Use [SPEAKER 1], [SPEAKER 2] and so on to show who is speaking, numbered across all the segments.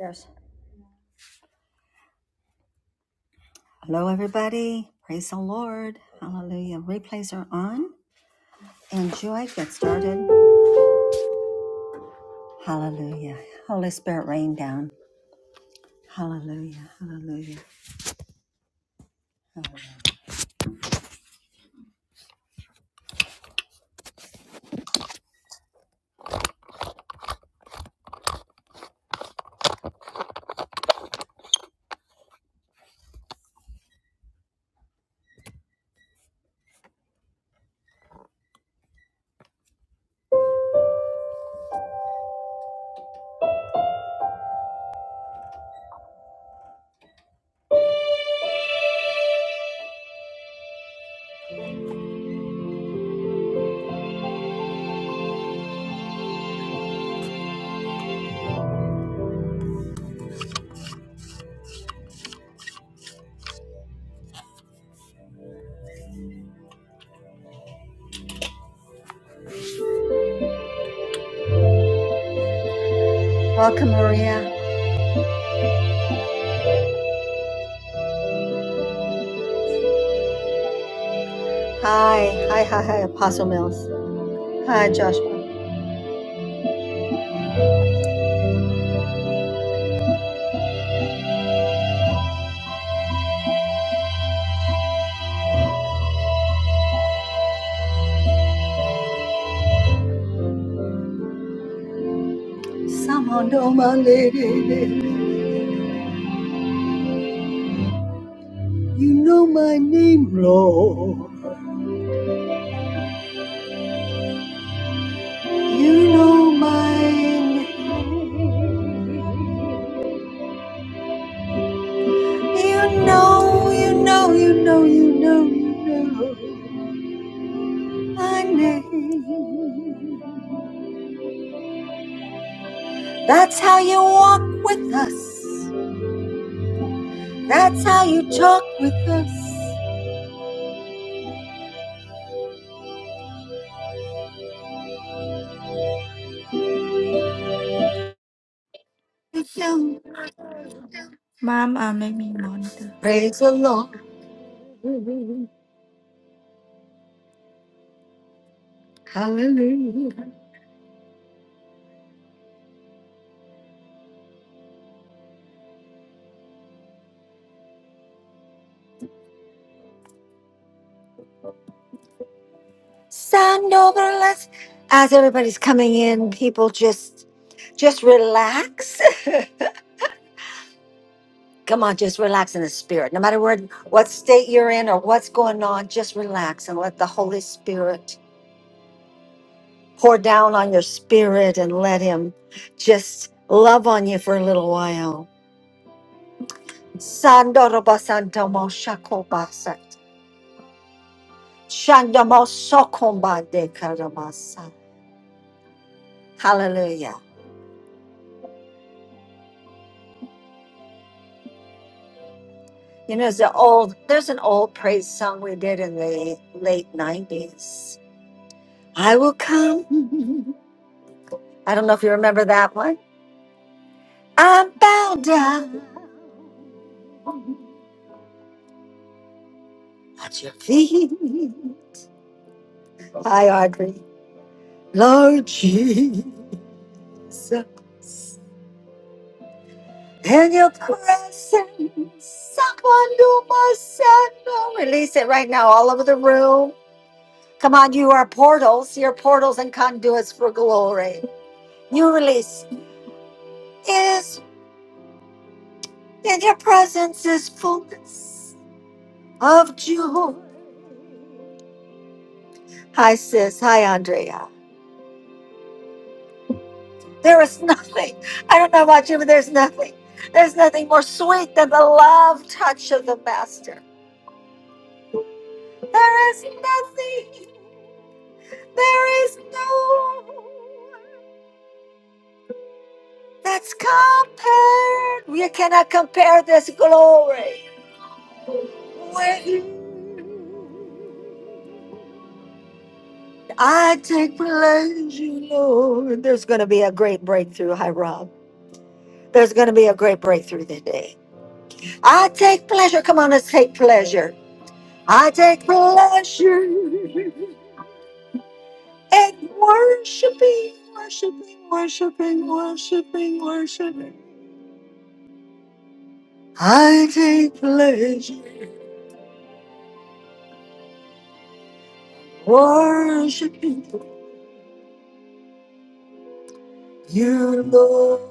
[SPEAKER 1] Yes. Hello, everybody. Praise the Lord. Hallelujah. Replays are on. Enjoy. Get started. Hallelujah. Holy Spirit, rain down. Hallelujah. Hallelujah. Hallelujah. Welcome, Maria. Hi. Hi, hi, hi, Apostle Mills. Hi, Joshua. Somehow know my lady. You know my name, Lord. You know my name. You know, you know, you know, you know, you know. my name. That's how you walk with us. That's how you talk with us. You do.
[SPEAKER 2] Mama, let me monitor.
[SPEAKER 1] Praise the Lord. Hallelujah. Stand over us. As everybody's coming in, people just just relax. Come on, just relax in the spirit. No matter where what state you're in or what's going on, just relax and let the Holy Spirit pour down on your spirit and let him just love on you for a little while. Sandoroba shakobasa. Shandomo sokomba karamasa. Hallelujah. You know, there's an old there's an old praise song we did in the late nineties. I will come. I don't know if you remember that one. I'm bowed down to thee. Hi, Audrey. Lord Jesus. In your presence, someone my son. Release it right now, all over the room. Come on, you are portals. You're portals and conduits for glory. You release is in your presence is fullness of joy. Hi, sis. Hi, Andrea. There is nothing. I don't know about you, but there's nothing. There's nothing more sweet than the love touch of the master. There is nothing. There is no that's compared. We cannot compare this glory with you. I take pleasure, Lord. There's going to be a great breakthrough, Hiram. There's going to be a great breakthrough today. I take pleasure. Come on, let's take pleasure. I take pleasure in worshiping, worshiping, worshiping, worshiping, worshiping. I take pleasure. Worshiping you, Lord.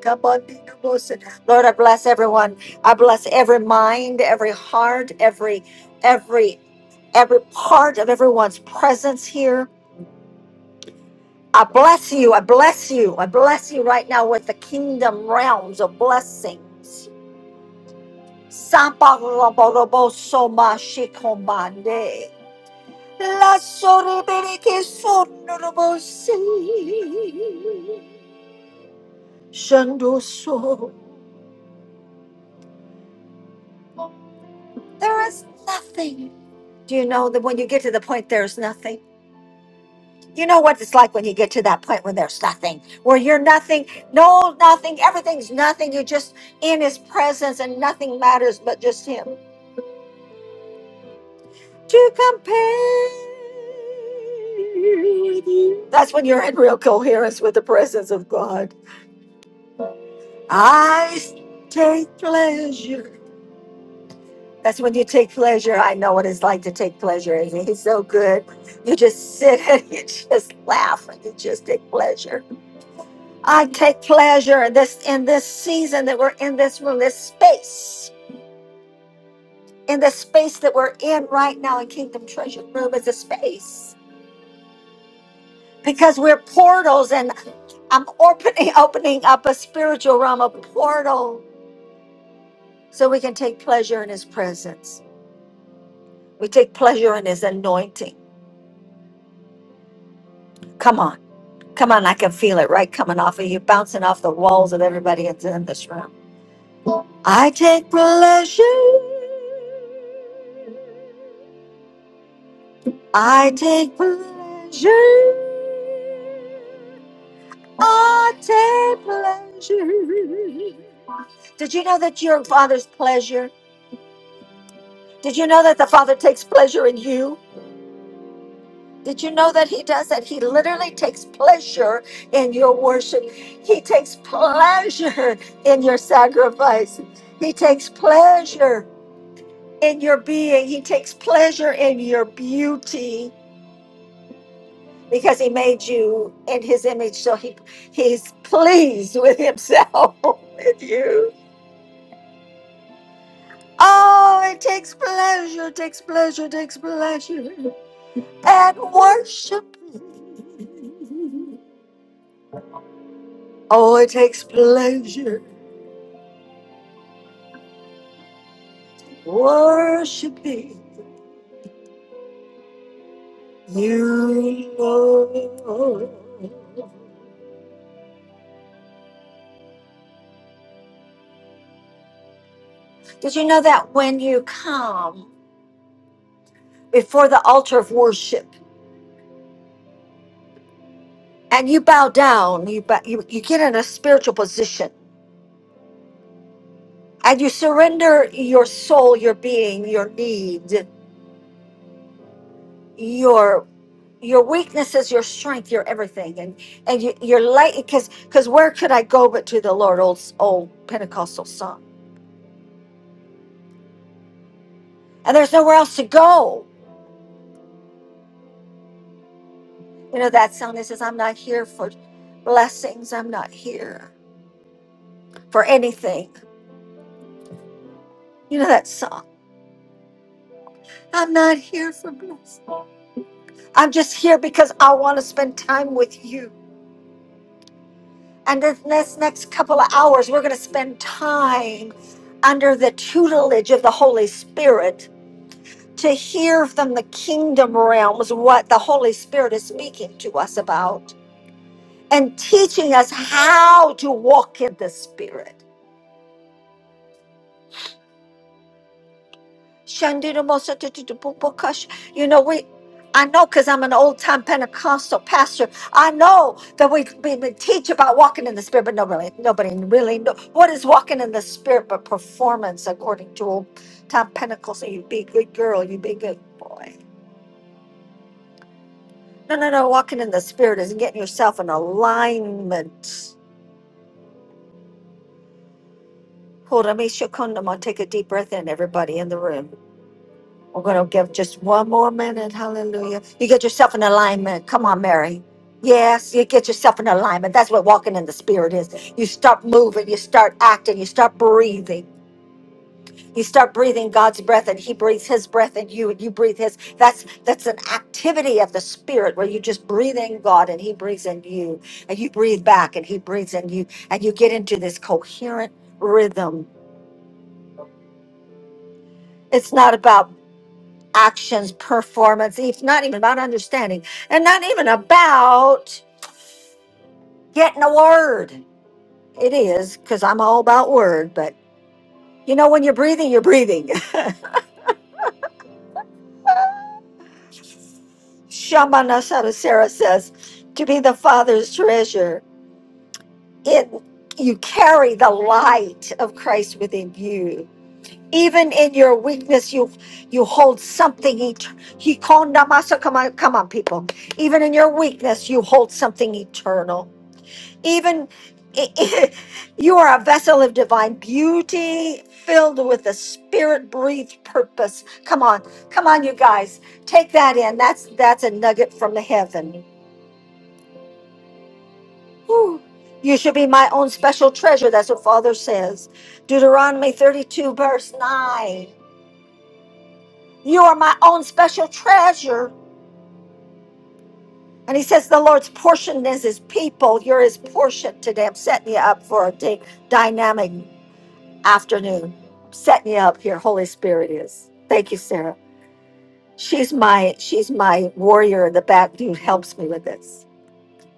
[SPEAKER 1] Come on, be the most- Lord, I bless everyone. I bless every mind, every heart, every every every part of everyone's presence here. I bless you. I bless you. I bless you right now with the kingdom realms of blessings. Sapa robo robo soma shikomande. La sorribere che sono robosi. Shandoso. There is nothing. Do you know that when you get to the point, there's nothing? You know what it's like when you get to that point when there's nothing, where you're nothing, no, nothing, everything's nothing. You're just in His presence and nothing matters but just Him. To compare with you. That's when you're in real coherence with the presence of God. I take pleasure. That's when you take pleasure. I know what it's like to take pleasure. It's, so good. You just sit and you just laugh and you just take pleasure. I take pleasure in this in this season that we're in this room, this space, in the space that we're in right now in Kingdom Treasure Room is a space because we're portals and I'm opening opening up a spiritual realm, a portal, so we can take pleasure in His presence. We take pleasure in his anointing. Come on. Come on. I can feel it right coming off of you, bouncing off the walls of everybody that's in this room. I take pleasure. I take pleasure. I take pleasure. Did you know that your father's pleasure? Did you know that the father takes pleasure in you? Did you know that he does that? He literally takes pleasure in your worship. He takes pleasure in your sacrifice. He takes pleasure in your being. He takes pleasure in your beauty because he made you in his image. So he he's pleased with himself with you. Oh, it takes pleasure, takes pleasure, takes pleasure. And worship. Oh, it takes pleasure. worshiping you, Lord. Did you know that when you come before the altar of worship and you bow down, you, bow, you, you get in a spiritual position and you surrender your soul, your being, your need, your your weaknesses, your strength, your everything, and and you, you're light because because where could I go but to the Lord? Old old Pentecostal song, and there's nowhere else to go. You know that song that says, I'm not here for blessings, I'm not here for anything. You know that song? I'm not here for blessings. I'm just here because I want to spend time with you. And this next, next couple of hours, we're going to spend time under the tutelage of the Holy Spirit to hear from the kingdom realms what the Holy Spirit is speaking to us about and teaching us how to walk in the Spirit. Shandirabosatititipopakash. You know, we, I know because I'm an old time Pentecostal pastor. I know that we, we, we teach about walking in the spirit, but nobody, nobody really know what is walking in the spirit but performance according to old time Pentecostal. So You be a good girl, you be a good boy. No, no, no. Walking in the spirit is getting yourself in alignment. Hold on, me, Shakundaman. Take a deep breath in, everybody in the room. We're going to give just one more minute. Hallelujah. You get yourself in alignment. Come on, Mary. Yes, you get yourself in alignment. That's what walking in the Spirit is. You start moving, you start acting, you start breathing. You start breathing God's breath, and He breathes His breath in you, and you breathe His. That's that's an activity of the Spirit where you just breathe in God, and He breathes in you, and you breathe back, and He breathes in you, and you get into this coherent rhythm. It's not about actions, performance. It's not even about understanding and not even about getting a word. It is because I'm all about word, but you know, when you're breathing, you're breathing. Shamana Sarasara says, to be the Father's treasure, it you carry the light of Christ within you. Even in your weakness, you you hold something. et- He called Namasa. Come on, come on, people. Even in your weakness, you hold something eternal. even you are a vessel of divine beauty filled with the spirit breathed purpose come on come on you guys take that in that's that's a nugget from the heaven Whew. you should be my own special treasure that's what father says deuteronomy 32 verse 9 you are my own special treasure and he says the lord's portion is his people you're his portion today i'm setting you up for a day dynamic afternoon. Set me up here, Holy Spirit is. Thank you, Sarah. She's my she's my warrior in the back who helps me with this.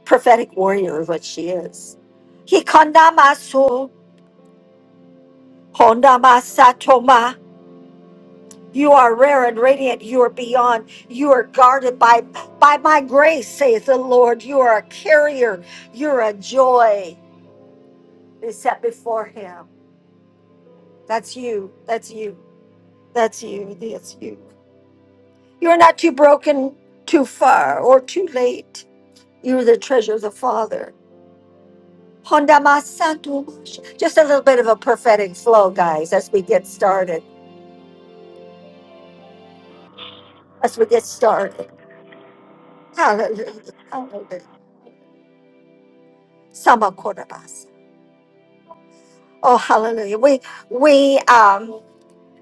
[SPEAKER 1] Prophetic warrior is what she is. Hikandamasu, hondamasatoma. You are rare and radiant. You are beyond. You are guarded by by my grace, saith the Lord. You are a carrier. You're a joy. Is set before him. That's you. That's you. That's you. That's you. You're not too broken, too far, or too late. You're the treasure of the Father. Honda Masanto. Just a little bit of a prophetic flow, guys, as we get started. As we get started. Hallelujah. Hallelujah. Sama Kodabas. Oh, hallelujah. We, we, um,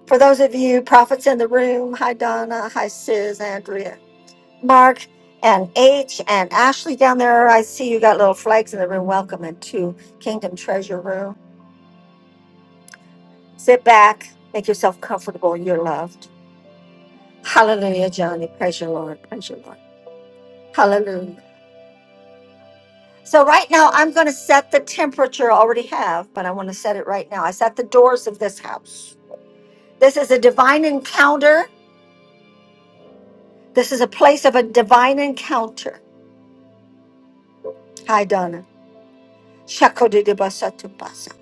[SPEAKER 1] for those of you prophets in the room, hi Donna, hi Sis, Andrea, Mark, and H, and Ashley down there, I see you got little flags in the room. Welcome into Kingdom Treasure Room. Sit back, make yourself comfortable. You're loved. Hallelujah, Johnny. Praise your Lord. Praise your Lord. Hallelujah. So, right now, I'm going to set the temperature. I already have, but I want to set it right now. I set the doors of this house. This is a divine encounter. This is a place of a divine encounter. Hi, Donna. Shakodidibasatubasa.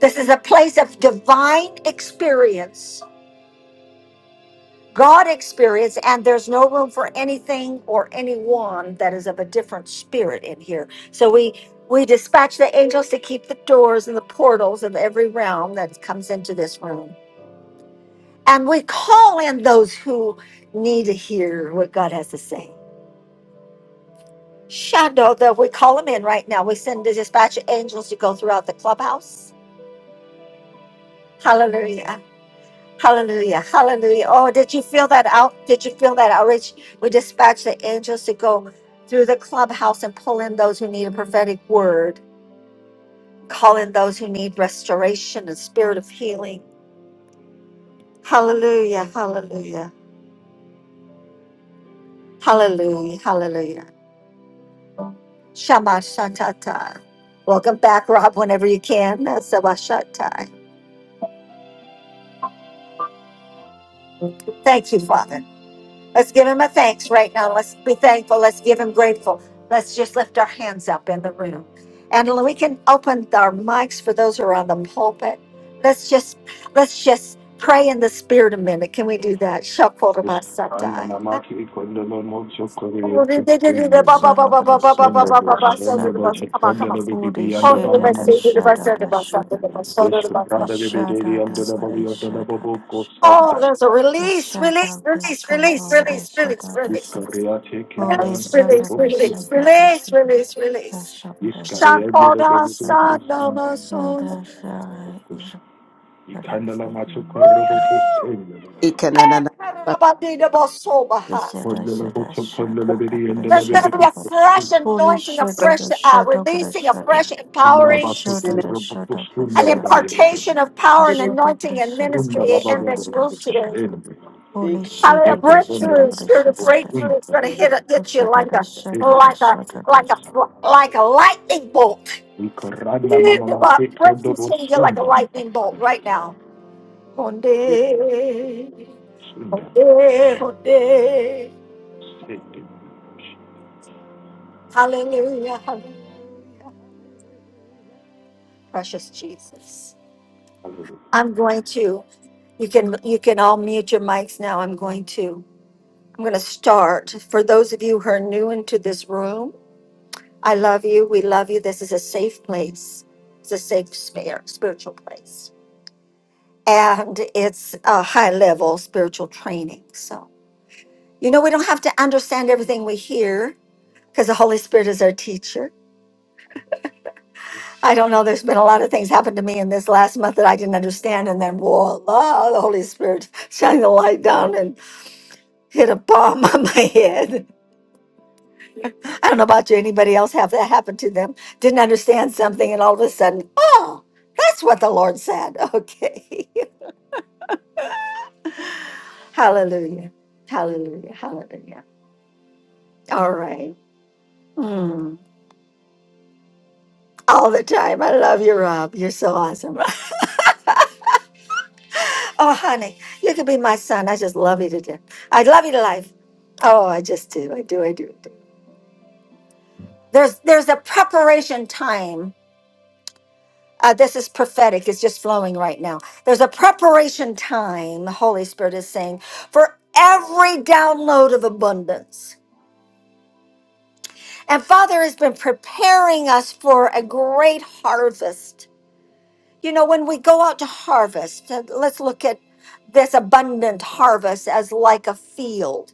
[SPEAKER 1] This is a place of divine experience. God experience, and there's no room for anything or anyone that is of a different spirit in here. So we we dispatch the angels to keep the doors and the portals of every realm that comes into this room. And we call in those who need to hear what God has to say. Shadow, though, we call them in right now. We send the dispatch angels to go throughout the clubhouse. Hallelujah. Hallelujah. Hallelujah. Oh, did you feel that out? Did you feel that outreach? We dispatched the angels to go through the clubhouse and pull in those who need a prophetic word, call in those who need restoration and spirit of healing. Hallelujah. Hallelujah. Hallelujah. Hallelujah. Shama Shatata. Welcome back, Rob, whenever you can. Sabashatai. Thank you, Father. Let's give him a thanks right now. Let's be thankful. Let's give him grateful. Let's just lift our hands up in the room. And we can open our mics for those who are on the pulpit. Let's just let's just pray in the spirit a minute. Can we do that?
[SPEAKER 3] Iskanda
[SPEAKER 1] Shakorabasatai.
[SPEAKER 3] namaki kondolo mocho koreo chekende.
[SPEAKER 2] Shala bada Shada, shadada
[SPEAKER 3] Kondolo
[SPEAKER 2] bra
[SPEAKER 3] shendo
[SPEAKER 2] shalala.
[SPEAKER 3] boche
[SPEAKER 1] Come on, come
[SPEAKER 3] kondolo
[SPEAKER 1] on.
[SPEAKER 2] Holy
[SPEAKER 3] bibi anda bama
[SPEAKER 2] shadada
[SPEAKER 3] mama su.
[SPEAKER 2] shada, shadada.
[SPEAKER 3] Ishku
[SPEAKER 2] The
[SPEAKER 3] pranda bibi diri
[SPEAKER 2] shada,
[SPEAKER 3] yanda da
[SPEAKER 2] bra
[SPEAKER 3] bali yanda da
[SPEAKER 2] shadada.
[SPEAKER 3] bobo ko
[SPEAKER 1] Oh,
[SPEAKER 3] sanda.
[SPEAKER 1] there's a
[SPEAKER 2] The
[SPEAKER 1] release, release,
[SPEAKER 2] shadada bra
[SPEAKER 1] release, release,
[SPEAKER 2] shada,
[SPEAKER 1] release, release,
[SPEAKER 2] shadada
[SPEAKER 1] release.
[SPEAKER 2] sa. Holy
[SPEAKER 3] chekende na
[SPEAKER 1] Release,
[SPEAKER 3] mocho
[SPEAKER 2] shada,
[SPEAKER 1] release,
[SPEAKER 2] shadada
[SPEAKER 3] kostu.
[SPEAKER 1] release,
[SPEAKER 2] shada, da
[SPEAKER 1] release,
[SPEAKER 2] shada.
[SPEAKER 1] release,
[SPEAKER 2] The
[SPEAKER 1] release.
[SPEAKER 2] shada,
[SPEAKER 3] Iska rea
[SPEAKER 2] shadada
[SPEAKER 3] mira
[SPEAKER 2] shada, da
[SPEAKER 1] Shakoda
[SPEAKER 3] bibi diri
[SPEAKER 2] shada.
[SPEAKER 3] kostu.
[SPEAKER 1] Sanama Son.
[SPEAKER 2] Yada shada, is better
[SPEAKER 3] Ikanda la
[SPEAKER 2] for
[SPEAKER 3] macho
[SPEAKER 2] you know.
[SPEAKER 3] koreo bobo
[SPEAKER 1] Woo!
[SPEAKER 3] senda bibi.
[SPEAKER 4] Ikanana-
[SPEAKER 2] The
[SPEAKER 1] Ekarabadidabosobahas.
[SPEAKER 2] shada
[SPEAKER 3] Kondolo
[SPEAKER 2] shada
[SPEAKER 3] mocho
[SPEAKER 2] shada,
[SPEAKER 3] kondolo bibi
[SPEAKER 2] shadada
[SPEAKER 3] yanda la
[SPEAKER 1] There's going to
[SPEAKER 3] bibi
[SPEAKER 1] be
[SPEAKER 2] shada,
[SPEAKER 1] a
[SPEAKER 2] shadada.
[SPEAKER 1] fresh
[SPEAKER 3] kostu.
[SPEAKER 2] Holy
[SPEAKER 1] anointing, a
[SPEAKER 2] shada,
[SPEAKER 1] fresh uh,
[SPEAKER 2] shadada
[SPEAKER 1] releasing, a
[SPEAKER 2] bra
[SPEAKER 1] fresh
[SPEAKER 3] Kandala
[SPEAKER 2] The
[SPEAKER 1] empowering,
[SPEAKER 3] base
[SPEAKER 2] shadow, the
[SPEAKER 3] koreo bobo
[SPEAKER 2] shadow, the
[SPEAKER 3] sunda
[SPEAKER 1] an
[SPEAKER 3] la
[SPEAKER 2] shadow,
[SPEAKER 3] bari yanda.
[SPEAKER 1] impartation of
[SPEAKER 2] the
[SPEAKER 1] power and
[SPEAKER 4] Thank
[SPEAKER 2] shadow, the
[SPEAKER 1] anointing and
[SPEAKER 2] shadow,
[SPEAKER 3] Runda
[SPEAKER 2] the
[SPEAKER 3] la
[SPEAKER 1] ministry in
[SPEAKER 3] Bavia
[SPEAKER 2] shadow,
[SPEAKER 1] this
[SPEAKER 3] dello
[SPEAKER 2] the
[SPEAKER 1] room today.
[SPEAKER 2] shadow.
[SPEAKER 3] Scelbe,
[SPEAKER 4] you.
[SPEAKER 2] Holy
[SPEAKER 1] Hallelujah.
[SPEAKER 3] e
[SPEAKER 2] shady, the
[SPEAKER 3] colpone
[SPEAKER 2] shadow,
[SPEAKER 1] Breakthrough,
[SPEAKER 2] the
[SPEAKER 1] spirit of
[SPEAKER 2] shadow, the
[SPEAKER 1] breakthrough is
[SPEAKER 3] ostinta
[SPEAKER 1] going
[SPEAKER 3] di
[SPEAKER 1] to hit,
[SPEAKER 3] una
[SPEAKER 1] hit you
[SPEAKER 2] shadow,
[SPEAKER 1] like
[SPEAKER 2] the shadow, the
[SPEAKER 1] a,
[SPEAKER 2] shadow, the
[SPEAKER 1] like
[SPEAKER 3] stessa.
[SPEAKER 1] a,
[SPEAKER 2] shadow.
[SPEAKER 1] like
[SPEAKER 2] the-
[SPEAKER 1] a, like a lightning bolt.
[SPEAKER 3] I corranna mamma ma
[SPEAKER 1] My
[SPEAKER 3] che
[SPEAKER 1] breath is
[SPEAKER 3] codobo
[SPEAKER 1] hitting like a
[SPEAKER 3] sunda,
[SPEAKER 1] lightning bolt right now. Onde,
[SPEAKER 3] sunda,
[SPEAKER 1] onde, onde.
[SPEAKER 3] sete.
[SPEAKER 1] Hallelujah, hallelujah. Precious Jesus. I'm going to, you can, you can all mute your mics now. I'm going to, I'm going to start. For those of you who are new into this room, I love you. We love you. This is a safe place. It's a safe spare, spiritual place. And it's a high level spiritual training. So. You know, we don't have to understand everything we hear because the Holy Spirit is our teacher. I don't know, there's been a lot of things happen to me in this last month that I didn't understand. And then, voila, the Holy Spirit shined the light down and hit a bomb on my head. I don't know about you, anybody else have that happen to them? Didn't understand something, and all of a sudden, oh, that's what the Lord said. Okay. hallelujah. Hallelujah. Hallelujah. All right. Mm, all the time. I love you, Rob. You're so awesome. Oh, honey, you could be my son. I just love you to death. I love you to life. Oh, I just do. I do. I do. I do. There's there's a preparation time. Uh, this is prophetic. It's just flowing right now. There's a preparation time. The Holy Spirit is saying for every download of abundance. And Father has been preparing us for a great harvest. You know, when we go out to harvest, uh, let's look at this abundant harvest as like a field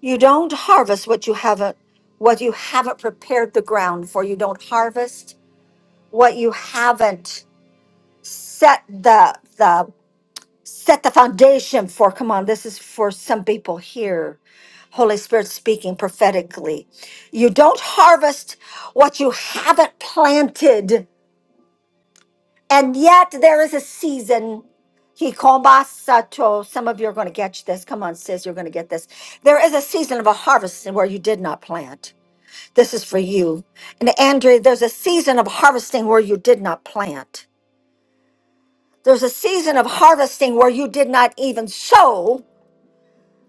[SPEAKER 1] You don't harvest what you haven't what you haven't prepared the ground for. You don't harvest what you haven't set the the set the foundation for. Come on, this is for some people here. Holy Spirit speaking prophetically. You don't harvest what you haven't planted. And yet there is a season Hikomasato. Some of you are going to catch this. Come on, sis, you're going to get this. There is a season of a harvest where you did not plant. This is for you. And Andrea, there's a season of harvesting where you did not plant. There's a season of harvesting where you did not even sow.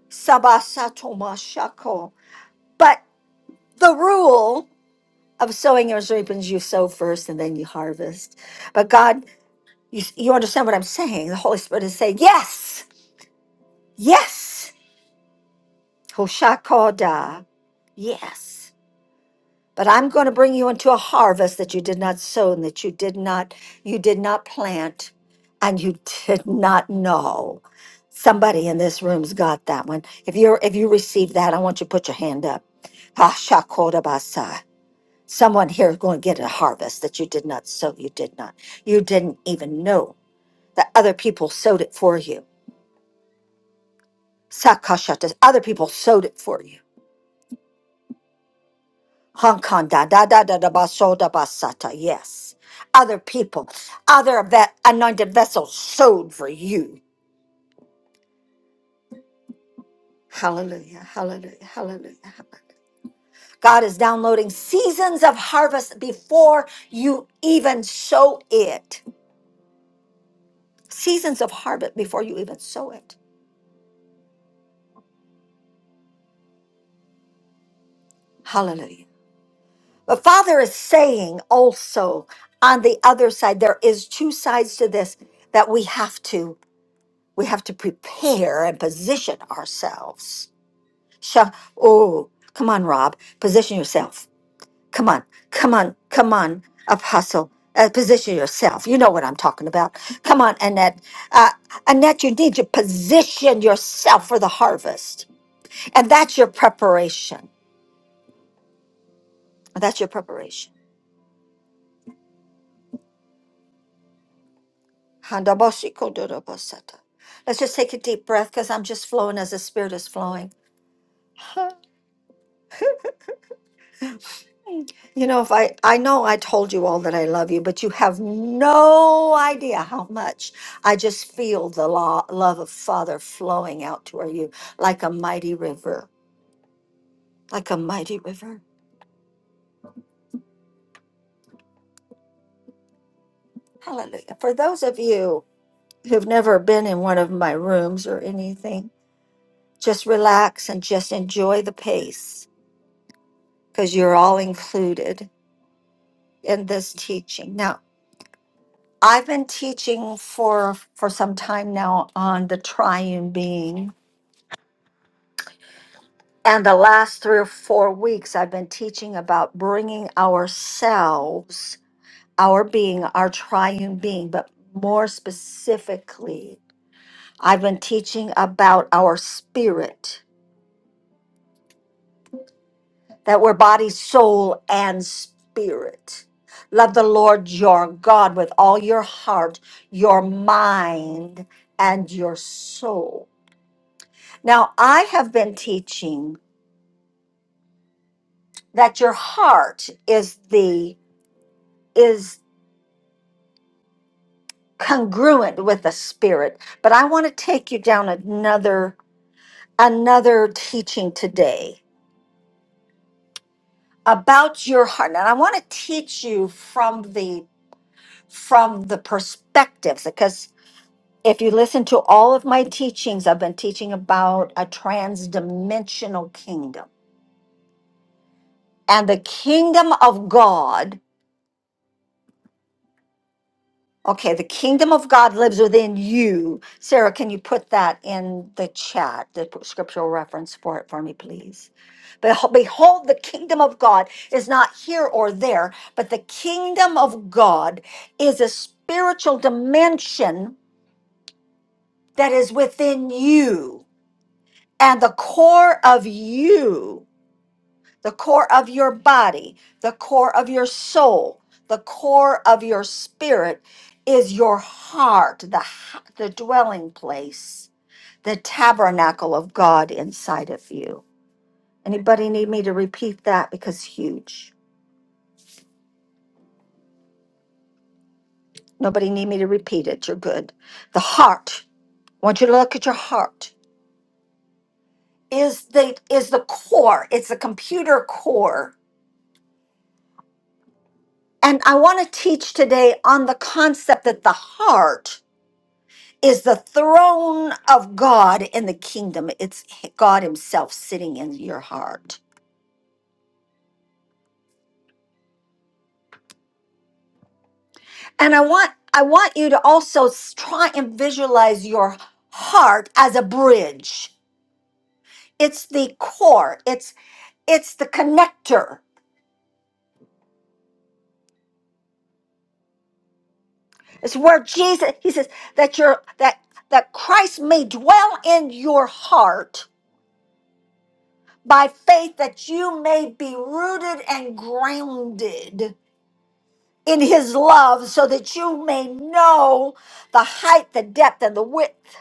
[SPEAKER 1] Sabasatomoshako. But the rule of sowing is reaping is you sow first and then you harvest. But God, you, you understand what I'm saying. The Holy Spirit is saying, yes, yes, Hoshakoda, yes. but I'm going to bring you into a harvest that you did not sow and that you did not you did not plant and you did not know. Somebody in this room's got that one. If you're if you receive that, I want you to put your hand up. Ah, shakodabasa. Someone here is going to get a harvest that you did not sow, you did not. You didn't even know that other people sowed it for you. Sakashata. Other people sowed it for you Hong Kong, da da da da da basoda basata. Yes, other people, other of that anointed vessel sowed for you. Hallelujah! Hallelujah! Hallelujah! Hallelujah! God is downloading seasons of harvest before you even sow it. Seasons of harvest before you even sow it. Hallelujah! But Father is saying also on the other side, there is two sides to this that we have to we have to prepare and position ourselves Sha. Oh, come on, Rob. Position yourself. Come on. Come on. Come on, Apostle. Uh, position yourself. You know what I'm talking about. Come on, Annette. Uh, Annette, you need to position yourself for the harvest. And that's your preparation. That's your preparation. Handabosiko dorobosata. Let's just take a deep breath because I'm just flowing as the Spirit is flowing. Huh? You know, if I, I know I told you all that I love you, but you have no idea how much I just feel the law, love of Father flowing out toward you like a mighty river, like a mighty river. Hallelujah. For those of you who've never been in one of my rooms or anything, just relax and just enjoy the pace because you're all included in this teaching. Now, I've been teaching for for some time now on the triune being And the last three or four weeks, I've been teaching about bringing ourselves, our being, our triune being, but more specifically, I've been teaching about our spirit, that we're body, soul, and spirit. Love the Lord your God with all your heart, your mind, and your soul. Now, I have been teaching that your heart is the is congruent with the spirit but i want to take you down another another teaching today about your heart and i want to teach you from the from the perspectives because if you listen to all of my teachings i've been teaching about a transdimensional kingdom and the kingdom of god Okay, the kingdom of God lives within you. Sarah, can you put that in the chat, the scriptural reference for it for me, please? Beho- Behold, the kingdom of God is not here or there, but the kingdom of God is a spiritual dimension that is within you and the core of you the core of your body, the core of your soul, the core of your spirit is your heart, the, h- the dwelling place, the tabernacle of God inside of you. Anybody need me to repeat that? Because it's huge. Nobody need me to repeat it. You're good. The heart. I want you to look at your heart. Is the is the core. It's the computer core. And I want to teach today on the concept that the heart is the throne of God in the kingdom. It's God himself sitting in your heart. And I want I want you to also s- try and visualize your heart as a bridge. It's the core. It's it's the connector. It's where Jesus he says that your that that Christ may dwell in your heart by faith that you may be rooted and grounded in his love so that you may know the height, the depth, and the width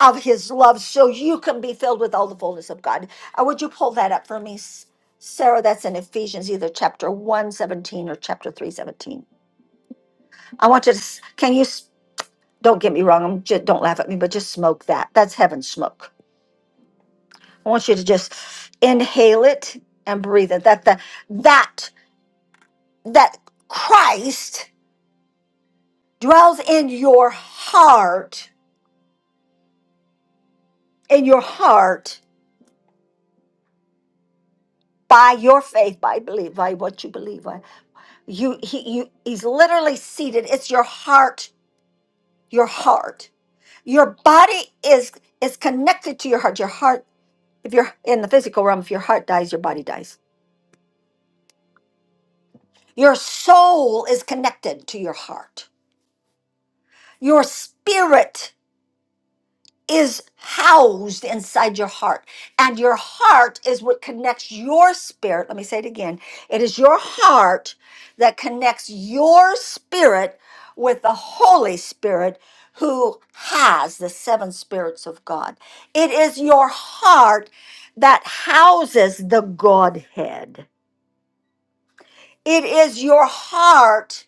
[SPEAKER 1] of his love so you can be filled with all the fullness of God. Uh, would you pull that up for me, S- Sarah? That's in Ephesians, either chapter 117 or chapter 317. I want you to, s- can you, s- don't get me wrong, I'm just, don't laugh at me, but just smoke that. That's heaven smoke. I want you to just inhale it and breathe it. That, the, that, that Christ dwells in your heart in your heart by your faith by believe by what you believe by you he you he's literally seated it's your heart your heart your body is is connected to your heart your heart if you're in the physical realm if your heart dies your body dies your soul is connected to your heart your spirit is housed inside your heart. And your heart is what connects your spirit. Let me say it again. It is your heart that connects your spirit with the Holy Spirit who has the seven spirits of God. It is your heart that houses the Godhead. It is your heart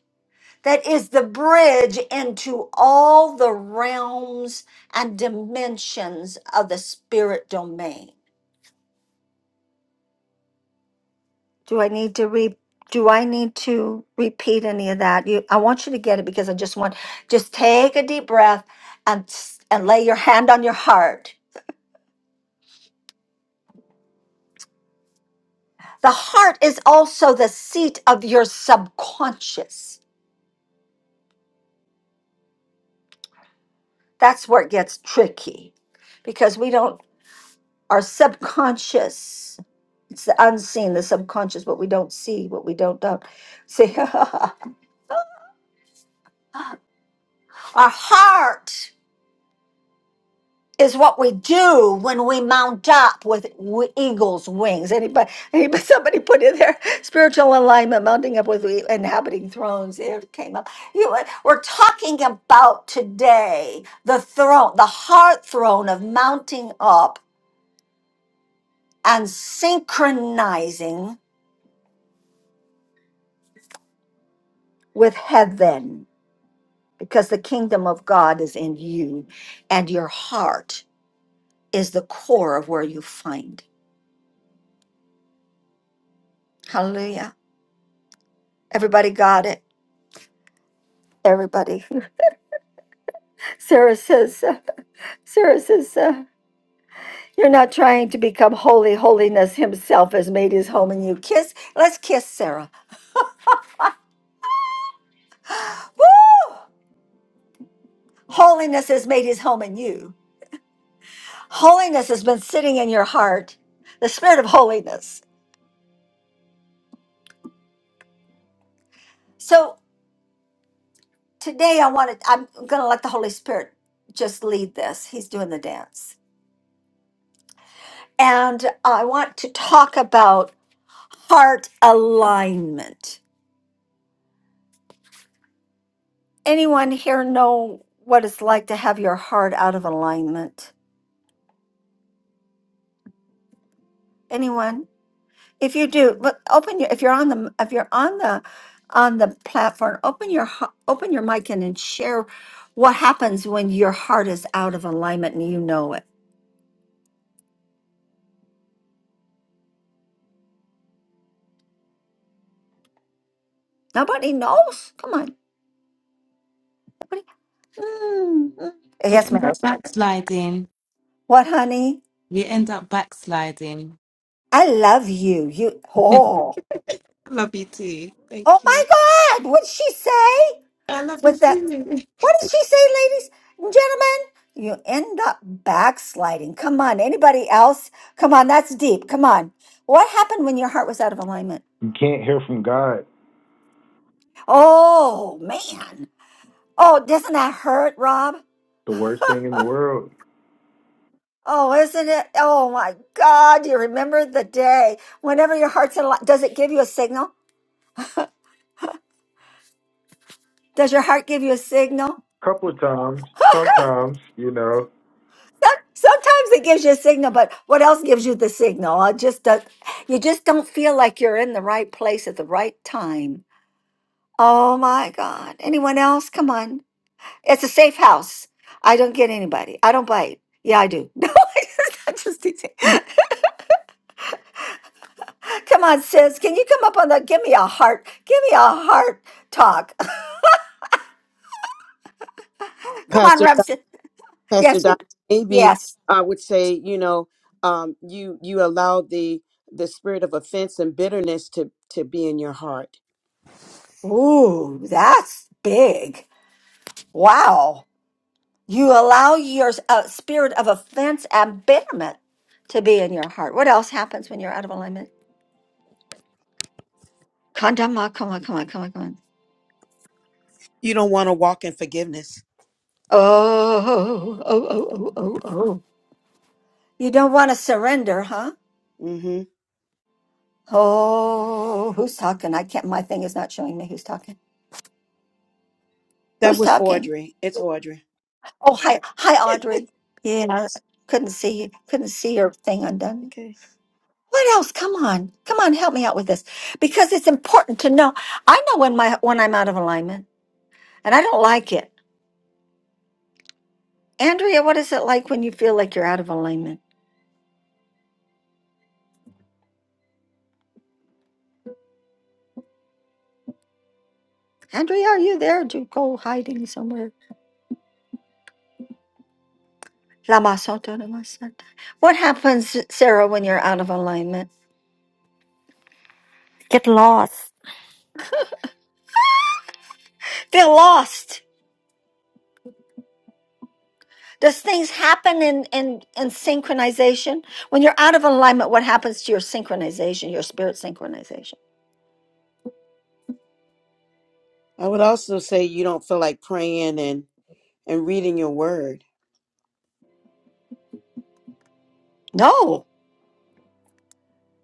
[SPEAKER 1] that is the bridge into all the realms and dimensions of the spirit domain. Do I need to re do I need to repeat any of that? You I want you to get it because I just want just take a deep breath and s- and lay your hand on your heart. The heart is also the seat of your subconscious. That's where it gets tricky because we don't our subconscious it's the unseen, the subconscious, what we don't see, what we don't don't see. Our heart is what we do when we mount up with w- eagle's wings. Anybody, anybody, somebody put in there spiritual alignment, mounting up with e- inhabiting thrones. It came up. You, we're talking about today the throne, the heart throne of mounting up and synchronizing with heaven because the kingdom of God is in you, and your heart is the core of where you find. Hallelujah. Everybody got it? Everybody. Sarah says, uh, Sarah says, uh, you're not trying to become holy. Holiness himself has made his home in you. Kiss. Let's kiss Sarah. Woo! Holiness has made his home in you. Holiness has been sitting in your heart, the spirit of holiness. So today I want to, I'm going to let the Holy Spirit just lead this. He's doing the dance. And I want to talk about heart alignment. Anyone here know what it's like to have your heart out of alignment? Anyone? If you do, look, open your, if you're on the, if you're on the, on the platform, open your, h- open your mic and, and share what happens when your heart is out of alignment and you know it. Nobody knows. Come on. Mm, mm.
[SPEAKER 5] We
[SPEAKER 1] Yes,
[SPEAKER 5] end
[SPEAKER 1] Mary.
[SPEAKER 5] up backsliding.
[SPEAKER 1] What, honey?
[SPEAKER 5] We end up backsliding.
[SPEAKER 1] I love you. You. Oh.
[SPEAKER 5] love you too. Thank
[SPEAKER 1] Oh my
[SPEAKER 5] you.
[SPEAKER 1] God! What'd she say?
[SPEAKER 5] I love you
[SPEAKER 1] With that?
[SPEAKER 5] too.
[SPEAKER 1] What did she say, ladies and gentlemen? You end up backsliding. Come on. Anybody else? Come on. That's deep. Come on. What happened when your heart was out of alignment?
[SPEAKER 3] You can't hear from God.
[SPEAKER 1] Oh man. Oh, doesn't that hurt, Rob?
[SPEAKER 3] A
[SPEAKER 1] Oh, isn't it? Oh my God. You remember the day whenever your heart's in alignment. Does it give you a signal? Does your heart give you a signal?
[SPEAKER 3] couple of times,
[SPEAKER 1] Some-
[SPEAKER 3] bro,
[SPEAKER 1] Sometimes it gives you a signal, but what else gives you the signal? I just don't, you just don't feel like you're in the right place at the right time. Oh my God! Anyone else? Come on, it's a safe house. I don't get anybody. I don't bite. Yeah, I do. No, I just, I just teasing. Come on, sis. Can you come up on the? Give me a heart. Give me a heart talk. come on,
[SPEAKER 4] Pastor Don-
[SPEAKER 1] Remsen.
[SPEAKER 4] Pastor
[SPEAKER 1] Yes,
[SPEAKER 4] Don, maybe
[SPEAKER 1] yes.
[SPEAKER 4] I would say, you know, um, you you allow the the spirit of offense and bitterness to to be in your heart.
[SPEAKER 1] Ooh, that's big. Wow. You allow your uh, spirit of offense and bitterness to be in your heart. What else happens when you're out of alignment? Kandama, come on, come on, come on, come on.
[SPEAKER 4] You don't want to walk in forgiveness.
[SPEAKER 1] Oh, oh, oh, oh, oh, oh. You don't want to surrender, huh?
[SPEAKER 4] hmm
[SPEAKER 1] Oh, who's talking? I can't. My thing is not showing me who's talking.
[SPEAKER 4] That
[SPEAKER 1] Who's
[SPEAKER 4] was
[SPEAKER 1] talking?
[SPEAKER 4] Audrey. It's Audrey.
[SPEAKER 1] Oh, hi, hi, Audrey. Yes, couldn't see, couldn't see your thing undone.
[SPEAKER 4] Okay.
[SPEAKER 1] What else? Come on, come on, help me out with this because it's important to know. I know when my when I'm out of alignment. And I don't like it. Andrea, what is it like when you feel like you're out of alignment? Andrea, are you there? Do you go hiding somewhere? Lama Santa, Lama Santa. What happens, Sarah, when you're out of alignment?
[SPEAKER 2] Get lost.
[SPEAKER 1] Feel lost. Does things happen in, in, in synchronization? When you're out of alignment, what happens to your synchronization, your spirit synchronization?
[SPEAKER 4] I would also say you don't feel like praying and and reading your word.
[SPEAKER 1] No.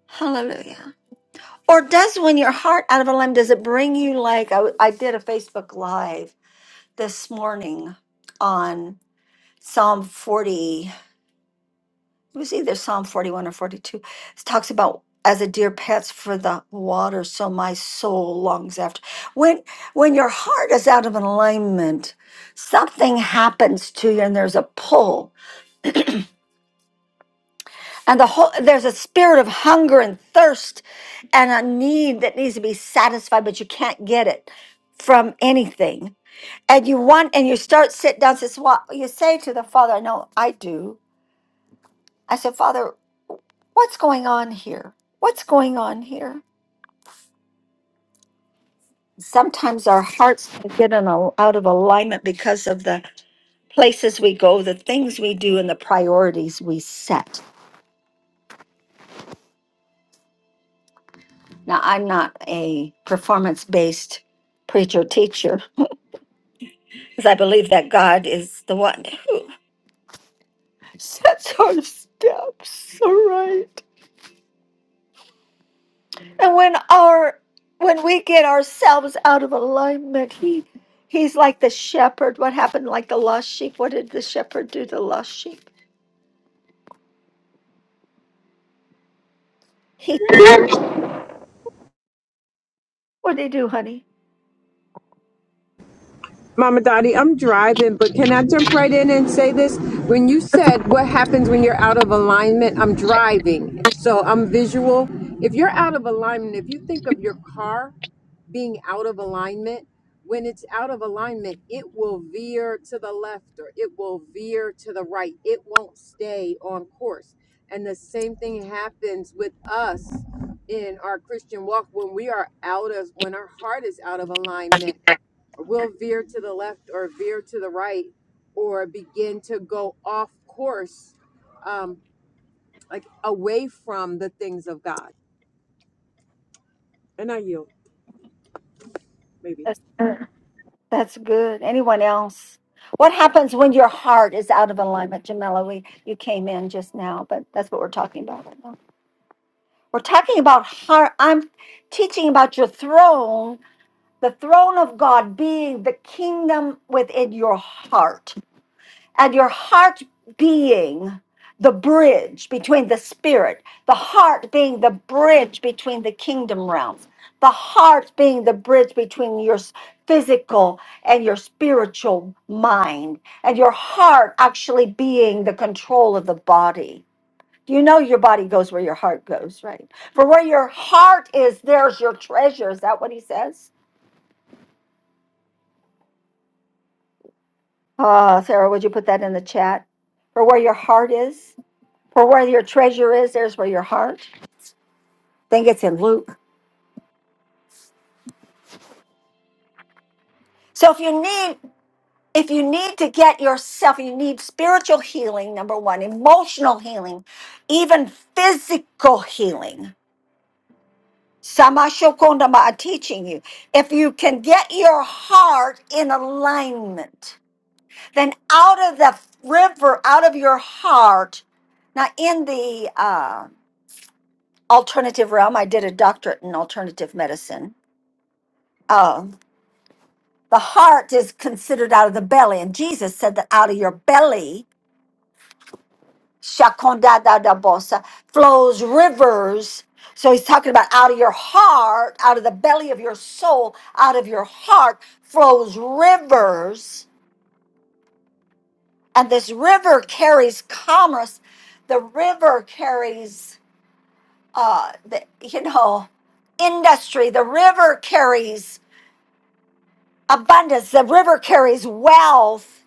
[SPEAKER 1] Hallelujah. Or does when your heart out of alignment, does it bring you like I, I did a Facebook Live this morning on Psalm 40, it was either Psalm 41 or 42. It talks about as a deer pants for the water, so my soul longs after. When when your heart is out of alignment, something happens to you and there's a pull. And the whole there's a spirit of hunger and thirst and a need that needs to be satisfied, but you can't get it from anything. And you want and you start sit down, says, Well, you say to the Father, I know I do. I said, Father, what's going on here? What's going on here? Sometimes our hearts can get in a, out of alignment because of the places we go, the things we do, and the priorities we set. Now, I'm not a performance based preacher teacher because I believe that God is the one who sets our steps. All right. And when our when we get ourselves out of alignment, he he's like the shepherd. What happened like the lost sheep? What did the shepherd do to the lost sheep? He what did he do, honey?
[SPEAKER 6] Mama Dottie, I'm driving, but can I jump right in and say this? When you said what happens when you're out of alignment, I'm driving, so I'm visual. If you're out of alignment, if you think of your car being out of alignment, when it's out of alignment, it will veer to the left or it will veer to the right. It won't stay on course. And the same thing happens with us in our Christian walk when we are out of, when our heart is out of alignment will veer to the left or veer to the right or begin to go off course, um, like away from the things of God. And I yield, maybe.
[SPEAKER 1] That's good. That's good. Anyone else? What happens when your heart is out of alignment, Jamila? We you came in just now, but that's what we're talking about right now. We're talking about heart. I'm teaching about your throne, the throne of God being the kingdom within your heart. and your heart being the bridge between the spirit, the heart being the bridge between the kingdom realms, the heart being the bridge between your s- physical and your spiritual mind, and your heart actually being the control of the body. You know your body goes where your heart goes, right? For where your heart is, there's your treasure. Is that what he says? Uh, Sarah, would you put that in the chat? For where your heart is? For where your treasure is, there's where your heart. I Think it's in Luke. So if you need if you need to get yourself, you need spiritual healing, number one, emotional healing, even physical healing. Samashokondama are teaching you. If you can get your heart in alignment, then out of the river, out of your heart, now in the uh, alternative realm, I did a doctorate in alternative medicine. um, The heart is considered out of the belly. And Jesus said that out of your belly, shakondadadabosa, flows rivers. So he's talking about out of your heart, out of the belly of your soul, out of your heart flows rivers. And this river carries commerce. The river carries, uh, the, you know, industry. The river carries abundance. The river carries wealth.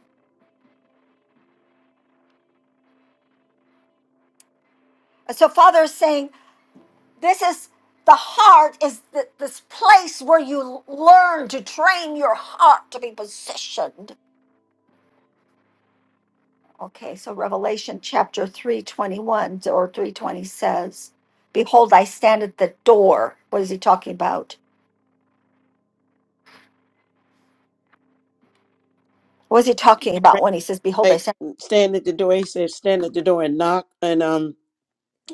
[SPEAKER 1] And so Father is saying, this is the heart is the, this place where you learn to train your heart to be positioned okay so revelation chapter 321 or 320 says behold i stand at the door what is he talking about what is he talking about when he says behold i
[SPEAKER 4] Like
[SPEAKER 1] stand
[SPEAKER 4] stand at the door. He said, stand at the door and knock. And um,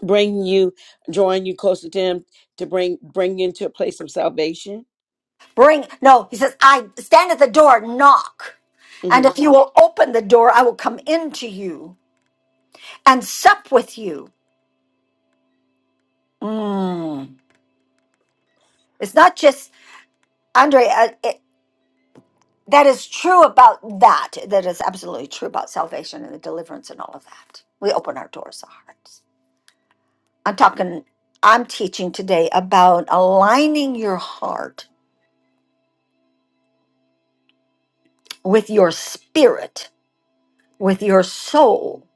[SPEAKER 4] bring you, drawing you closer to Him, to bring bring you into a place of salvation.
[SPEAKER 1] bring no he says i stand at the door and knock and
[SPEAKER 4] hmm
[SPEAKER 1] if you will open the door i will come into you and sup with you Mm. It's not just Andre. That is true about that. That is absolutely true about salvation and the deliverance and all of that. We open our doors, our hearts. I'm talking, I'm teaching today about aligning your heart with your spirit, with your soul,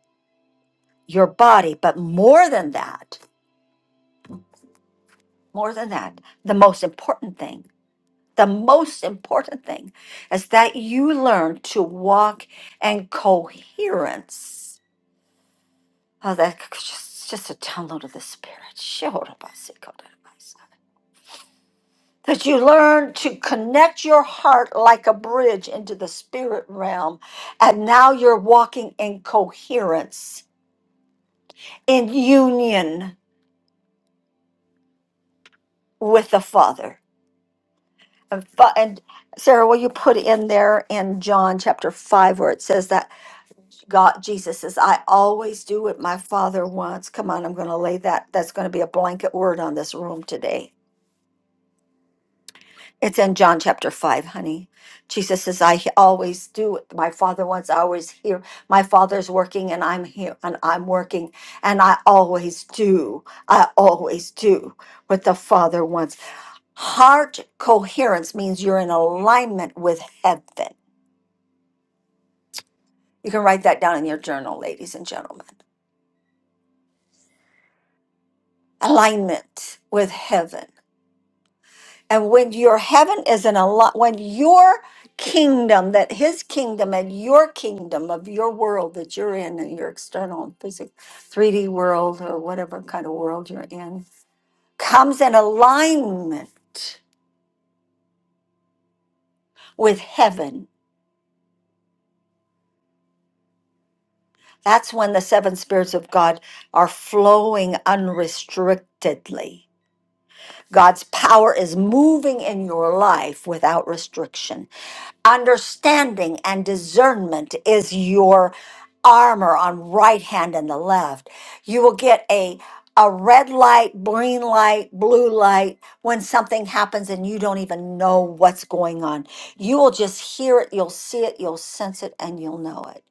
[SPEAKER 1] your body. But more than that, more than that, the most important thing, the most important thing is that you learn to walk in coherence Oh, that c- just, it's just a download of the Spirit. That you learn to connect your heart like a bridge into the spirit realm. And now you're walking in coherence, in union with the Father. And, fa- and Sarah, will you put in there in John chapter 5 where it says that God, Jesus says, I always do what my Father wants. Come on, I'm going to lay that. That's going to be a blanket word on this room today It's in John chapter 5, honey. Jesus says, I he- always do what My father wants, I always hear. My father's working and I'm here and I'm working and I always do. I always do what the father wants. Heart coherence means you're in alignment with heaven. You can write that down in your journal, ladies and gentlemen. Alignment with heaven. And when your heaven is in a lot, when your kingdom, that his kingdom and your kingdom of your world that you're in, and your external and physical 3D world or whatever kind of world you're in, comes in alignment with heaven. That's when the seven spirits of God are flowing unrestrictedly. God's power is moving in your life without restriction. understanding and discernment is your armor on right hand and the left you will get a a red light green light blue light when something happens and you don't even know what's going on you will just hear it you'll see it you'll sense it and you'll know it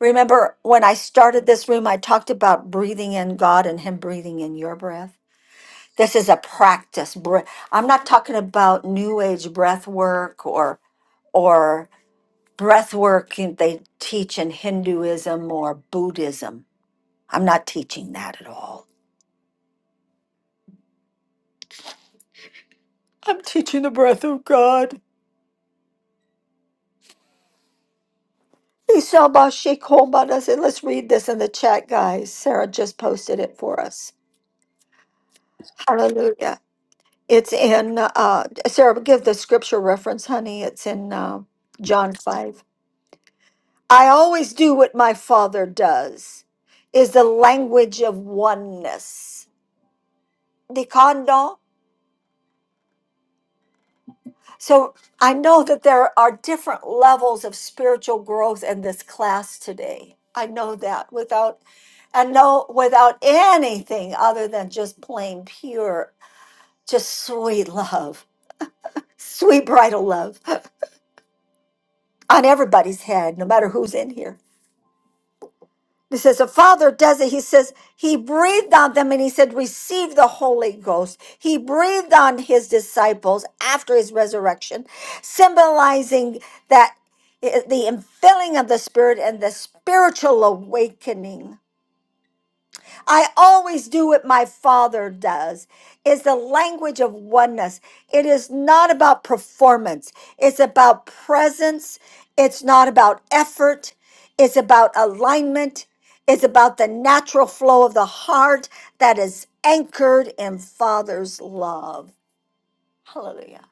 [SPEAKER 1] remember when i started this room i talked about breathing in god and him breathing in your breath this is a practice breath i'm not talking about new age breath work or or breath work and they teach in Hinduism or Buddhism. I'm not teaching that at all. I'm teaching the breath of God. Isabashikoman. I said, let's read this in the chat, guys. Sarah just posted it for us. Hallelujah. It's in, uh, Sarah, give the scripture reference, honey. It's in uh, John 5. I always do what my father does, is the language of oneness. So I know that there are different levels of spiritual growth in this class today. I know that without I know without anything other than just plain pure, just sweet love, sweet bridal love on everybody's head, no matter who's in here. He says the Father does it. He says he breathed on them and he said, Receive the Holy Ghost. He breathed on his disciples after his resurrection, symbolizing that eh, the infilling of the Spirit and the spiritual awakening. I always do what my father does. It's the language of oneness. It is not about performance, it's about presence. It's not about effort, it's about alignment. It's about the natural flow of the heart that is anchored in Father's love. Hallelujah.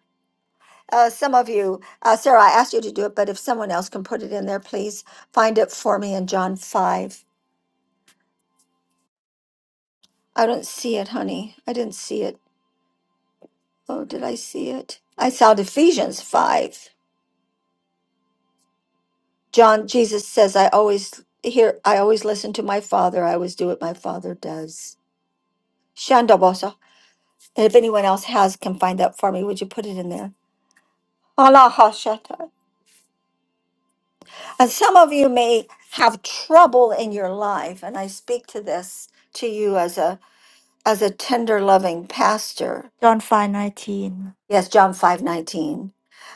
[SPEAKER 1] Uh, some of you, uh, Sarah, I asked you to do it, but if someone else can put it in there, please find it for me in John 5. I don't see it, honey. I didn't see it. Oh, did I see it? I saw Ephesians 5. John, Jesus says, I always hear, I always listen to my father. I always do what my father does. Shandabosa. And if anyone else has, can find that for me, would you put it in there? Allah Hashata. And some of you may have trouble in your life, and I speak to this to you as a as a tender loving pastor.
[SPEAKER 2] John five nineteen.
[SPEAKER 1] Yes, John five nineteen.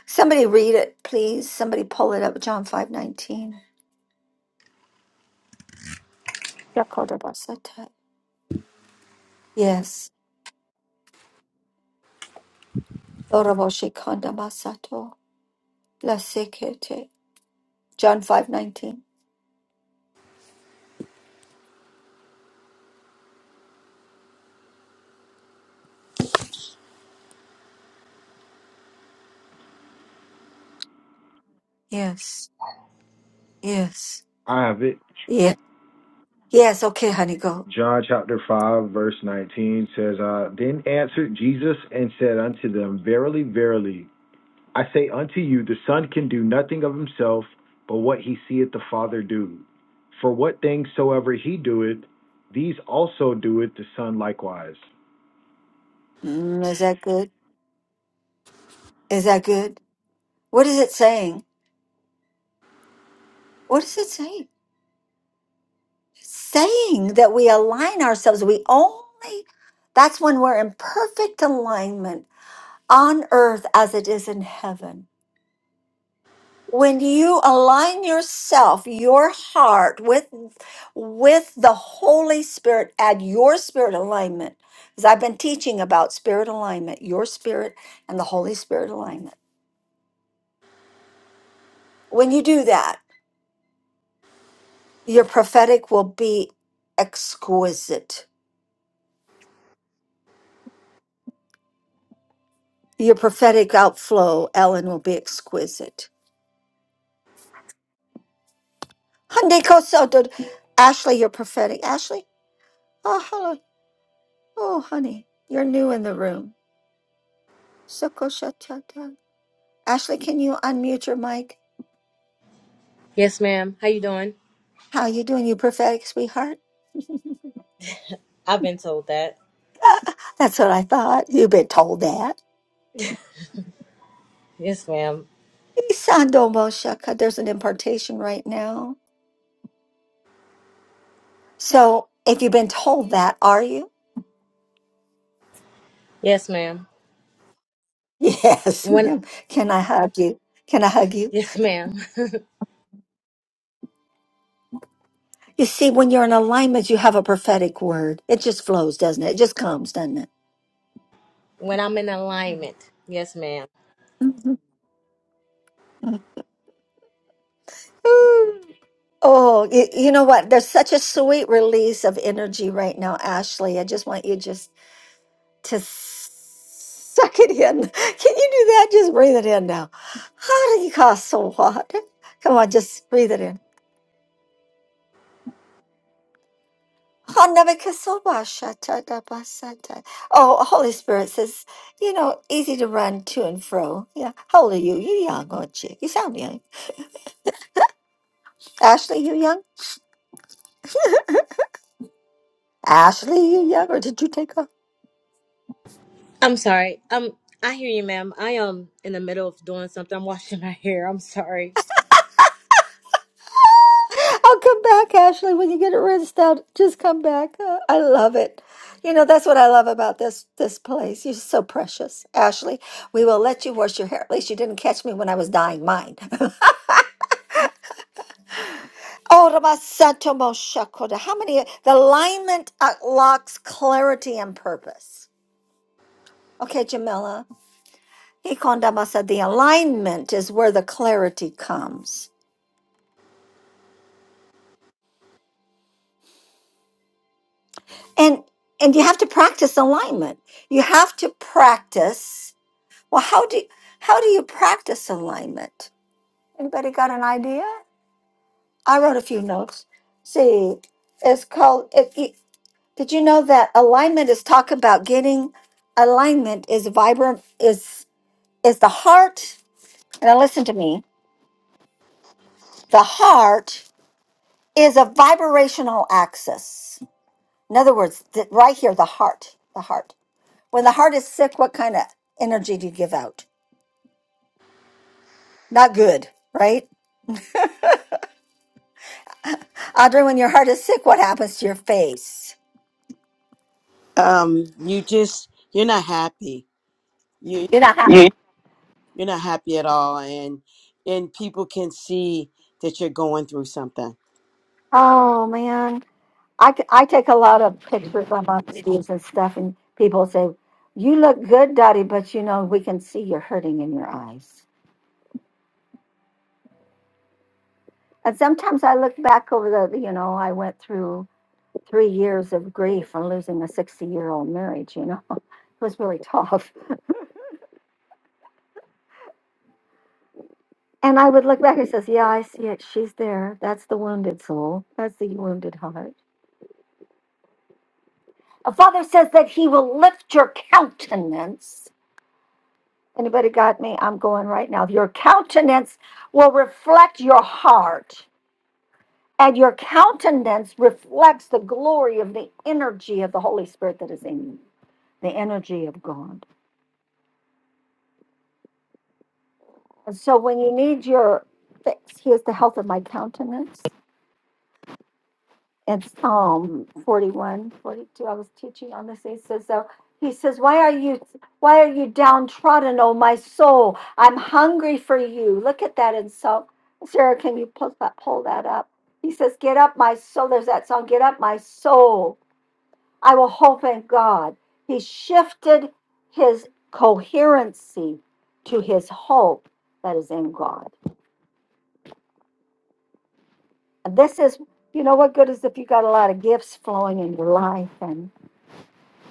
[SPEAKER 1] Somebody read it, please. Somebody pull it up, John 5 19. 19. Yes. Oraboshe kanda masato. La sekete. John 5:19. Yes. Yes.
[SPEAKER 3] I have it.
[SPEAKER 1] Yeah. Yes, okay, honey, go.
[SPEAKER 3] John chapter 5, verse 19 says, uh, Then answered Jesus and said unto them, Verily, verily, I say unto you, the Son can do nothing of himself, but what he seeth the Father do. For what things soever he doeth, these also doeth the Son likewise.
[SPEAKER 1] Mm, is that good? Is that good? What is it saying? What is it saying? It's saying that we align ourselves. We only that's when we're in perfect alignment on earth as it is in heaven. when you align yourself your heart with with the holy spirit add your spirit alignment because i've been teaching about spirit alignment your spirit and the holy spirit alignment when you do that your prophetic will be exquisite your prophetic outflow ellen will be exquisite Hyundai Koso did- ashley you're prophetic ashley oh hello oh honey you're new in the room Ashley, can you unmute your mic?
[SPEAKER 7] Yes, ma'am. How you doing?
[SPEAKER 1] How you doing, you prophetic sweetheart?
[SPEAKER 7] I've been told that.
[SPEAKER 1] That's what I thought. You've been told that.
[SPEAKER 7] Yes, ma'am.
[SPEAKER 1] Isandobo shaka. There's an impartation right now. So if you've been told that, are you?
[SPEAKER 7] Yes, ma'am.
[SPEAKER 1] Yes,
[SPEAKER 7] When
[SPEAKER 1] ma'am. Can I hug you? Can I hug you?
[SPEAKER 7] yes, ma'am.
[SPEAKER 1] You see, when you're in alignment, you have a prophetic word. It just flows, doesn't it? It just comes, doesn't it?
[SPEAKER 7] When I'm in alignment. Yes, ma'am.
[SPEAKER 1] Mhm. Ooh. Oh, you, you know what? There's such a sweet release of energy right now, Ashley. I just want you to just to s- suck it in. Can you do that? Just breathe it in now. Harikasobhata. Come on, just breathe it in. Hanabakasobhashatadabasata. Oh, Holy Spirit says, you know, easy to run to and fro. Yeah. How old are you? You're young, aren't you? You sound young. Ashley, you young? Ashley, you young? Or did you take off?
[SPEAKER 7] I'm sorry. Um I hear you, ma'am. I am in the middle of doing something. I'm washing my hair. I'm sorry.
[SPEAKER 1] I'll come back, Ashley, when you get it rinsed out. Just come back. Uh, I love it. You know, that's what I love about this this place. You're so precious. Ashley, we will let you wash your hair. At least you didn't catch me when I was dyeing mine. Oh, Rama Santo Moshakoda. How many the alignment unlocks clarity and purpose. Okay, Jamila. Ikonda Masa, the alignment is where the clarity comes. And and you have to practice alignment. You have to practice Well, how do how do you practice alignment? Anybody got an idea? I wrote a few notes. See, it's called. It, it- did you know that alignment is talk about getting alignment is vibrant is is the heart. Now listen to me. The heart is a vibrational axis. In other words, th- right here, the heart, the heart. When the heart is sick, what kind of energy do you give out? Not good, right? Audrey, when your heart is sick, what happens to your face?
[SPEAKER 4] Um, you just you're not happy. You
[SPEAKER 1] You know how? You
[SPEAKER 4] you're not happy at all, and and people can see that you're going through something.
[SPEAKER 1] Oh man, I, t- I take a lot of pictures on my videos and stuff, and people say, "You look good, Dottie," but you know we can see you're hurting in your eyes. And sometimes I look back over the, you know, I went through three years of grief from losing a 60 year old marriage. You know, it was really tough. And I would look back and says, "Yeah, I see it. She's there. That's the wounded soul. That's the wounded heart." A father says that he will lift your countenance Anybody got me? I'm going right now. Your countenance will reflect your heart, and your countenance reflects the glory of the energy of the Holy Spirit that is in you, the energy of God. And so when you need your fix, here's the health of my countenance. in Psalm 41, 42. I was teaching on this. He says, so he says, Why are you why are you downtrodden, O my soul? I'm hungry for you. Look at that in Psalm. Sarah, can you pull that pull that up? He says, Get up, my soul. There's that song, Get Up, My Soul. I will hope in God. He shifted his coherency to his hope that is in God. And this is, you know, what good is if you got a lot of gifts flowing in your life and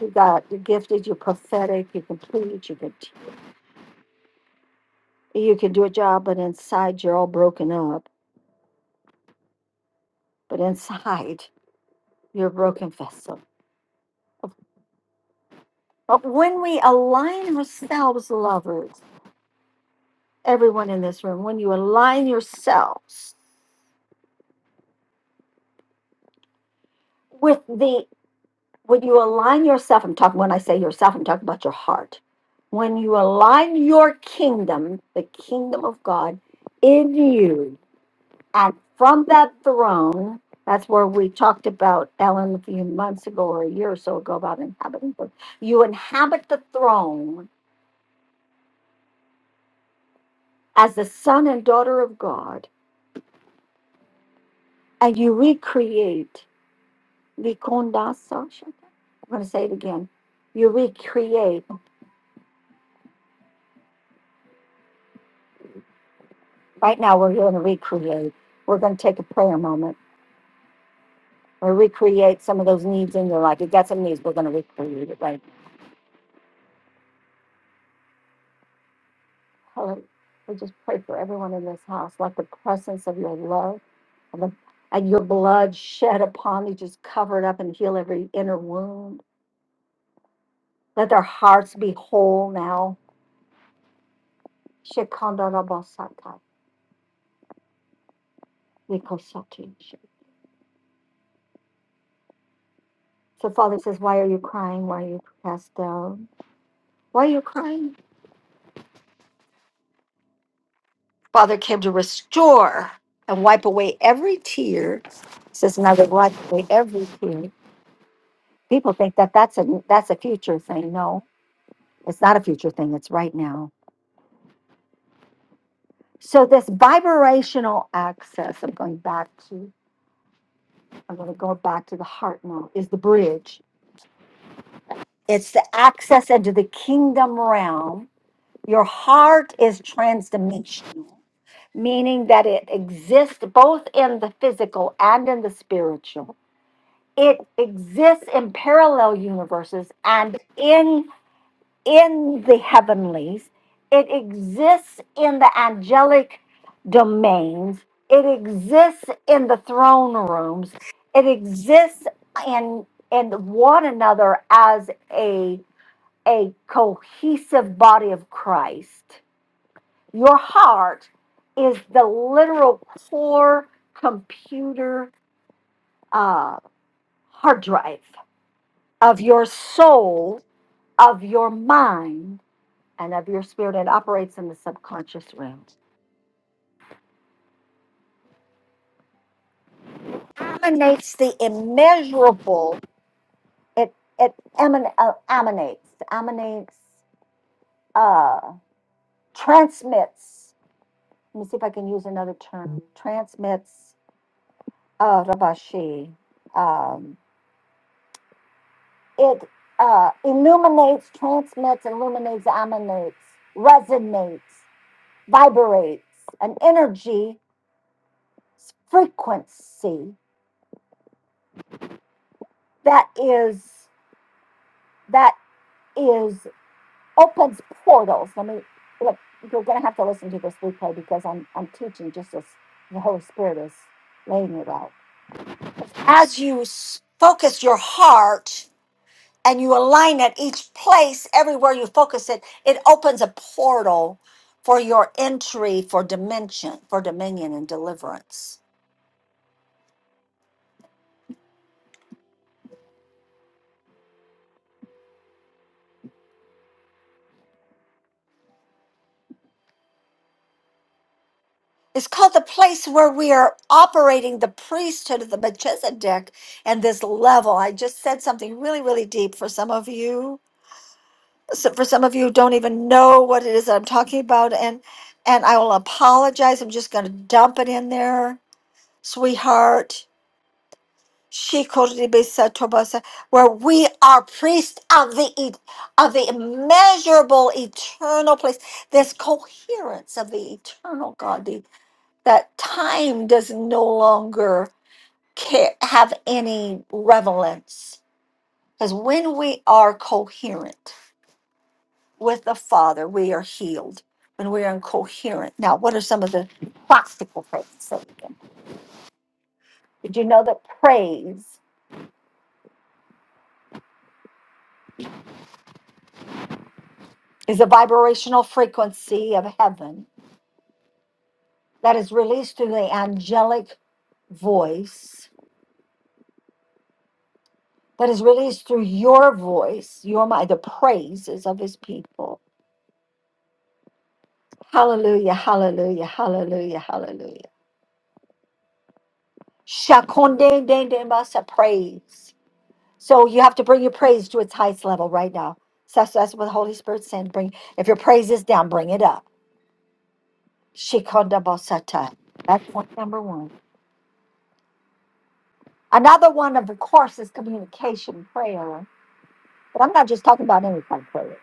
[SPEAKER 1] You got you're gifted, you're prophetic, you can plead, you can t- you can do a job, but inside you're all broken up. But inside you're a broken vessel. But when we align ourselves, lovers, everyone in this room, when you align yourselves with the when you align yourself, I'm talking when I say yourself, I'm talking about your heart. When you align your kingdom, the kingdom of God in you And from that throne, that's where we talked about Ellen a few months ago or a year or so ago about inhabiting. the- You inhabit the throne as the son and daughter of God, and you recreate. Vikondasa Shaka? I'm going to say it again. You recreate. Right now, we're going to recreate. We're going to take a prayer moment. Or recreate some of those needs in your life. You've got some needs. We're going to recreate it right Father, we just pray for everyone in this house. Let the presence of your love and, the, and your blood shed upon me just cover it up and heal every inner wound. Let their hearts be whole now. Shekinah-rabasata, mikosati. So, Father says, Why are you crying? Why are you cast down? Why are you crying? Father came to restore and wipe away every tear. It says, and I wipe away every tear. People think that that's a that's a future thing. No, It's not a future thing, it's right now. So this vibrational access, I'm going back to, I'm going to go back to the heart now, is the bridge. It's the access into the kingdom realm. Your heart is transdimensional, meaning that it exists both in the physical and in the spiritual. It exists in parallel universes and in. in the heavenlies, it exists in the angelic domains, it exists in the throne rooms, it exists in in one another as a a cohesive body of Christ. Your heart is the literal core computer uh, hard drive of your soul, of your mind, and of your spirit. It operates in the subconscious realm. Emanates the immeasurable. It it eman, uh, emanates emanates uh, transmits. Let me see if I can use another term. Transmits uh, rabashi. Um, it uh, illuminates, transmits, illuminates, emanates, resonates, vibrates. An energy frequency that is that is opens portals. I mean, look, you're going to have to listen to this replay because I'm I'm teaching just as the Holy Spirit is laying it out. As you s- focus your heart and you align it, each place, everywhere you focus it, it opens a portal for your entry for dimension, for dominion and deliverance. It's called the place where we are operating the priesthood of the Melchizedek and this level. I just said something really, really deep for some of you so for some of you who don't even know what it is that I'm talking about, and and I will apologize. I'm just going to dump it in there, sweetheart. She called it Ibisa Tobasa, where we are priests of the e- of the immeasurable eternal place. This coherence of the eternal God, the, that time does no longer care, have any relevance, because when we are coherent with the Father, we are healed when we are incoherent. Now, what are some of the practical things? So, did you know that praise is a vibrational frequency of heaven that is released through the angelic voice, that is released through your voice, your mind, the praises of his people? Hallelujah, hallelujah, hallelujah, hallelujah. Shakonde de de masa praise. So you have to bring your praise to its highest level right now. So that's, that's what the Holy Spirit's saying. Bring if your praise is down, bring it up. Shikonda bosata. That's point number one. Another one, of course, is communication prayer. But I'm not just talking about any kind of prayer.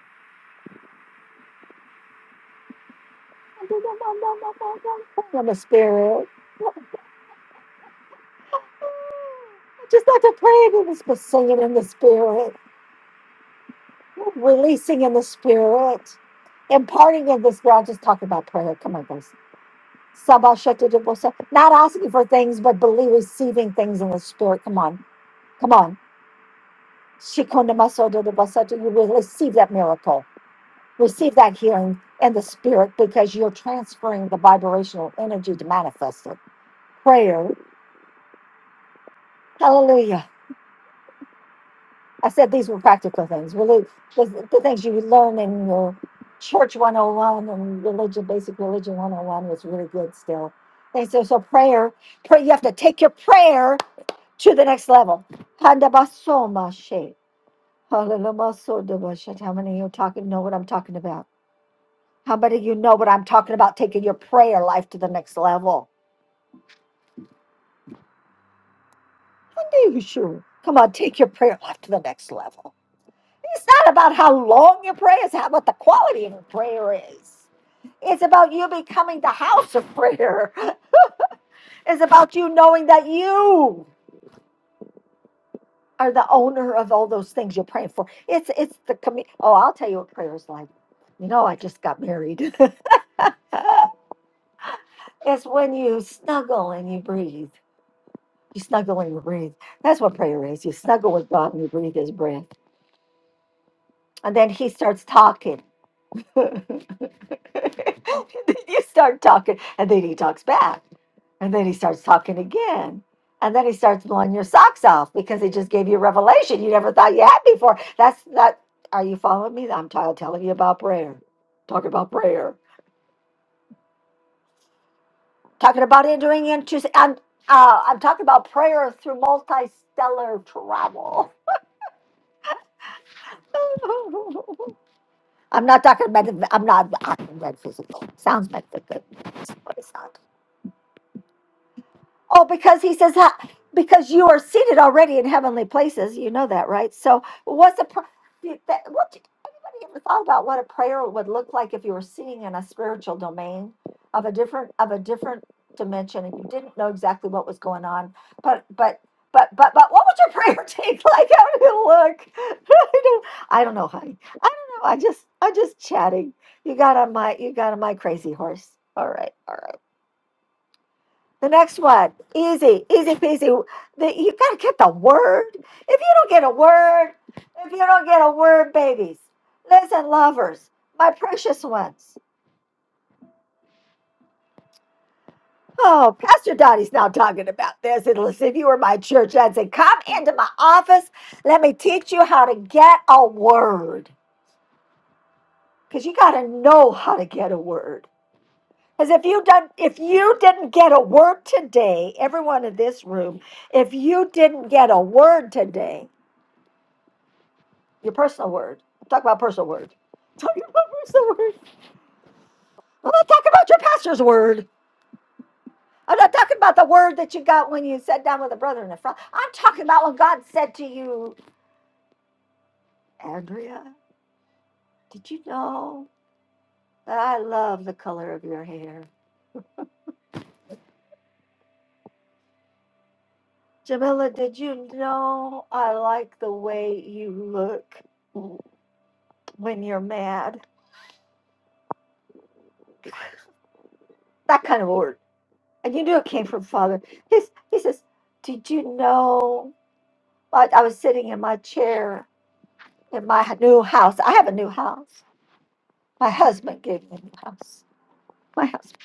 [SPEAKER 1] In the spirit. I Just like to pray in the spirit, singing in the spirit, releasing in the spirit, imparting in the spirit. I'll just talk about prayer. Come on, guys. Sabashatodobosa. Not asking for things, but believe receiving things in the spirit. Come on. Come on. Shikonamasododobosato. You will receive that miracle. Receive that healing in the spirit because you're transferring the vibrational energy to manifest it. Prayer. Hallelujah. I said these were practical things. Really the, the things you learn in your church 101 and religion, basic religion 101 was really good still. They say so prayer, pray you have to take your prayer to the next level. Handabasomashe. Halamasodabashat. How many of you talking know what I'm talking about? How many of you know what I'm talking about? Taking your prayer life to the next level. Are you sure? Come on, take your prayer life to the next level. It's not about how long your prayer is, how what the quality of your prayer is. It's about you becoming the house of prayer. It's about you knowing that you are the owner of all those things you're praying for. It's it's the commu- oh, I'll tell you what prayer is like. You know, I just got married. it's when you snuggle and you breathe. You snuggle and you breathe. That's what prayer is. You snuggle with God and you breathe His breath, and then He starts talking. you start talking, and then he talks back, and then he starts talking again, and then he starts blowing your socks off because he just gave you a revelation you never thought you had before. That's that. Are you following me? I'm tired of telling you about prayer. Talking about prayer. Talking about entering into. I'm uh, I'm talking about prayer through multistellar travel. I'm not talking about. I'm not. I read physical. Sounds metaphysical, but it's not. Oh, because he says "Ha- because you are seated already in heavenly places. You know that, right? So, what's a pr- you- that, what did anybody ever thought about what a prayer would look like if you were sitting in a spiritual domain of a different of a different dimension and you didn't know exactly what was going on? But but but but but what would your prayer take like? How would it look? I don't I don't know, honey. I don't know. I just I'm just chatting. You got on my you got on my crazy horse. All right, all right. The next one, easy, easy peasy. The, you gotta get the word. If you don't get a word, if you don't get a word, babies, listen, lovers, my precious ones. Oh, Pastor Dottie's now talking about this. And listen, if you were my church, I'd say, come into my office. Let me teach you how to get a word. Because you gotta know how to get a word. Because if you done, if you didn't get a word today, everyone in this room, if you didn't get a word today, Your personal word. Talk about personal word. Talk about personal word. I'm not talking about your pastor's word. I'm not talking about the word that you got when you sat down with a brother in the front. I'm talking about when God said to you, Andrea, did you know that I love the color of your hair? Jamila, did you know I like the way you look when you're mad? That kind of word. And you knew it came from Father. He's, he says, Did you know? I, I was sitting in my chair in my h- new house. I have a new house. My husband gave me a new house. My husband's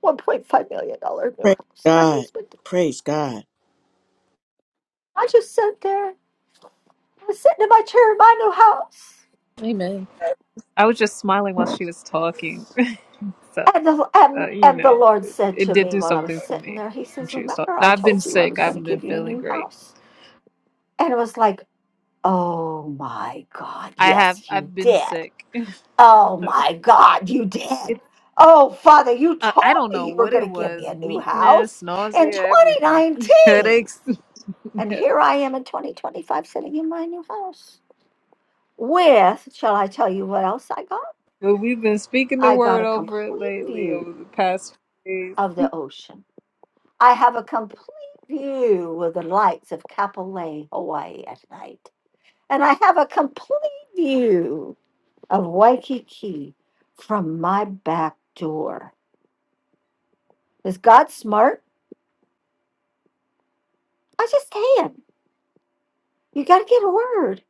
[SPEAKER 1] one point five million dollar new
[SPEAKER 4] Praise
[SPEAKER 1] house. My
[SPEAKER 4] God.
[SPEAKER 1] husband. did.
[SPEAKER 4] Praise God.
[SPEAKER 1] I just sat there. I was sitting in my chair in my new house.
[SPEAKER 8] Amen. I was just smiling while she was talking. So,
[SPEAKER 1] And the,
[SPEAKER 8] uh,
[SPEAKER 1] and,
[SPEAKER 8] you
[SPEAKER 1] and the
[SPEAKER 8] know,
[SPEAKER 1] Lord
[SPEAKER 8] it,
[SPEAKER 1] said
[SPEAKER 8] it
[SPEAKER 1] to
[SPEAKER 8] did
[SPEAKER 1] me
[SPEAKER 8] do
[SPEAKER 1] while I was
[SPEAKER 8] something for
[SPEAKER 1] sitting
[SPEAKER 8] me
[SPEAKER 1] there, He
[SPEAKER 8] when
[SPEAKER 1] says,
[SPEAKER 8] she was
[SPEAKER 1] Remember,
[SPEAKER 8] talking.
[SPEAKER 1] I
[SPEAKER 8] Now, I've been
[SPEAKER 1] told you I
[SPEAKER 8] sick.
[SPEAKER 1] was
[SPEAKER 8] I
[SPEAKER 1] going to
[SPEAKER 8] haven't been
[SPEAKER 1] give you a
[SPEAKER 8] feeling
[SPEAKER 1] new
[SPEAKER 8] great.
[SPEAKER 1] house. And it was like, Oh my God,
[SPEAKER 8] I have,
[SPEAKER 1] yes, you
[SPEAKER 8] I've been
[SPEAKER 1] did.
[SPEAKER 8] sick.
[SPEAKER 1] Oh my God, you
[SPEAKER 8] It,
[SPEAKER 1] did. Oh, Father, you
[SPEAKER 8] uh,
[SPEAKER 1] told
[SPEAKER 8] I don't
[SPEAKER 1] me
[SPEAKER 8] know
[SPEAKER 1] you were
[SPEAKER 8] what
[SPEAKER 1] going
[SPEAKER 8] it
[SPEAKER 1] to give me
[SPEAKER 8] was
[SPEAKER 1] a new
[SPEAKER 8] weakness,
[SPEAKER 1] house in
[SPEAKER 8] nausea, everything,
[SPEAKER 1] 2019.
[SPEAKER 8] headaches.
[SPEAKER 1] And
[SPEAKER 8] but
[SPEAKER 1] here I am in 2025 sitting in my new house. With, shall I tell you what else I got?
[SPEAKER 8] we've been speaking the
[SPEAKER 1] I got
[SPEAKER 8] word
[SPEAKER 1] a
[SPEAKER 8] over it
[SPEAKER 1] complete
[SPEAKER 8] lately
[SPEAKER 1] view
[SPEAKER 8] over the past few days.
[SPEAKER 1] of the ocean. I have a complete view of the lights of Kapolei, Hawaii at night. And I have a complete view of Waikiki from my back door. Is God smart? I just can. You got to get a word.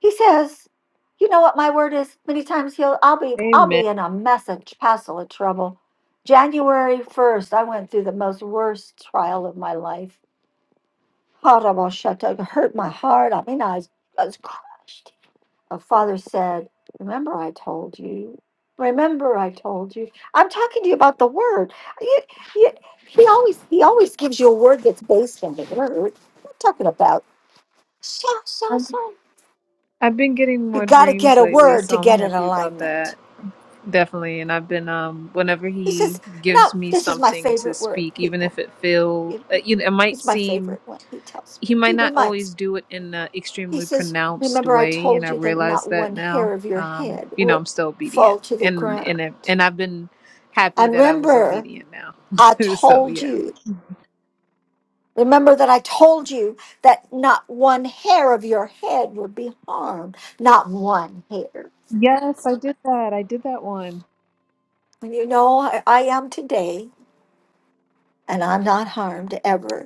[SPEAKER 1] He says, "You know what my word is." Many times he'll, I'll be, I'll
[SPEAKER 8] Amen.
[SPEAKER 1] be in a mess, a passel of trouble. January first, I went through the most worst trial of my life. Horrible shut up, hurt my heart. I mean, I was, I was crushed. A father said, "Remember, I told you." Remember, I told you. I'm talking to you about the word. You, you, he always, he always gives you a word that's based on the word. I'm talking about? So, so,
[SPEAKER 8] I've,
[SPEAKER 1] so.
[SPEAKER 8] I've been getting
[SPEAKER 1] You
[SPEAKER 8] more
[SPEAKER 1] got to get
[SPEAKER 8] dreams
[SPEAKER 1] a
[SPEAKER 8] lately,
[SPEAKER 1] word to
[SPEAKER 8] so I'm
[SPEAKER 1] get in
[SPEAKER 8] happy about that.
[SPEAKER 1] alignment.
[SPEAKER 8] Definitely, and I've been um whenever
[SPEAKER 1] He
[SPEAKER 8] he
[SPEAKER 1] says,
[SPEAKER 8] gives
[SPEAKER 1] No,
[SPEAKER 8] me
[SPEAKER 1] this is my
[SPEAKER 8] something to
[SPEAKER 1] favorite word,
[SPEAKER 8] speak, even if
[SPEAKER 1] people.
[SPEAKER 8] it feel
[SPEAKER 1] You
[SPEAKER 8] uh,
[SPEAKER 1] know,
[SPEAKER 8] you know it might
[SPEAKER 1] it's my
[SPEAKER 8] seem
[SPEAKER 1] favorite one. He tells me,
[SPEAKER 8] he might
[SPEAKER 1] he
[SPEAKER 8] not
[SPEAKER 1] reminds
[SPEAKER 8] always do it in an
[SPEAKER 1] me. He
[SPEAKER 8] extremely
[SPEAKER 1] says,
[SPEAKER 8] pronounced
[SPEAKER 1] Remember, I
[SPEAKER 8] way, and
[SPEAKER 1] told
[SPEAKER 8] I
[SPEAKER 1] you that
[SPEAKER 8] realize
[SPEAKER 1] not
[SPEAKER 8] that
[SPEAKER 1] one
[SPEAKER 8] now.
[SPEAKER 1] hair of your
[SPEAKER 8] Um,
[SPEAKER 1] head
[SPEAKER 8] you know,
[SPEAKER 1] would
[SPEAKER 8] I'm still obedient,
[SPEAKER 1] fall to the
[SPEAKER 8] and
[SPEAKER 1] ground.
[SPEAKER 8] and I- and I've been happy
[SPEAKER 1] And
[SPEAKER 8] that I was
[SPEAKER 1] remember,
[SPEAKER 8] obedient
[SPEAKER 1] I
[SPEAKER 8] now. so
[SPEAKER 1] told
[SPEAKER 8] yeah.
[SPEAKER 1] you, remember that I told you that not one hair of your head would be harmed. Not one hair.
[SPEAKER 8] Yes, I did that. I did that one.
[SPEAKER 1] And you know, I, I am today, and I'm not harmed ever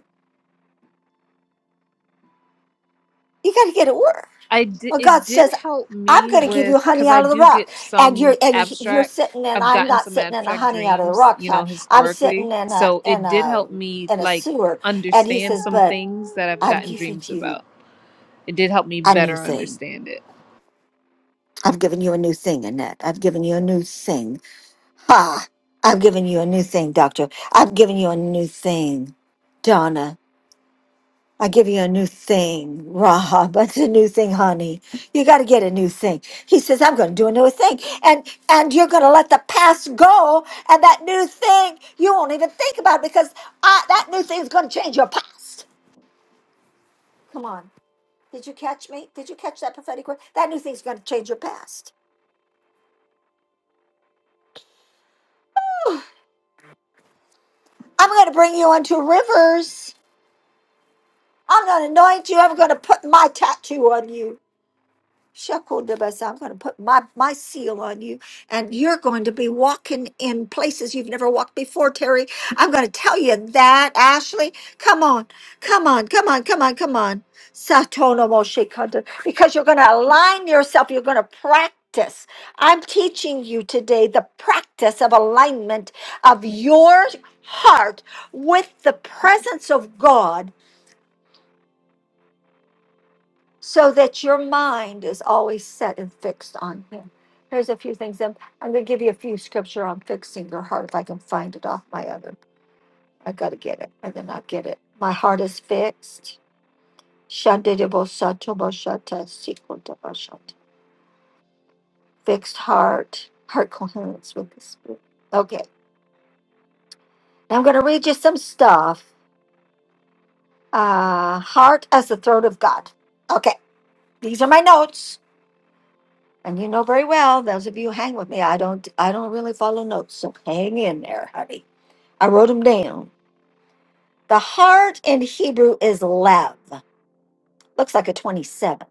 [SPEAKER 1] You got to get it work.
[SPEAKER 8] I di-
[SPEAKER 1] Well, God
[SPEAKER 8] it did
[SPEAKER 1] says,
[SPEAKER 8] help
[SPEAKER 1] "I'm
[SPEAKER 8] me
[SPEAKER 1] going to give
[SPEAKER 8] with
[SPEAKER 1] you honey
[SPEAKER 8] because I
[SPEAKER 1] out of the
[SPEAKER 8] do
[SPEAKER 1] rock,"
[SPEAKER 8] get
[SPEAKER 1] and you're
[SPEAKER 8] some
[SPEAKER 1] and he- you're
[SPEAKER 8] abstract.
[SPEAKER 1] sitting, and
[SPEAKER 8] I've
[SPEAKER 1] I'm
[SPEAKER 8] gotten
[SPEAKER 1] not
[SPEAKER 8] some
[SPEAKER 1] sitting in a
[SPEAKER 8] abstract
[SPEAKER 1] honey out of the
[SPEAKER 8] dreams,
[SPEAKER 1] rock
[SPEAKER 8] you
[SPEAKER 1] time.
[SPEAKER 8] know,
[SPEAKER 1] I'm
[SPEAKER 8] historically.
[SPEAKER 1] sitting in a
[SPEAKER 8] So
[SPEAKER 1] in
[SPEAKER 8] it did
[SPEAKER 1] a
[SPEAKER 8] help me
[SPEAKER 1] in a
[SPEAKER 8] like
[SPEAKER 1] sewer, and He
[SPEAKER 8] understand
[SPEAKER 1] says,
[SPEAKER 8] some
[SPEAKER 1] "But
[SPEAKER 8] things that I've
[SPEAKER 1] I've
[SPEAKER 8] gotten
[SPEAKER 1] given
[SPEAKER 8] dreams
[SPEAKER 1] you
[SPEAKER 8] about. It did help me
[SPEAKER 1] a new
[SPEAKER 8] better
[SPEAKER 1] thing.
[SPEAKER 8] understand it.
[SPEAKER 1] I've given you a new thing, Annette. I've given you a new thing. Ha! I've given you a new thing, Doctor. I've given you a new thing, Donna. I give you a new thing, Raha, but it's a new thing, honey. You got to get a new thing. He says, I'm going to do a new thing. And, and you're going to let the past go. And that new thing, you won't even think about it because I, that new thing's going to change your past. Come on. Did you catch me? Did you catch that prophetic word? That new thing's going to change your past. I'm going to bring you onto rivers. I'm going to anoint you. I'm going to put my tattoo on you. Shekodabasa, I'm going to put my, my seal on you, and you're going to be walking in places you've never walked before, Terry. I'm going to tell you that, Ashley. Come on, come on, come on, come on, come on. Satonomo Shekada, Because you're going to align yourself, you're going to practice. I'm teaching you today the practice of alignment of your heart with the presence of God so that your mind is always set and fixed on him. Here's a few things. I'm, I'm going to give you a few scripture on fixing your heart if I can find it off my other. I got to get it, and then I'll get it. My heart is fixed. Shandidibosatobashata sikondabashata. Fixed heart, heart coherence with the spirit. Okay, now I'm going to read you some stuff. Uh, heart as the throat of God. Okay, these are my notes. And you know very well, those of you who hang with me, I don't I don't really follow notes, so hang in there, honey. I wrote them down. The heart in Hebrew is lev. Looks like a 27.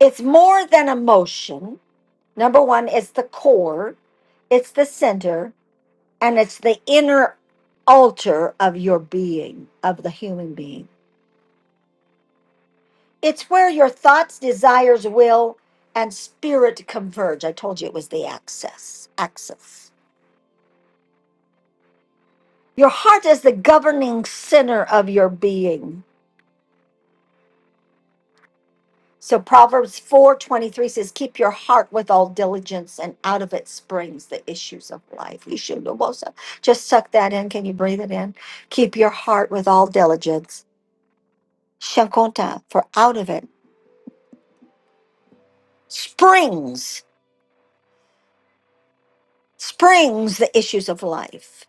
[SPEAKER 1] It's more than emotion. Number one, it's the core, it's the center, and it's the inner altar of your being, of the human being. It's where your thoughts, desires, will, and spirit converge. I told you it was the axis. Axis. Your heart is the governing center of your being. So Proverbs 4:23 says, "Keep your heart with all diligence, and out of it springs the issues of life." You should just suck that in. Can you breathe it in? Keep your heart with all diligence. Shankonta, for out of it springs springs the issues of life.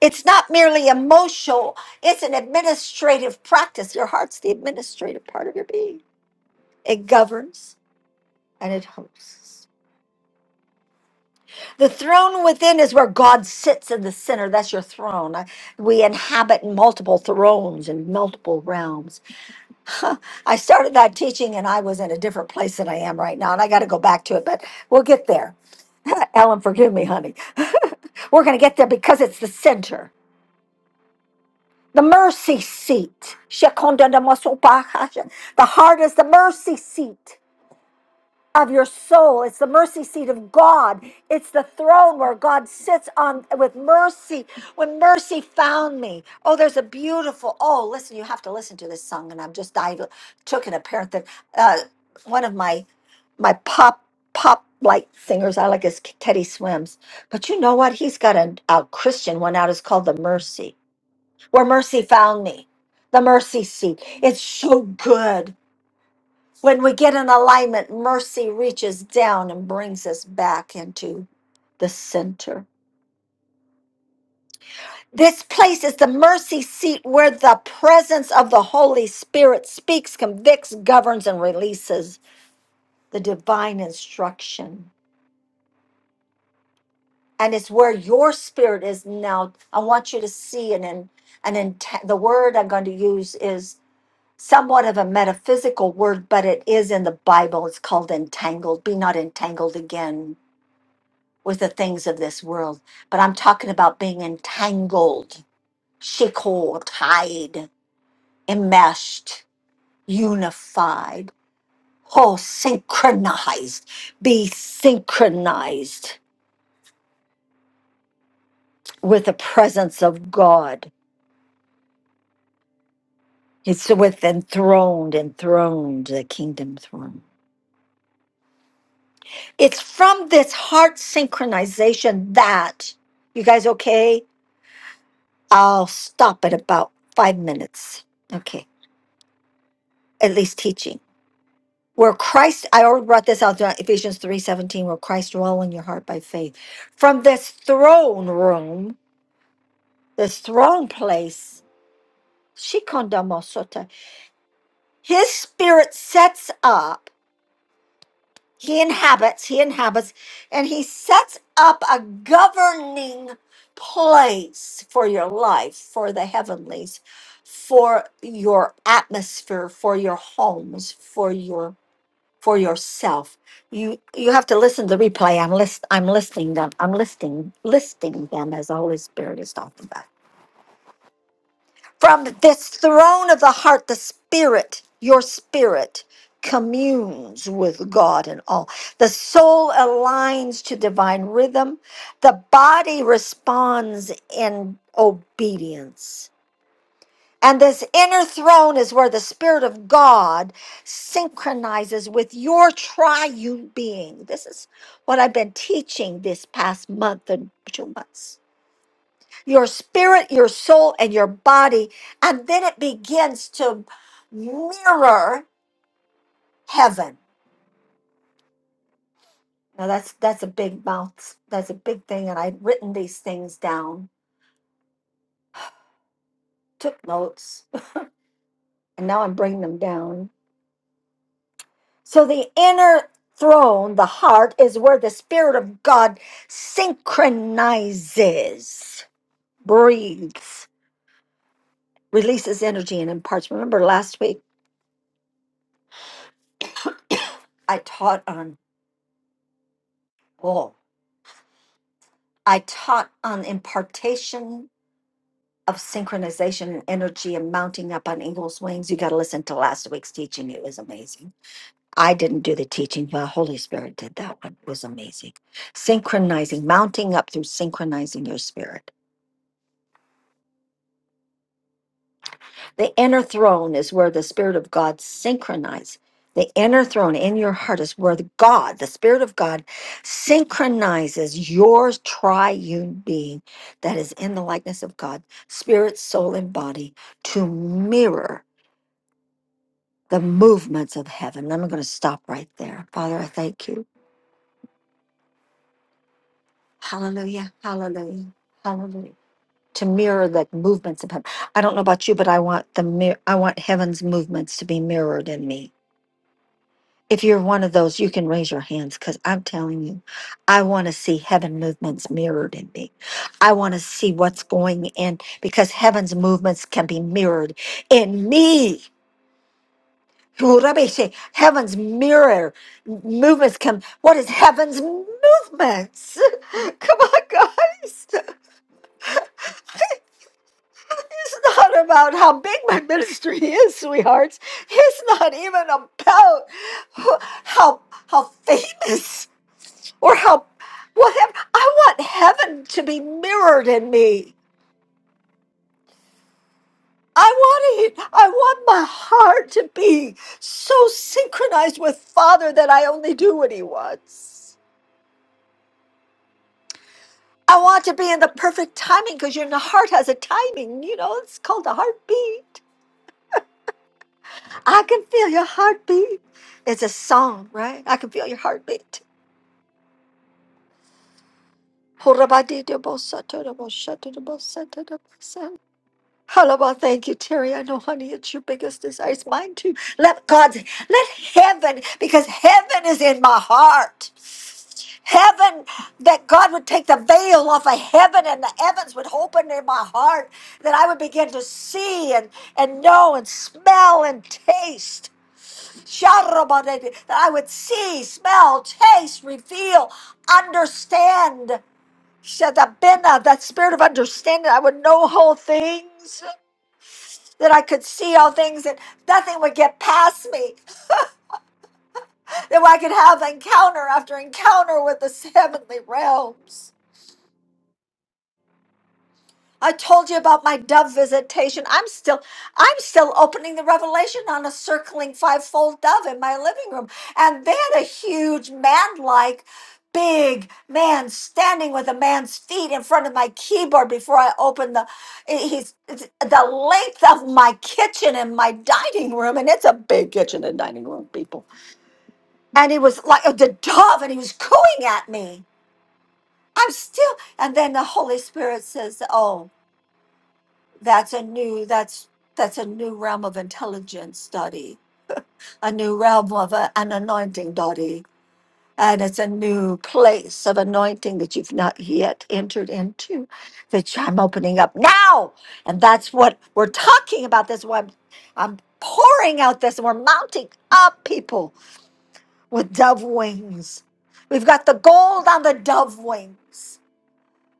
[SPEAKER 1] It's not merely emotional, it's an administrative practice. Your heart's the administrative part of your being. It governs and it hosts. The throne within is where God sits in the center. That's your throne. I- We inhabit multiple thrones and multiple realms. I started that teaching and I was in a different place than I am right now, and I got to go back to it, but we'll get there. Ellen, forgive me, honey. We're going to get there because it's the center. The mercy seat. Shekondanamasopahasha. The heart is the mercy seat. of your soul. It's the mercy seat of God. It's the throne where God sits on with mercy. When mercy found me. Oh, there's a beautiful. Oh, listen, you have to listen to this song. And I'm just I took an apparent that uh, one of my my pop pop light singers I like is Teddy Swims. But you know what? He's got a, a Christian one out. It's called the Mercy, where mercy found me. The mercy seat. It's so good. When we get in alignment, mercy reaches down and brings us back into the center. This place is the mercy seat where the presence of the Holy Spirit speaks, convicts, governs, and releases the divine instruction. And it's where your spirit is now. I want you to see an, an, an int- the word I'm going to use is somewhat of a metaphysical word, but it is in the Bible. It's called entangled. Be not entangled again with the things of this world, but I'm talking about being entangled, shiko, tied, enmeshed, unified, oh, synchronized, be synchronized with the presence of God. It's with enthroned, enthroned, the kingdom throne. It's from this heart synchronization that, you guys okay? I'll stop at about five minutes. Okay, at least teaching. where Christ, I already brought this out throughout Ephesians three seventeen, where Christ dwell in your heart by faith. From this throne room, this throne place, Shikondamosota, his spirit sets up, he inhabits, he inhabits, and he sets up a governing place for your life, for the heavenlies, for your atmosphere, for your homes, for your for yourself. You you have to listen to the replay. I'm list I'm listing them. I'm listing listing them as the Holy Spirit is talking about. From this throne of the heart, the spirit, your spirit communes with God and all. The soul aligns to divine rhythm. The body responds in obedience and this inner throne is where the Spirit of God synchronizes with your triune being. This is what I've been teaching this past month and two months. Your spirit, your soul, and your body. And then it begins to mirror heaven. Now that's that's a big mouth. That's a big thing. And I'd written these things down, took notes, and now I'm bringing them down. So the inner throne, the heart, is where the Spirit of God synchronizes, breathes, releases energy, and imparts. Remember last week I taught on, oh, I taught on impartation of synchronization and energy and mounting up on eagle's wings. You got to listen to last week's teaching. It was amazing. I didn't do the teaching, but Holy Spirit did that one. It was amazing. Synchronizing, mounting up through synchronizing your spirit. The inner throne is where the Spirit of God synchronizes. The inner throne in your heart is where the God, the Spirit of God, synchronizes your triune being that is in the likeness of God, spirit, soul, and body, to mirror the movements of heaven. I'm going to stop right there. Father, I thank you. Hallelujah. Hallelujah. Hallelujah. To mirror the movements of heaven. I don't know about you, but I want the mir- I want heaven's movements to be mirrored in me. If you're one of those, you can raise your hands because I'm telling you, I want to see heaven movements mirrored in me. I want to see what's going in because heaven's movements can be mirrored in me. Urabeshe, Heaven's mirror movements come. What is heaven's movements? Come on, guys. It's not about how big my ministry is, sweethearts. It's not even about who- how how famous or how whatever I want heaven to be mirrored in me. I want it. I want my heart to be so synchronized with Father that I only do what He wants. I want to be in the perfect timing because your heart has a timing. You know, it's called a heartbeat. I can feel your heartbeat. It's a song, right? I can feel your heartbeat. Hallelujah. Thank you, Terry. I know, honey, it's your biggest desire. It's mine too. Let God, let heaven, because heaven is in my heart. Heaven, that God would take the veil off of heaven and the heavens would open in my heart, that I would begin to see and, and know and smell and taste. Sharabadadi, That I would see, smell, taste, reveal, understand. Shadabina, That spirit of understanding, I would know whole things that I could see all things and nothing would get past me, that I could have encounter after encounter with the heavenly realms. I told you about my dove visitation. I'm still I'm still opening the revelation on a circling fivefold dove in my living room. And they had a huge man-like big man standing with a man's feet in front of my keyboard before I opened the he's it's the length of my kitchen and my dining room and it's a big kitchen and dining room people and he was like a the dove and he was cooing at me i'm still and then the holy spirit says oh that's a new that's that's a new realm of intelligence study a new realm of uh an anointing study and it's a new place of anointing that you've not yet entered into that i'm opening up now and that's what we're talking about that's why i'm, I'm pouring out this and we're mounting up people with dove wings. We've got the gold on the dove wings.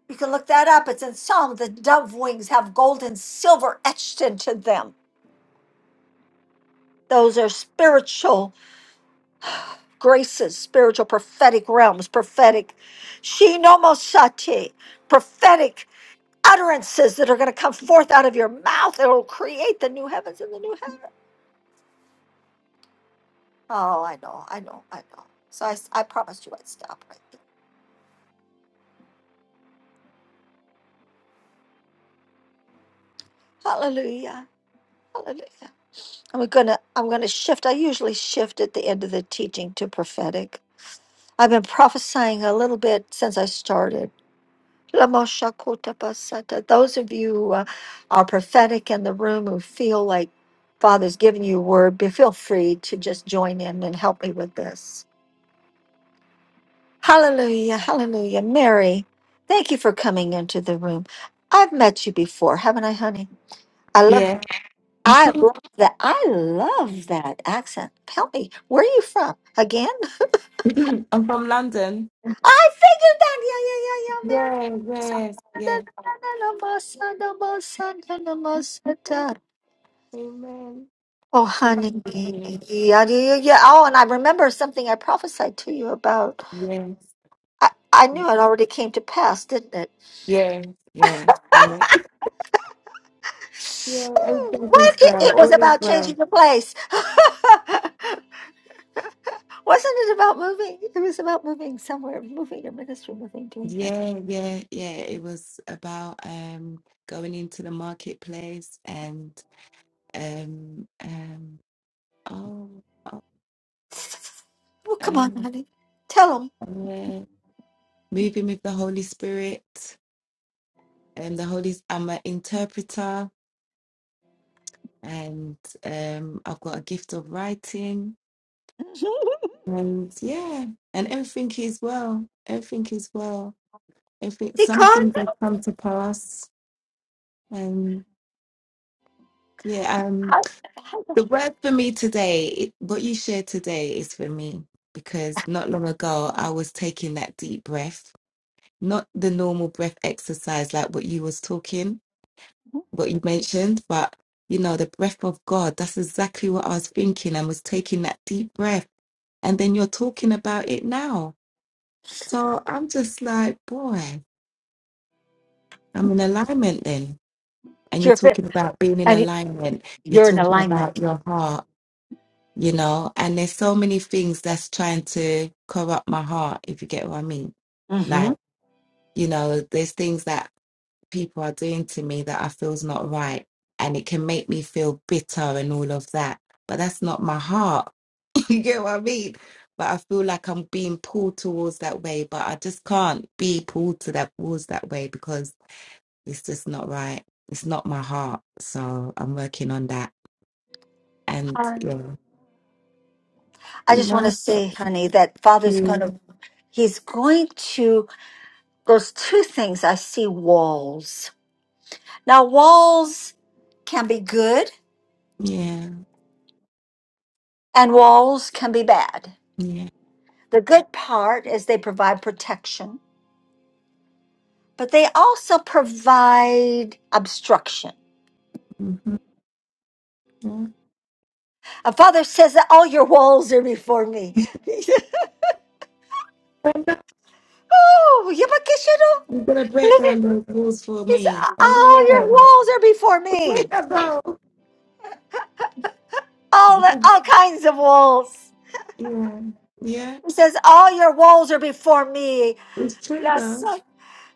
[SPEAKER 1] You can look that up. It's in Psalm. The dove wings have gold and silver etched into them. Those are spiritual graces, spiritual prophetic realms, prophetic shinomosati, prophetic utterances that are going to come forth out of your mouth. It'll create the new heavens and the new heaven. Oh, I know, I know, I know. So I, I promised you I'd stop right there. Hallelujah. Hallelujah. I'm gonna I'm gonna shift. I usually shift at the end of the teaching to prophetic. I've been prophesying a little bit since I started. Lamoshakotapasata. Those of you who uh, are prophetic in the room who feel like Father's giving you a word, be feel free to just join in and help me with this. Hallelujah, hallelujah. Mary, thank you for coming into the room. I've met you before, haven't I, honey? I love
[SPEAKER 5] Yeah.
[SPEAKER 1] I love that. I love that accent. Help me. Where are you from? Again?
[SPEAKER 5] I'm from London.
[SPEAKER 1] I figured that. Yeah, yeah, yeah,
[SPEAKER 5] Yeah, yes, yeah.
[SPEAKER 1] yeah. Mary.
[SPEAKER 5] Amen.
[SPEAKER 1] Oh,
[SPEAKER 5] Thank
[SPEAKER 1] honey. Yeah,
[SPEAKER 5] you.
[SPEAKER 1] yeah, yeah. yeah. Oh, and I remember something I prophesied to you about.
[SPEAKER 5] Yes.
[SPEAKER 1] I, I knew it already came to pass, didn't it?
[SPEAKER 5] Yeah, yeah, yeah. Yeah,
[SPEAKER 1] Hmm,
[SPEAKER 5] everything
[SPEAKER 1] What?
[SPEAKER 5] is
[SPEAKER 1] It,
[SPEAKER 5] well.
[SPEAKER 1] it was
[SPEAKER 5] All is
[SPEAKER 1] about
[SPEAKER 5] well.
[SPEAKER 1] changing the place. Wasn't it about moving? It was about moving somewhere, moving to ministry, moving, doing that.
[SPEAKER 5] Yeah, yeah, yeah. It was about um going into the marketplace and um um oh oh,
[SPEAKER 1] Oh, come on,
[SPEAKER 5] Amen.
[SPEAKER 1] honey. Tell him.
[SPEAKER 5] Amen. Moving with the Holy Spirit, and the Holy. I'm an interpreter, and um, I've got a gift of writing,
[SPEAKER 1] See,
[SPEAKER 5] and yeah, and everything is well. Everything is well. Everything, some
[SPEAKER 1] Con,
[SPEAKER 5] things have come to pass, and yeah. Um, the word for me today, it- what you shared today, is for me because not long ago I was taking that deep breath, not the normal breath exercise like what you was talking what you mentioned, but you know, the breath of God, that's exactly what I was thinking and was taking that deep breath. And then you're talking about it now. So I'm just like, boy, I'm in alignment then. And you're
[SPEAKER 1] you're fit.
[SPEAKER 5] talking about being in
[SPEAKER 1] And
[SPEAKER 5] alignment, you're
[SPEAKER 1] you're in
[SPEAKER 5] talking about
[SPEAKER 1] alignment.
[SPEAKER 5] your heart, you know, and there's so many things that's trying to corrupt my heart, if you get what I mean.
[SPEAKER 1] mm-hmm.
[SPEAKER 5] Like, you know, there's things that people are doing to me that I feel's not right. And it can make me feel bitter and all of that. But that's not my heart. you get what I mean? But I feel like I'm being pulled towards that way, but I just can't be pulled to that towards that way because it's just not right. It's not my heart. So I'm working on that. And
[SPEAKER 1] Um,
[SPEAKER 5] yeah.
[SPEAKER 1] I
[SPEAKER 5] You
[SPEAKER 1] just want to
[SPEAKER 5] know?
[SPEAKER 1] say, honey, that Father's going
[SPEAKER 5] Mm.
[SPEAKER 1] to, he's going to, those two things I see walls. Now, walls can be good
[SPEAKER 5] Yeah.
[SPEAKER 1] and walls can be bad.
[SPEAKER 5] Yeah.
[SPEAKER 1] The good part is they provide protection, but they also provide obstruction.
[SPEAKER 5] hmm yeah.
[SPEAKER 1] A father says that all your walls are before me.
[SPEAKER 5] Brenda,
[SPEAKER 1] Oh, Yabakishiro!
[SPEAKER 5] You're gonna break
[SPEAKER 1] Look at
[SPEAKER 5] down those walls for
[SPEAKER 1] these.
[SPEAKER 5] me.
[SPEAKER 1] All your
[SPEAKER 5] Amen.
[SPEAKER 1] walls are before
[SPEAKER 5] Way
[SPEAKER 1] me.
[SPEAKER 5] to go.
[SPEAKER 1] All the,
[SPEAKER 5] Because
[SPEAKER 1] all kinds of walls.
[SPEAKER 5] Yeah, yeah,
[SPEAKER 1] He says, "All your walls are before me."
[SPEAKER 5] it's true
[SPEAKER 1] It's
[SPEAKER 5] though.
[SPEAKER 1] like,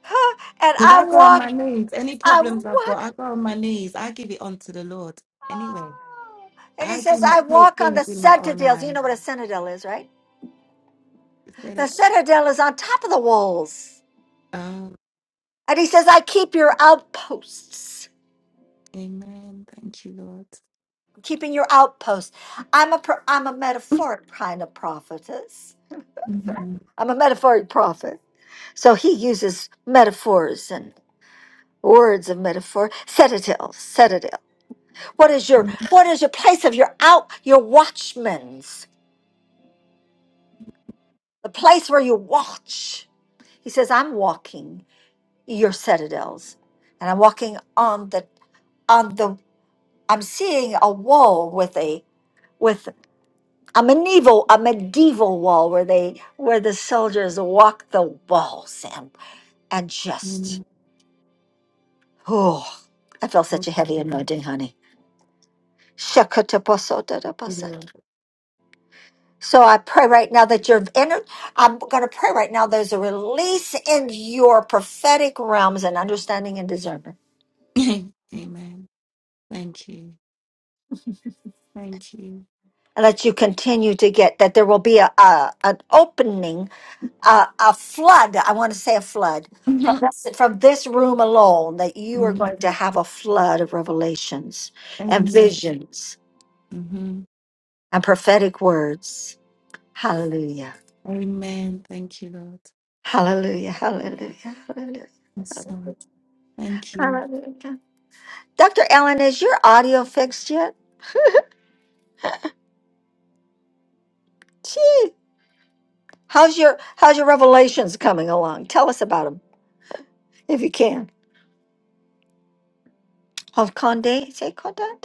[SPEAKER 1] huh, And
[SPEAKER 5] Because
[SPEAKER 1] I
[SPEAKER 5] I go on
[SPEAKER 1] walk.
[SPEAKER 5] my knees. Any
[SPEAKER 1] I
[SPEAKER 5] problems I've got,
[SPEAKER 1] walk.
[SPEAKER 5] I go on my knees. I give it on to the Lord. Anyway,
[SPEAKER 1] oh. And he
[SPEAKER 5] I do
[SPEAKER 1] says,
[SPEAKER 5] not
[SPEAKER 1] "I
[SPEAKER 5] take
[SPEAKER 1] walk on
[SPEAKER 5] things
[SPEAKER 1] the
[SPEAKER 5] in my own
[SPEAKER 1] citadels." You
[SPEAKER 5] hands.
[SPEAKER 1] know what a citadel is, right?
[SPEAKER 5] Say
[SPEAKER 1] The
[SPEAKER 5] that.
[SPEAKER 1] citadel is on top of the walls.
[SPEAKER 5] Um,
[SPEAKER 1] And he says, "I keep your outposts."
[SPEAKER 5] amen. Thank you, Lord.
[SPEAKER 1] Keeping your outposts. I'm a pro- I'm a metaphoric kind of prophetess.
[SPEAKER 5] Mhm.
[SPEAKER 1] I'm a metaphoric prophet. So he uses metaphors and words of metaphor. Citadel, citadel. What is your
[SPEAKER 5] Mhm.
[SPEAKER 1] what is your place of your out your watchman's? The place where you watch. He says, I'm walking your citadels. And I'm walking on the on the I'm seeing a wall with a with a medieval a medieval wall where they where the soldiers walk the walls and and just
[SPEAKER 5] mhm.
[SPEAKER 1] oh I felt
[SPEAKER 5] Oh,
[SPEAKER 1] such a
[SPEAKER 5] God.
[SPEAKER 1] heavy
[SPEAKER 5] Thank
[SPEAKER 1] anointing, honey.
[SPEAKER 5] you,
[SPEAKER 1] Shakataposotaraposat.
[SPEAKER 5] Lord.
[SPEAKER 1] So I pray right now that you're entered. I'm going to pray right now there's a release in your prophetic realms and understanding and discernment.
[SPEAKER 5] amen. Thank you. Thank you.
[SPEAKER 1] And that you continue to get that there will be a, a an opening, a, a flood. I want to say a flood from
[SPEAKER 5] Mhm.
[SPEAKER 1] this, from this room alone. That you are
[SPEAKER 5] Mm,
[SPEAKER 1] going to have a flood of revelations and
[SPEAKER 5] Amen.
[SPEAKER 1] visions
[SPEAKER 5] hmm
[SPEAKER 1] and prophetic words. Hallelujah!
[SPEAKER 5] Amen. Thank you, Lord.
[SPEAKER 1] Hallelujah! Hallelujah! Hallelujah!
[SPEAKER 5] Yes, Lord. Thank you.
[SPEAKER 1] Hallelujah! Dr. Allen, is your audio fixed yet? Gee, how's your how's your revelations coming along? Tell us about them if you can. Of Condé, say Condé.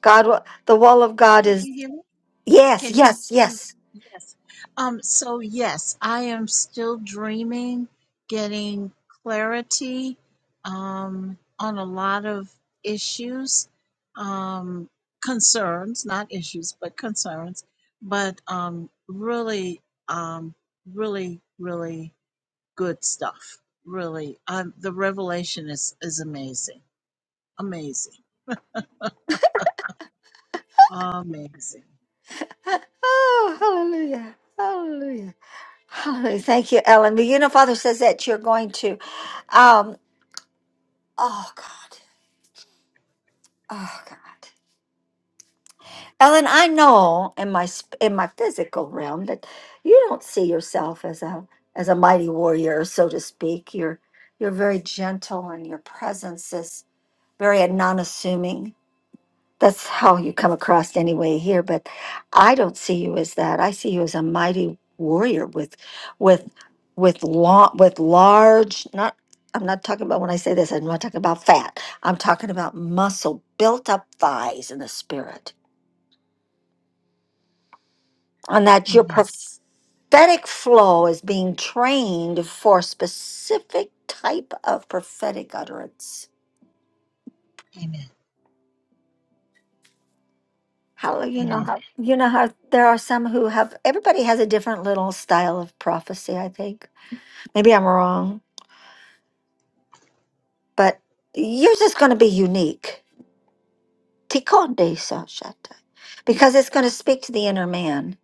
[SPEAKER 1] God, wa- the wall of God
[SPEAKER 9] Can
[SPEAKER 1] is
[SPEAKER 9] you hear me?
[SPEAKER 1] yes,
[SPEAKER 9] Can you
[SPEAKER 1] yes,
[SPEAKER 9] can you hear
[SPEAKER 1] yes.
[SPEAKER 9] me? Yes. Um, so yes, I am still dreaming, getting clarity um, on a lot of issues, um, concerns, not issues, but concerns, but um, really, um, really, really good stuff. Really, um, the revelation is is amazing, amazing, amazing.
[SPEAKER 1] Oh, hallelujah, hallelujah, hallelujah. Thank you, Ellen. But you know, Father says that you're going to. Um. Oh God. Oh God. Ellen, I know in my sp- in my physical realm that you don't see yourself as a as a mighty warrior, so to speak. You're you're very gentle, and your presence is very non-assuming. That's how you come across anyway here. But I don't see you as that. I see you as a mighty warrior with with with long with large. Not I'm not talking about when I say this. I'm not talking about fat. I'm talking about muscle built up thighs in the spirit and that your
[SPEAKER 9] Amen.
[SPEAKER 1] prophetic flow is being trained for a specific type of prophetic utterance.
[SPEAKER 9] Amen.
[SPEAKER 1] How you know
[SPEAKER 9] Amen.
[SPEAKER 1] how you know how there are some who have everybody has a different little style of prophecy, I think. Maybe I'm wrong, but yours is gonna be unique. Tikonde Sashata. Because it's gonna speak to the inner man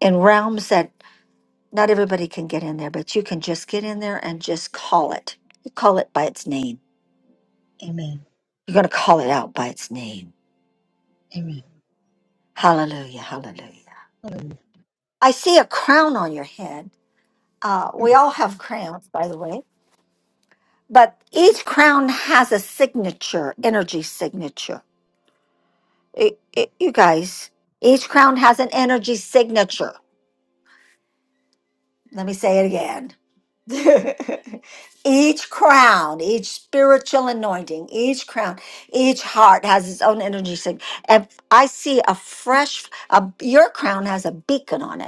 [SPEAKER 1] in realms that not everybody can get in there, but you can just get in there and just call it. You call it by its name
[SPEAKER 9] Amen.
[SPEAKER 1] You're going to call it out by its name.
[SPEAKER 9] Amen.
[SPEAKER 1] Hallelujah. Hallelujah.
[SPEAKER 9] Hallelujah.
[SPEAKER 1] I see a crown on your head. Uh, we
[SPEAKER 9] Mm,
[SPEAKER 1] all have crowns, by the way, but each crown has a signature, energy signature. It, it, you guys, each crown has an energy signature. Let me say it again. each crown, each spiritual anointing, each crown, each heart has its own energy signature. And I see a fresh, a, your crown has a beacon on it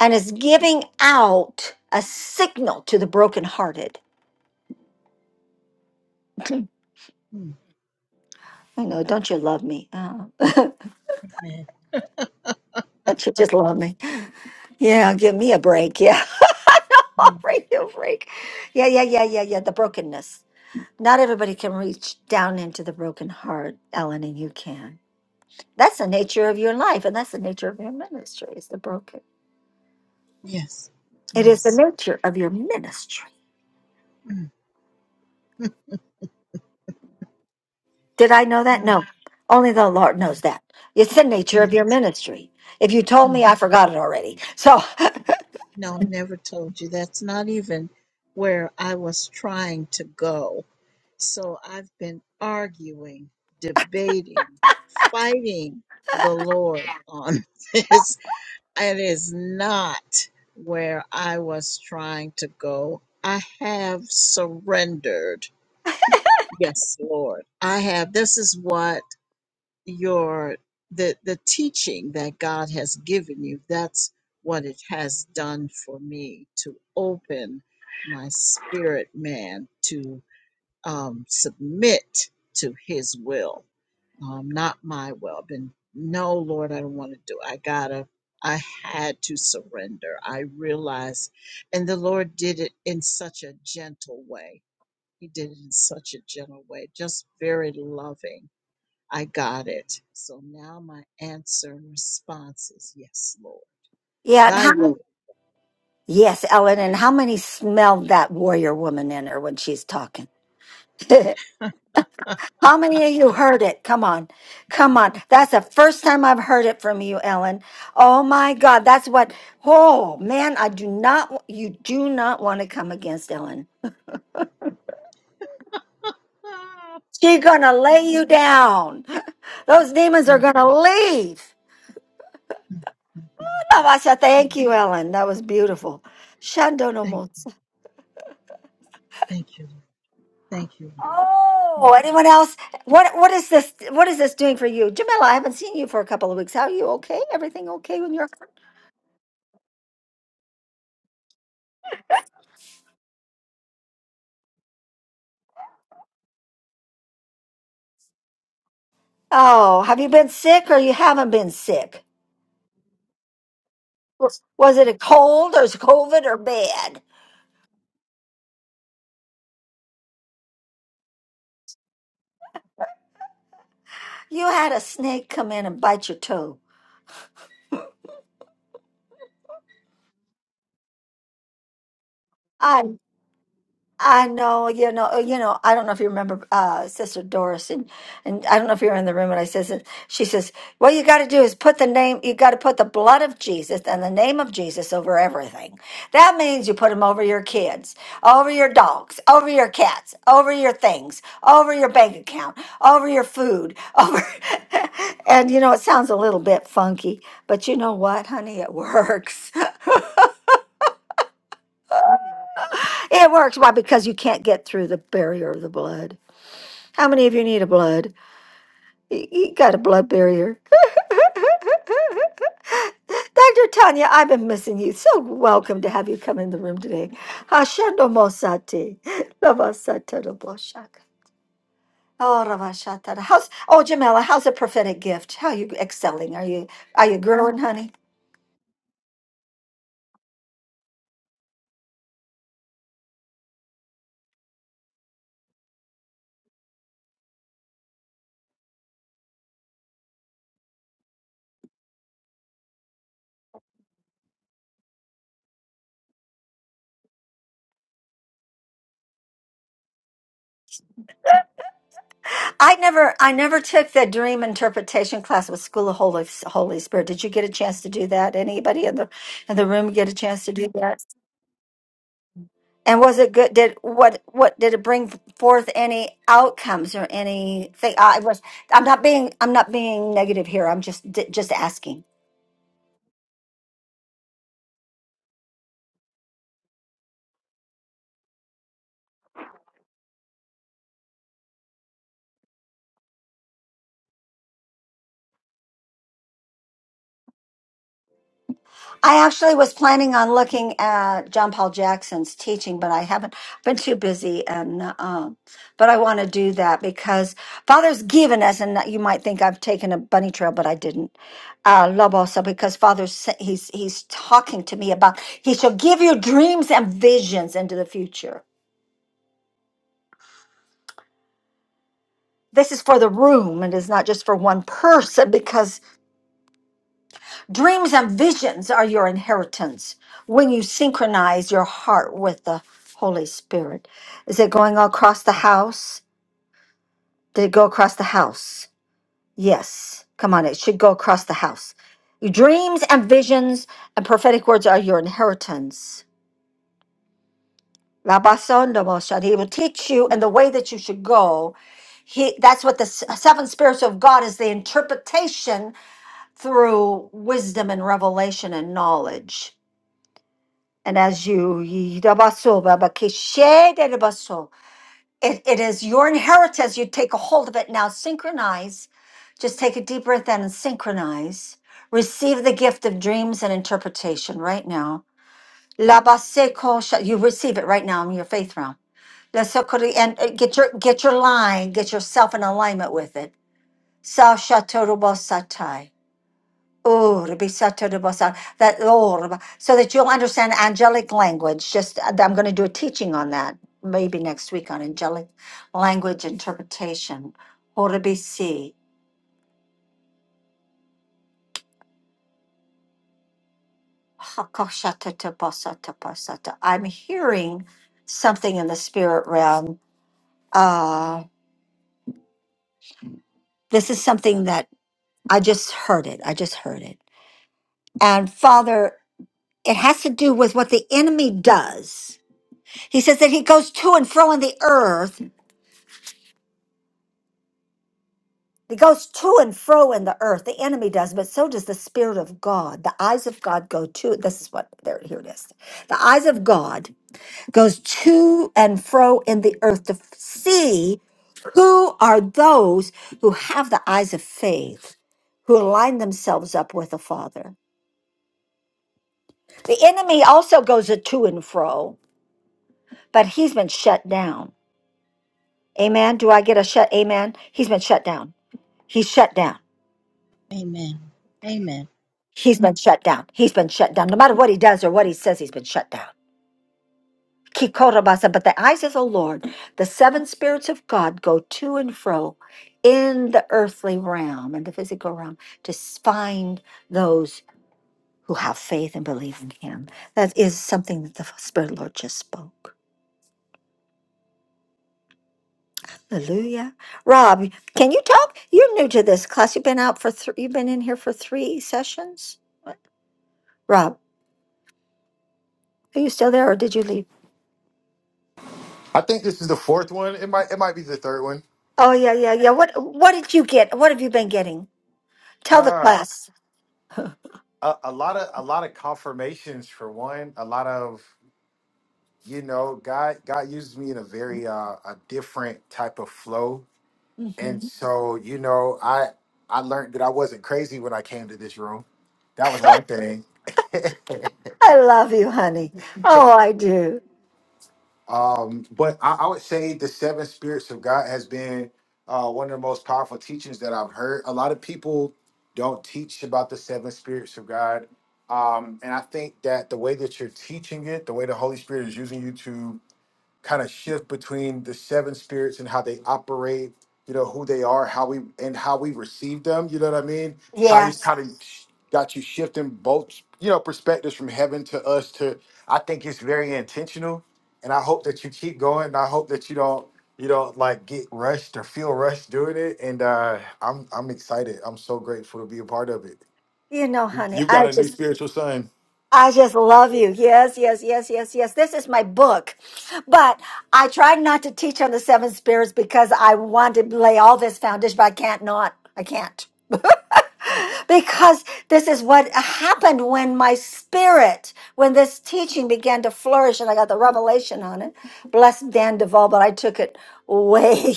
[SPEAKER 1] and is giving out a signal to the brokenhearted.
[SPEAKER 9] mm,
[SPEAKER 1] I know, don't you love me? Oh,
[SPEAKER 9] Amen.
[SPEAKER 1] don't you just love me? Yeah, give me a break. Yeah, I'll
[SPEAKER 9] Mm,
[SPEAKER 1] break you a break. Yeah, yeah, yeah, yeah, yeah. The brokenness. Not everybody can reach down into the broken heart, Ellen, and you can. That's the nature of your life, and that's the nature of your ministry. Is the broken.
[SPEAKER 9] Yes.
[SPEAKER 1] It is the
[SPEAKER 9] Yes.
[SPEAKER 1] nature of your ministry.
[SPEAKER 9] Mm,
[SPEAKER 1] Did I know that?
[SPEAKER 9] mm,
[SPEAKER 1] No. Only the Lord knows
[SPEAKER 9] mm,
[SPEAKER 1] that. It's the nature of your
[SPEAKER 9] Yes.
[SPEAKER 1] ministry. If you told me,
[SPEAKER 9] Mm.
[SPEAKER 1] I forgot it already. So,
[SPEAKER 9] No, I never told you. That's not even where I was trying to go. So I've been arguing, debating, fighting the Lord on this. It is not where I was trying to go. I have surrendered. Yes, Lord. I have. This is what your the the teaching that God has given you that's what it has done for me to open my spirit man to um, submit to his will um, not my will and no lord i don't want to do it. i gotta i had to surrender i realized and the lord did it in such a gentle way he did it in such a gentle way just very loving I got it. So now my answer and response is yes, Lord.
[SPEAKER 1] yeah. And
[SPEAKER 9] Thy
[SPEAKER 1] how,
[SPEAKER 9] will.
[SPEAKER 1] yes, Ellen. And how many smelled that warrior woman in her when she's talking? how many of you heard it? Come on. Come on. That's the first time I've heard it from you, Ellen. Oh my God. That's what, oh man, I do not, you do not want to come against Ellen. She's going to lay you down. Those demons are
[SPEAKER 9] Mm,
[SPEAKER 1] going to leave.
[SPEAKER 9] mm, mm,
[SPEAKER 1] Tabasha, thank
[SPEAKER 9] mm.
[SPEAKER 1] you, Ellen. That was beautiful. Shandono
[SPEAKER 9] Thank you.
[SPEAKER 1] Motsa.
[SPEAKER 9] Thank you, Lord. Thank you. Lord.
[SPEAKER 1] Oh, anyone else? What what is this? What is this doing for you, Jamila? I haven't seen you for a couple of weeks. How are you? Okay? Everything okay when you're? Oh, have you been sick or you haven't been sick? Was was it a cold or is COVID or bad? You had a snake come in and bite your toe. I. I know, you know, uh, you know. I don't know if you remember uh, Sister Doris, and and I don't know if you were in the room. And I says, it- she says, "What you got to do is put the name. You got to put the blood of Jesus and the name of Jesus over everything. That means you put them over your kids, over your dogs, over your cats, over your things, over your bank account, over your food, over." and you know, it sounds a little bit funky, but you know what, honey, it works. it works. Why? Because you can't get through the barrier of the blood. How many of you need a blood? You you got a blood barrier. Dr. Tanya, I've been missing you. So welcome to have you come in the room today. Hashendo mosati. Lavasata raboshaka. Oh, ravashatara. How's oh Jamila, how's the prophetic gift? How are you excelling? Are you are you growing, honey? I never I never took the dream interpretation class with School of Holy Holy Spirit. Did you get a chance to do that? Anybody in the in the room get a chance to do that? And was it good? Did what what did it bring forth any outcomes or anything? I was I'm not being I'm not being negative here. I'm just d- just asking. I actually was planning on looking at John Paul Jackson's teaching, but I haven't been too busy and um but I want to do that because Father's given us and you might think I've taken a bunny trail, but I didn't. Uh Lobosa because Father's sa- he's he's talking to me about he shall give you dreams and visions into the future This is for the room and is not just for one person because dreams and visions are your inheritance when you synchronize your heart with the Holy Spirit. Is it going across the house? Did it go across the house? Yes. Come on, it should go across the house. Your dreams and visions and prophetic words are your inheritance. Labason He will teach you in the way that you should go he that's what the s- seven spirits of god is the interpretation through wisdom and revelation and knowledge. And as you, it, it is your inheritance. You take a hold of it now. Synchronize. Just take a deep breath in and synchronize. Receive the gift of dreams and interpretation right now. Labaseko- You receive it right now in your faith realm. Lasokori- And uh, get your get your line, get yourself in alignment with it. Sa shatorobosatai. Oh, Rebisata Rebosa, that oh, Reba- so that you'll understand angelic language. Just uh, I'm going to do a teaching on that maybe next week on angelic language interpretation. Oh, Rebisi, Hakoshata Tebosa Tebosata. I'm hearing something in the spirit realm. Uh, this is something that I just heard it. I just heard it. And Father, it has to do with what the enemy does. He says that he goes to and fro in the earth It goes to and fro in the earth. The enemy does, but so does the Spirit of God. The eyes of God go to this is what there here it is. The eyes of God goes to and fro in the earth to f- see who are those who have the eyes of faith, who align themselves up with the Father. The enemy also goes a to and fro, but he's been shut down. Amen. Do I get a shut amen? He's been shut down. He's shut down.
[SPEAKER 9] Mm. Amen. Amen.
[SPEAKER 1] He's been shut down. He's been shut down. No matter what he does or what he says, he's been shut down. Kikorabasa, but the eyes of the Lord, the seven spirits of God go to and fro in the earthly realm and the physical realm to s- find those who have faith and believe in him. That is something that the Spirit of the Lord just spoke. Hallelujah. Rob, can you talk? You're new to this class. You've been out for three, you've been in here for three sessions. Rob, are you still there or did you leave?
[SPEAKER 3] I think this is the fourth one. It might it might be the third one.
[SPEAKER 1] Oh yeah, yeah, yeah. What what did you get? What have you been getting? Tell the class.
[SPEAKER 3] Ah, a, a lot of a lot of confirmations for one. A lot of you know, God God uses me in a very uh, a different type of flow, and
[SPEAKER 1] Mhm.
[SPEAKER 3] so you know, I I learned that I wasn't crazy when I came to this room. That was one thing.
[SPEAKER 1] I love you, honey. Oh, I do.
[SPEAKER 3] Um, but I, I would say the seven spirits of God has been uh, one of the most powerful teachings that I've heard. A lot of people don't teach about the seven spirits of God. Um, and I think that the way that you're teaching it, the way the Holy Spirit is using you to kind of shift between the seven spirits and how they operate, you know, who they are, how we and how we receive them, you know what I mean? How he's
[SPEAKER 1] Yes.
[SPEAKER 3] kind of got you shifting both, you know, perspectives from heaven to us to I think it's very intentional. And I hope that you keep going. And I hope that you don't, you don't like get rushed or feel rushed doing it. And uh I'm I'm excited. I'm so grateful to be a part of it.
[SPEAKER 1] You know,
[SPEAKER 3] You-
[SPEAKER 1] honey,
[SPEAKER 3] You've got
[SPEAKER 1] I
[SPEAKER 3] a new
[SPEAKER 1] just
[SPEAKER 3] spiritual son.
[SPEAKER 1] I just love you. Yes, yes, yes, yes, yes. This is my book. But I tried not to teach on the seven spirits because I want to lay all this foundation, but I can't not. I can't. because this is what happened when my spirit, when this teaching began to flourish and I got the revelation on it. Bless Dan Duvall, but I took it way,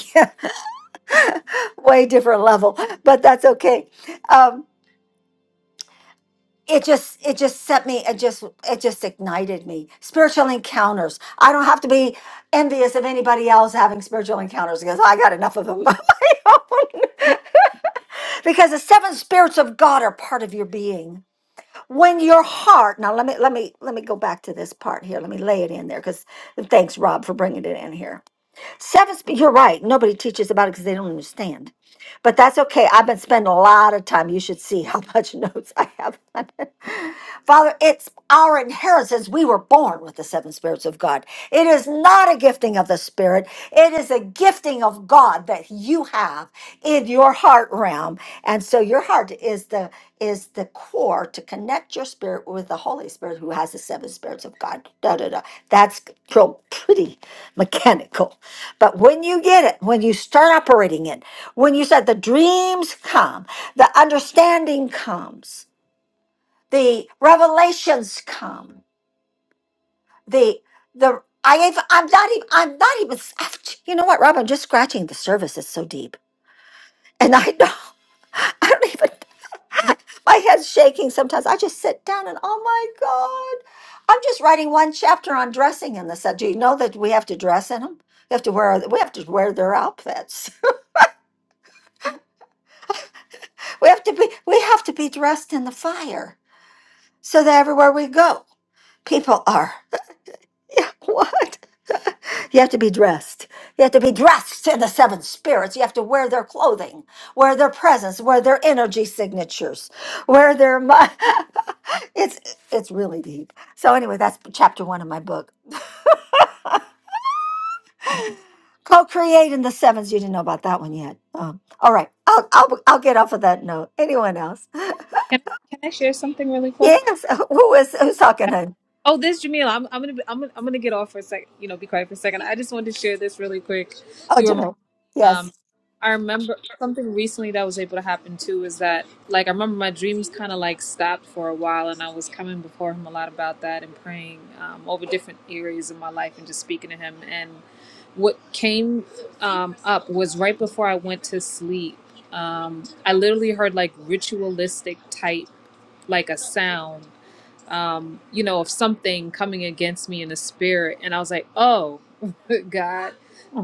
[SPEAKER 1] way different level, but that's okay. Um, it just it just set me it just it just ignited me spiritual encounters i don't have to be envious of anybody else having spiritual encounters because i got enough of them of my own. because the seven spirits of god are part of your being when your heart now let me let me let me go back to this part here let me lay it in there because thanks rob for bringing it in here seven sp- you're right nobody teaches about it because they don't understand but that's okay i've been spending a lot of time you should see how much notes i have Father, it's our inheritance. We were born with the seven spirits of God. It is not a gifting of the Spirit, it is a gifting of God that you have in your heart realm. And so your heart is the is the core to connect your spirit with the Holy Spirit who has the seven spirits of God. Da, da, da. That's real pretty mechanical. But when you get it, when you start operating it, when you said the dreams come, the understanding comes the revelations come the the i even i'm not even i'm not even you know what rob i'm just scratching the surface it's so deep and i don't i don't even my head's shaking sometimes i just sit down and oh my god i'm just writing one chapter on dressing in this do you know that we have to dress in them we have to wear we have to wear their outfits we have to be we have to be dressed in the fire so that everywhere we go people are yeah, what You have to be dressed. You have to be dressed in the seven spirits. You have to wear their clothing, wear their presence, wear their energy signatures, wear their. mi- it's it's really deep. So anyway, that's chapter one of my book. Co-create in the sevens. You didn't know about that one yet. Um, all right, I'll, I'll I'll get off of that note. Anyone else?
[SPEAKER 8] Can can I share something really quick?
[SPEAKER 1] Yes. Who is who's talking?
[SPEAKER 8] Yeah.
[SPEAKER 1] Hun?
[SPEAKER 8] Oh, this Jamila, I'm I'm gonna be, I'm gonna, I'm gonna get off for a second. You know, be quiet for a second. I just wanted to share this really quick.
[SPEAKER 1] Oh, Jamil.
[SPEAKER 8] Um,
[SPEAKER 1] Yes.
[SPEAKER 8] I remember something recently that was able to happen too is that like I remember my dreams kind of like stopped for a while, and I was coming before him a lot about that and praying um, over different areas of my life and just speaking to him. And what came um, up was right before I went to sleep. Um, I literally heard like ritualistic type like a sound um, you know, of something coming against me in the spirit. And I was like, oh, God,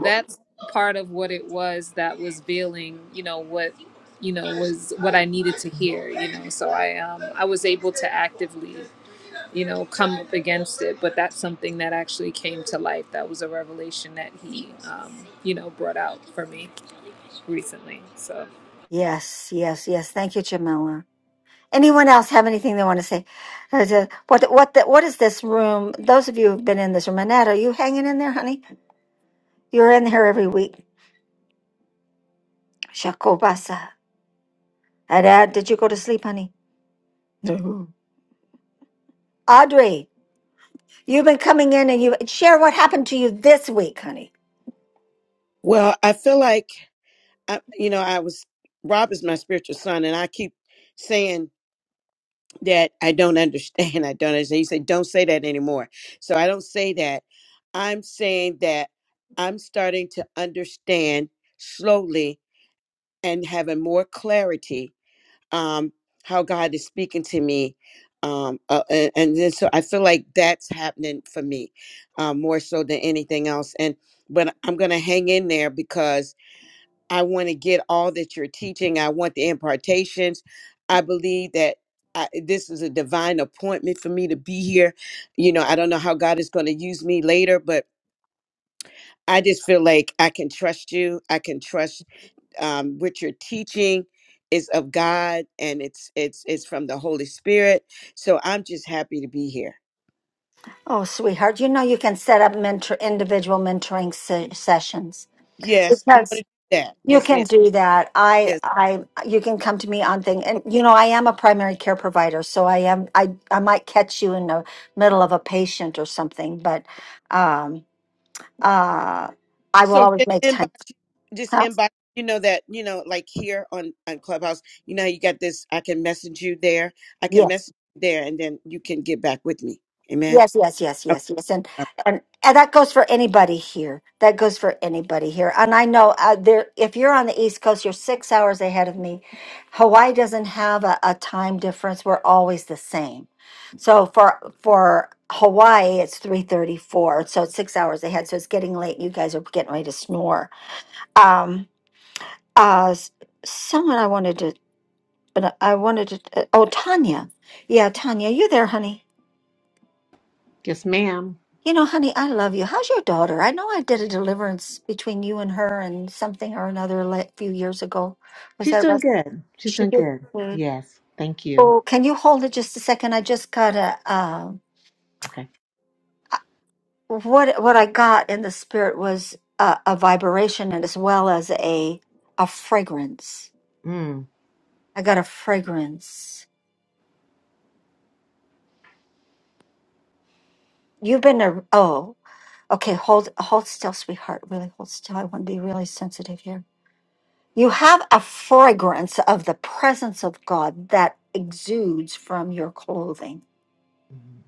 [SPEAKER 8] that's part of what it was that was veiling, you know, what, you know, was what I needed to hear, you know. So I, um, I was able to actively, you know, come up against it. But that's something that actually came to life. That was a revelation that he, um, you know, brought out for me recently. So.
[SPEAKER 1] Yes. Yes. Yes. Thank you, Jamila. Anyone else have anything they want to say? Uh, the- What what the, what is this room? Those of you who've been in this room, Annette, are you hanging in there, honey? You're in here every week. Shakobasa. Annette, did you go to sleep, honey? No. Audrey, you've been coming in and you share what happened to you this week, honey.
[SPEAKER 4] Well, I feel like I, you know I was Rob is my spiritual son, and I keep saying that I don't understand. I don't understand. You say, don't say that anymore. So I don't say that. I'm saying that I'm starting to understand slowly and having more clarity um, how God is speaking to me. Um, uh, and, and then so I feel like that's happening for me um, more so than anything else. And but I'm gonna hang in there because I want to get all that you're teaching. I want the impartations. I believe that I, this is a divine appointment for me to be here. You know, I don't know how God is going to use me later, but I just feel like I can trust you. I can trust um, what you're teaching is of God, and it's it's it's from the Holy Spirit. So I'm just happy to be here.
[SPEAKER 1] Oh, sweetheart, you know you can set up mentor individual mentoring se- sessions
[SPEAKER 4] Yes, I'm
[SPEAKER 1] because
[SPEAKER 4] going to do that.
[SPEAKER 1] You
[SPEAKER 4] Yes,
[SPEAKER 1] can
[SPEAKER 4] ma'am.
[SPEAKER 1] do that. I,
[SPEAKER 4] Yes.
[SPEAKER 1] I, you can come to me on thing. And, you know, I am a primary care provider, so I am, I, I might catch you in the middle of a patient or something, but, um, uh, I will
[SPEAKER 4] So
[SPEAKER 1] always
[SPEAKER 4] just
[SPEAKER 1] make time.
[SPEAKER 4] inbox, just
[SPEAKER 1] Huh?
[SPEAKER 4] inbox. You know that you know, like here on on Clubhouse, you know how you got this. I can message you there. I can
[SPEAKER 1] Yes.
[SPEAKER 4] message you there, and then you can get back with me. Amen.
[SPEAKER 1] Yes, yes, yes,
[SPEAKER 4] Okay.
[SPEAKER 1] yes, yes, and
[SPEAKER 4] all
[SPEAKER 1] and, and that goes for anybody here. That goes for anybody here. And I know uh, there. If you're on the East Coast, you're six hours ahead of me. Hawaii doesn't have a, a time difference. We're always the same. So for for Hawaii, it's three thirty four. So it's six hours ahead. So it's getting late. You guys are getting ready to snore. Um. Uh. s- Someone I wanted to, but I wanted to. uh, oh, Tanya. Yeah, Tanya, you there, honey?
[SPEAKER 10] Yes, ma'am.
[SPEAKER 1] You know, honey, I love you. How's your daughter? I know I did a deliverance between you and her and something or another a few years ago. Was
[SPEAKER 10] She's
[SPEAKER 1] that
[SPEAKER 10] doing
[SPEAKER 1] rest?
[SPEAKER 10] good. She's
[SPEAKER 1] She
[SPEAKER 10] doing
[SPEAKER 1] did
[SPEAKER 10] good.
[SPEAKER 1] good.
[SPEAKER 10] Yes. Thank you.
[SPEAKER 1] Oh, can you hold it just a second? I just got a uh,
[SPEAKER 10] Okay.
[SPEAKER 1] what what I got in the spirit was a, a vibration and as well as a a fragrance.
[SPEAKER 10] Mm.
[SPEAKER 1] I got a fragrance. You've been a oh okay. Hold hold still, sweetheart. Really hold still. I want to be really sensitive here. You have a fragrance of the presence of God that exudes from your clothing.
[SPEAKER 10] Mm.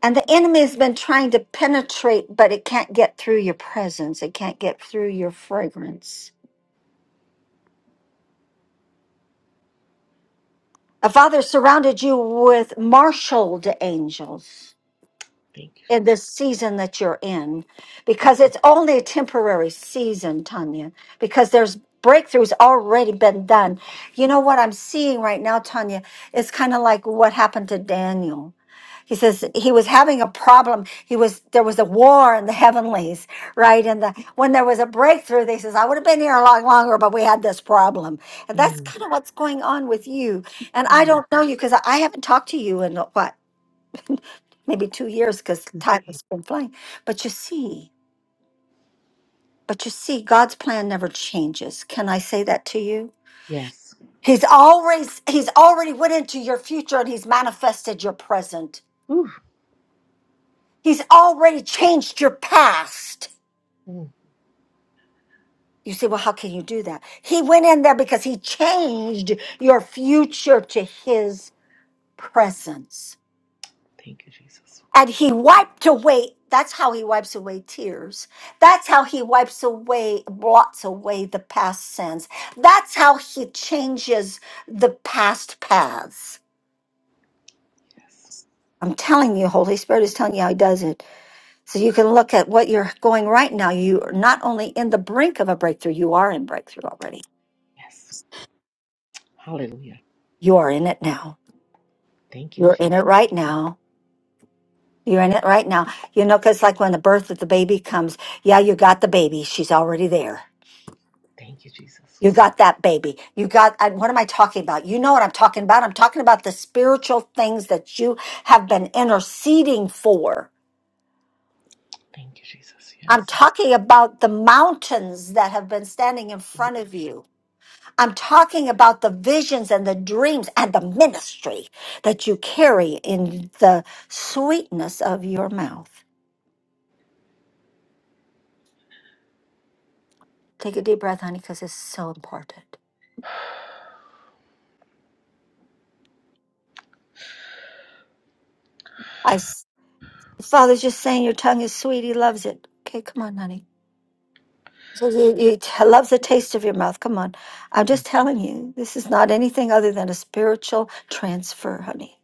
[SPEAKER 1] And the enemy has been trying to penetrate, but it can't get through your presence. It can't get through your fragrance. A father surrounded you with marshaled angels
[SPEAKER 10] Thank you,
[SPEAKER 1] in
[SPEAKER 10] Jesus.
[SPEAKER 1] this season that you're in because it's only a temporary season, Tanya, because there's breakthroughs already been done. You know what I'm seeing right now, Tanya? It's kind of like what happened to Daniel he says he was having a problem he was there was a war in the heavenlies right and the when there was a breakthrough they says i would have been here a lot longer but we had this problem and that's
[SPEAKER 10] Mm.
[SPEAKER 1] kind of what's going on with you and i
[SPEAKER 10] Mm.
[SPEAKER 1] don't know you because I, I haven't talked to you in what maybe two years because time has been flying but you see but you see god's plan never changes can i say that to you
[SPEAKER 10] Yes.
[SPEAKER 1] he's always he's already went into your future and he's manifested your present
[SPEAKER 10] Ooh.
[SPEAKER 1] he's already changed your past
[SPEAKER 10] Mm.
[SPEAKER 1] You say, well, how can you do that? He went in there because he changed your future to his presence.
[SPEAKER 10] Thank you, Jesus.
[SPEAKER 1] And he wiped away, that's how he wipes away tears. That's how he wipes away, blots away the past sins. That's how he changes the past paths.
[SPEAKER 10] Yes.
[SPEAKER 1] I'm telling you, Holy Spirit is telling you how he does it. So you can look at what you're going right now. You're not only in the brink of a breakthrough, you are in breakthrough already.
[SPEAKER 10] Yes. Hallelujah.
[SPEAKER 1] You are in it now.
[SPEAKER 10] Thank you,
[SPEAKER 1] You're in
[SPEAKER 10] Jesus.
[SPEAKER 1] it right now You're in it right now. You know, because like when the birth of the baby comes, yeah, you got the baby. She's already there.
[SPEAKER 10] Thank you, Jesus.
[SPEAKER 1] You got that baby. You got, I, what am I talking about? You know what I'm talking about. I'm talking about the spiritual things that you have been interceding for.
[SPEAKER 10] Thank you, Jesus.
[SPEAKER 1] I'm
[SPEAKER 10] Yes.
[SPEAKER 1] talking about the mountains that have been standing in front of you. I'm talking about the visions and the dreams and the ministry that you carry in the sweetness of your mouth. Take a deep breath, honey, because it's so important. I, s- Father's just saying your tongue is sweet. He loves it. Okay, come on, honey. So He, he t- loves the taste of your mouth. Come on. I'm
[SPEAKER 10] Thank
[SPEAKER 1] just telling you, this is not anything other than a spiritual transfer, honey.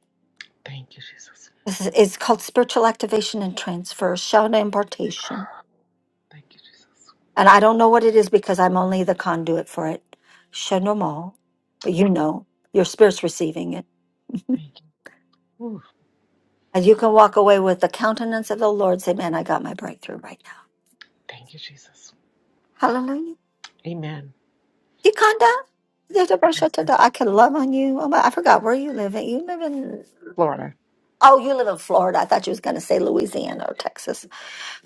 [SPEAKER 10] thank you, Jesus.
[SPEAKER 1] This is, it's called spiritual activation and transfer, Shona impartation.
[SPEAKER 10] Thank you, Jesus.
[SPEAKER 1] And I don't know what it is because I'm only the conduit for it. Shona mal. But you know, your spirit's receiving it.
[SPEAKER 10] Thank you. Ooh.
[SPEAKER 1] And you can walk away with the countenance of the Lord, say, Man, I got my breakthrough right now.
[SPEAKER 10] Thank you, Jesus.
[SPEAKER 1] Hallelujah.
[SPEAKER 10] Amen.
[SPEAKER 1] You kinda? I
[SPEAKER 10] Yes.
[SPEAKER 1] took. I can love on you. Oh, my, I forgot where you live. You live in
[SPEAKER 10] Florida.
[SPEAKER 1] oh, you live in Florida. I thought you was gonna say Louisiana or Texas.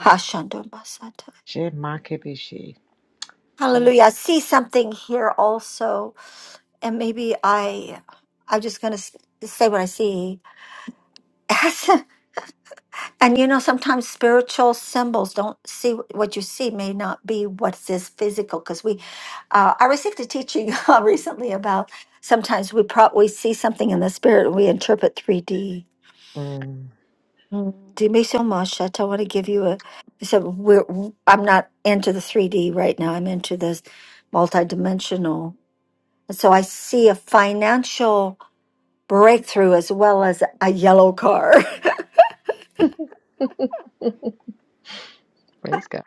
[SPEAKER 1] Hashandomasata.
[SPEAKER 10] She Glory.
[SPEAKER 1] Hallelujah. I see something here also, and maybe I, I'm just gonna s- say what I see. And you know, sometimes spiritual symbols don't see what you see may not be what is physical. Because we, uh, I received a teaching uh, recently about sometimes we pro- we see something in the spirit and we interpret three D.
[SPEAKER 10] Mm,
[SPEAKER 1] Mm. Do me so much. I want to give you a. I said we're. i I'm not into the three D right now. I'm into this multidimensional. And so I see a financial breakthrough as well as a yellow car.
[SPEAKER 10] praise God.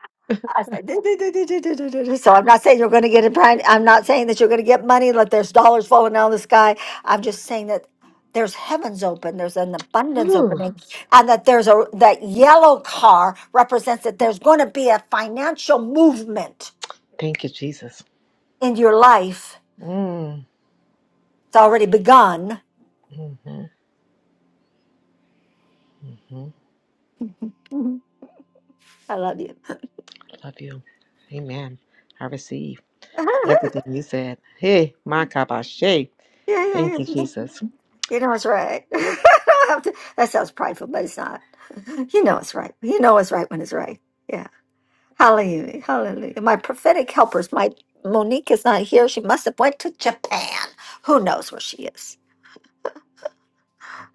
[SPEAKER 1] I said, "Do, do, do, do, do, do, do, do, do." So I'm not saying you're going to get it. Brian. I'm not saying that you're going to get money. Like there's dollars falling down the sky. I'm just saying that there's heavens open. There's an abundance
[SPEAKER 10] Ooh,
[SPEAKER 1] opening, and that there's a that yellow car represents that there's going to be a financial movement
[SPEAKER 10] thank you, Jesus.
[SPEAKER 1] in your life.
[SPEAKER 10] Mm,
[SPEAKER 1] It's already begun.
[SPEAKER 10] hmm
[SPEAKER 1] Mhm. I love you.
[SPEAKER 10] Love you. Amen. I receive
[SPEAKER 1] yeah,
[SPEAKER 10] everything you said. Hey, my kabashe.
[SPEAKER 1] yeah,
[SPEAKER 10] Thank you,
[SPEAKER 1] yeah.
[SPEAKER 10] Jesus.
[SPEAKER 1] You know it's right. that sounds prideful, but it's not. You know it's right. You know it's right when it's right. Yeah. Hallelujah. Hallelujah. My prophetic helpers, my Monique is not here. She must have went to Japan. Who knows where she is?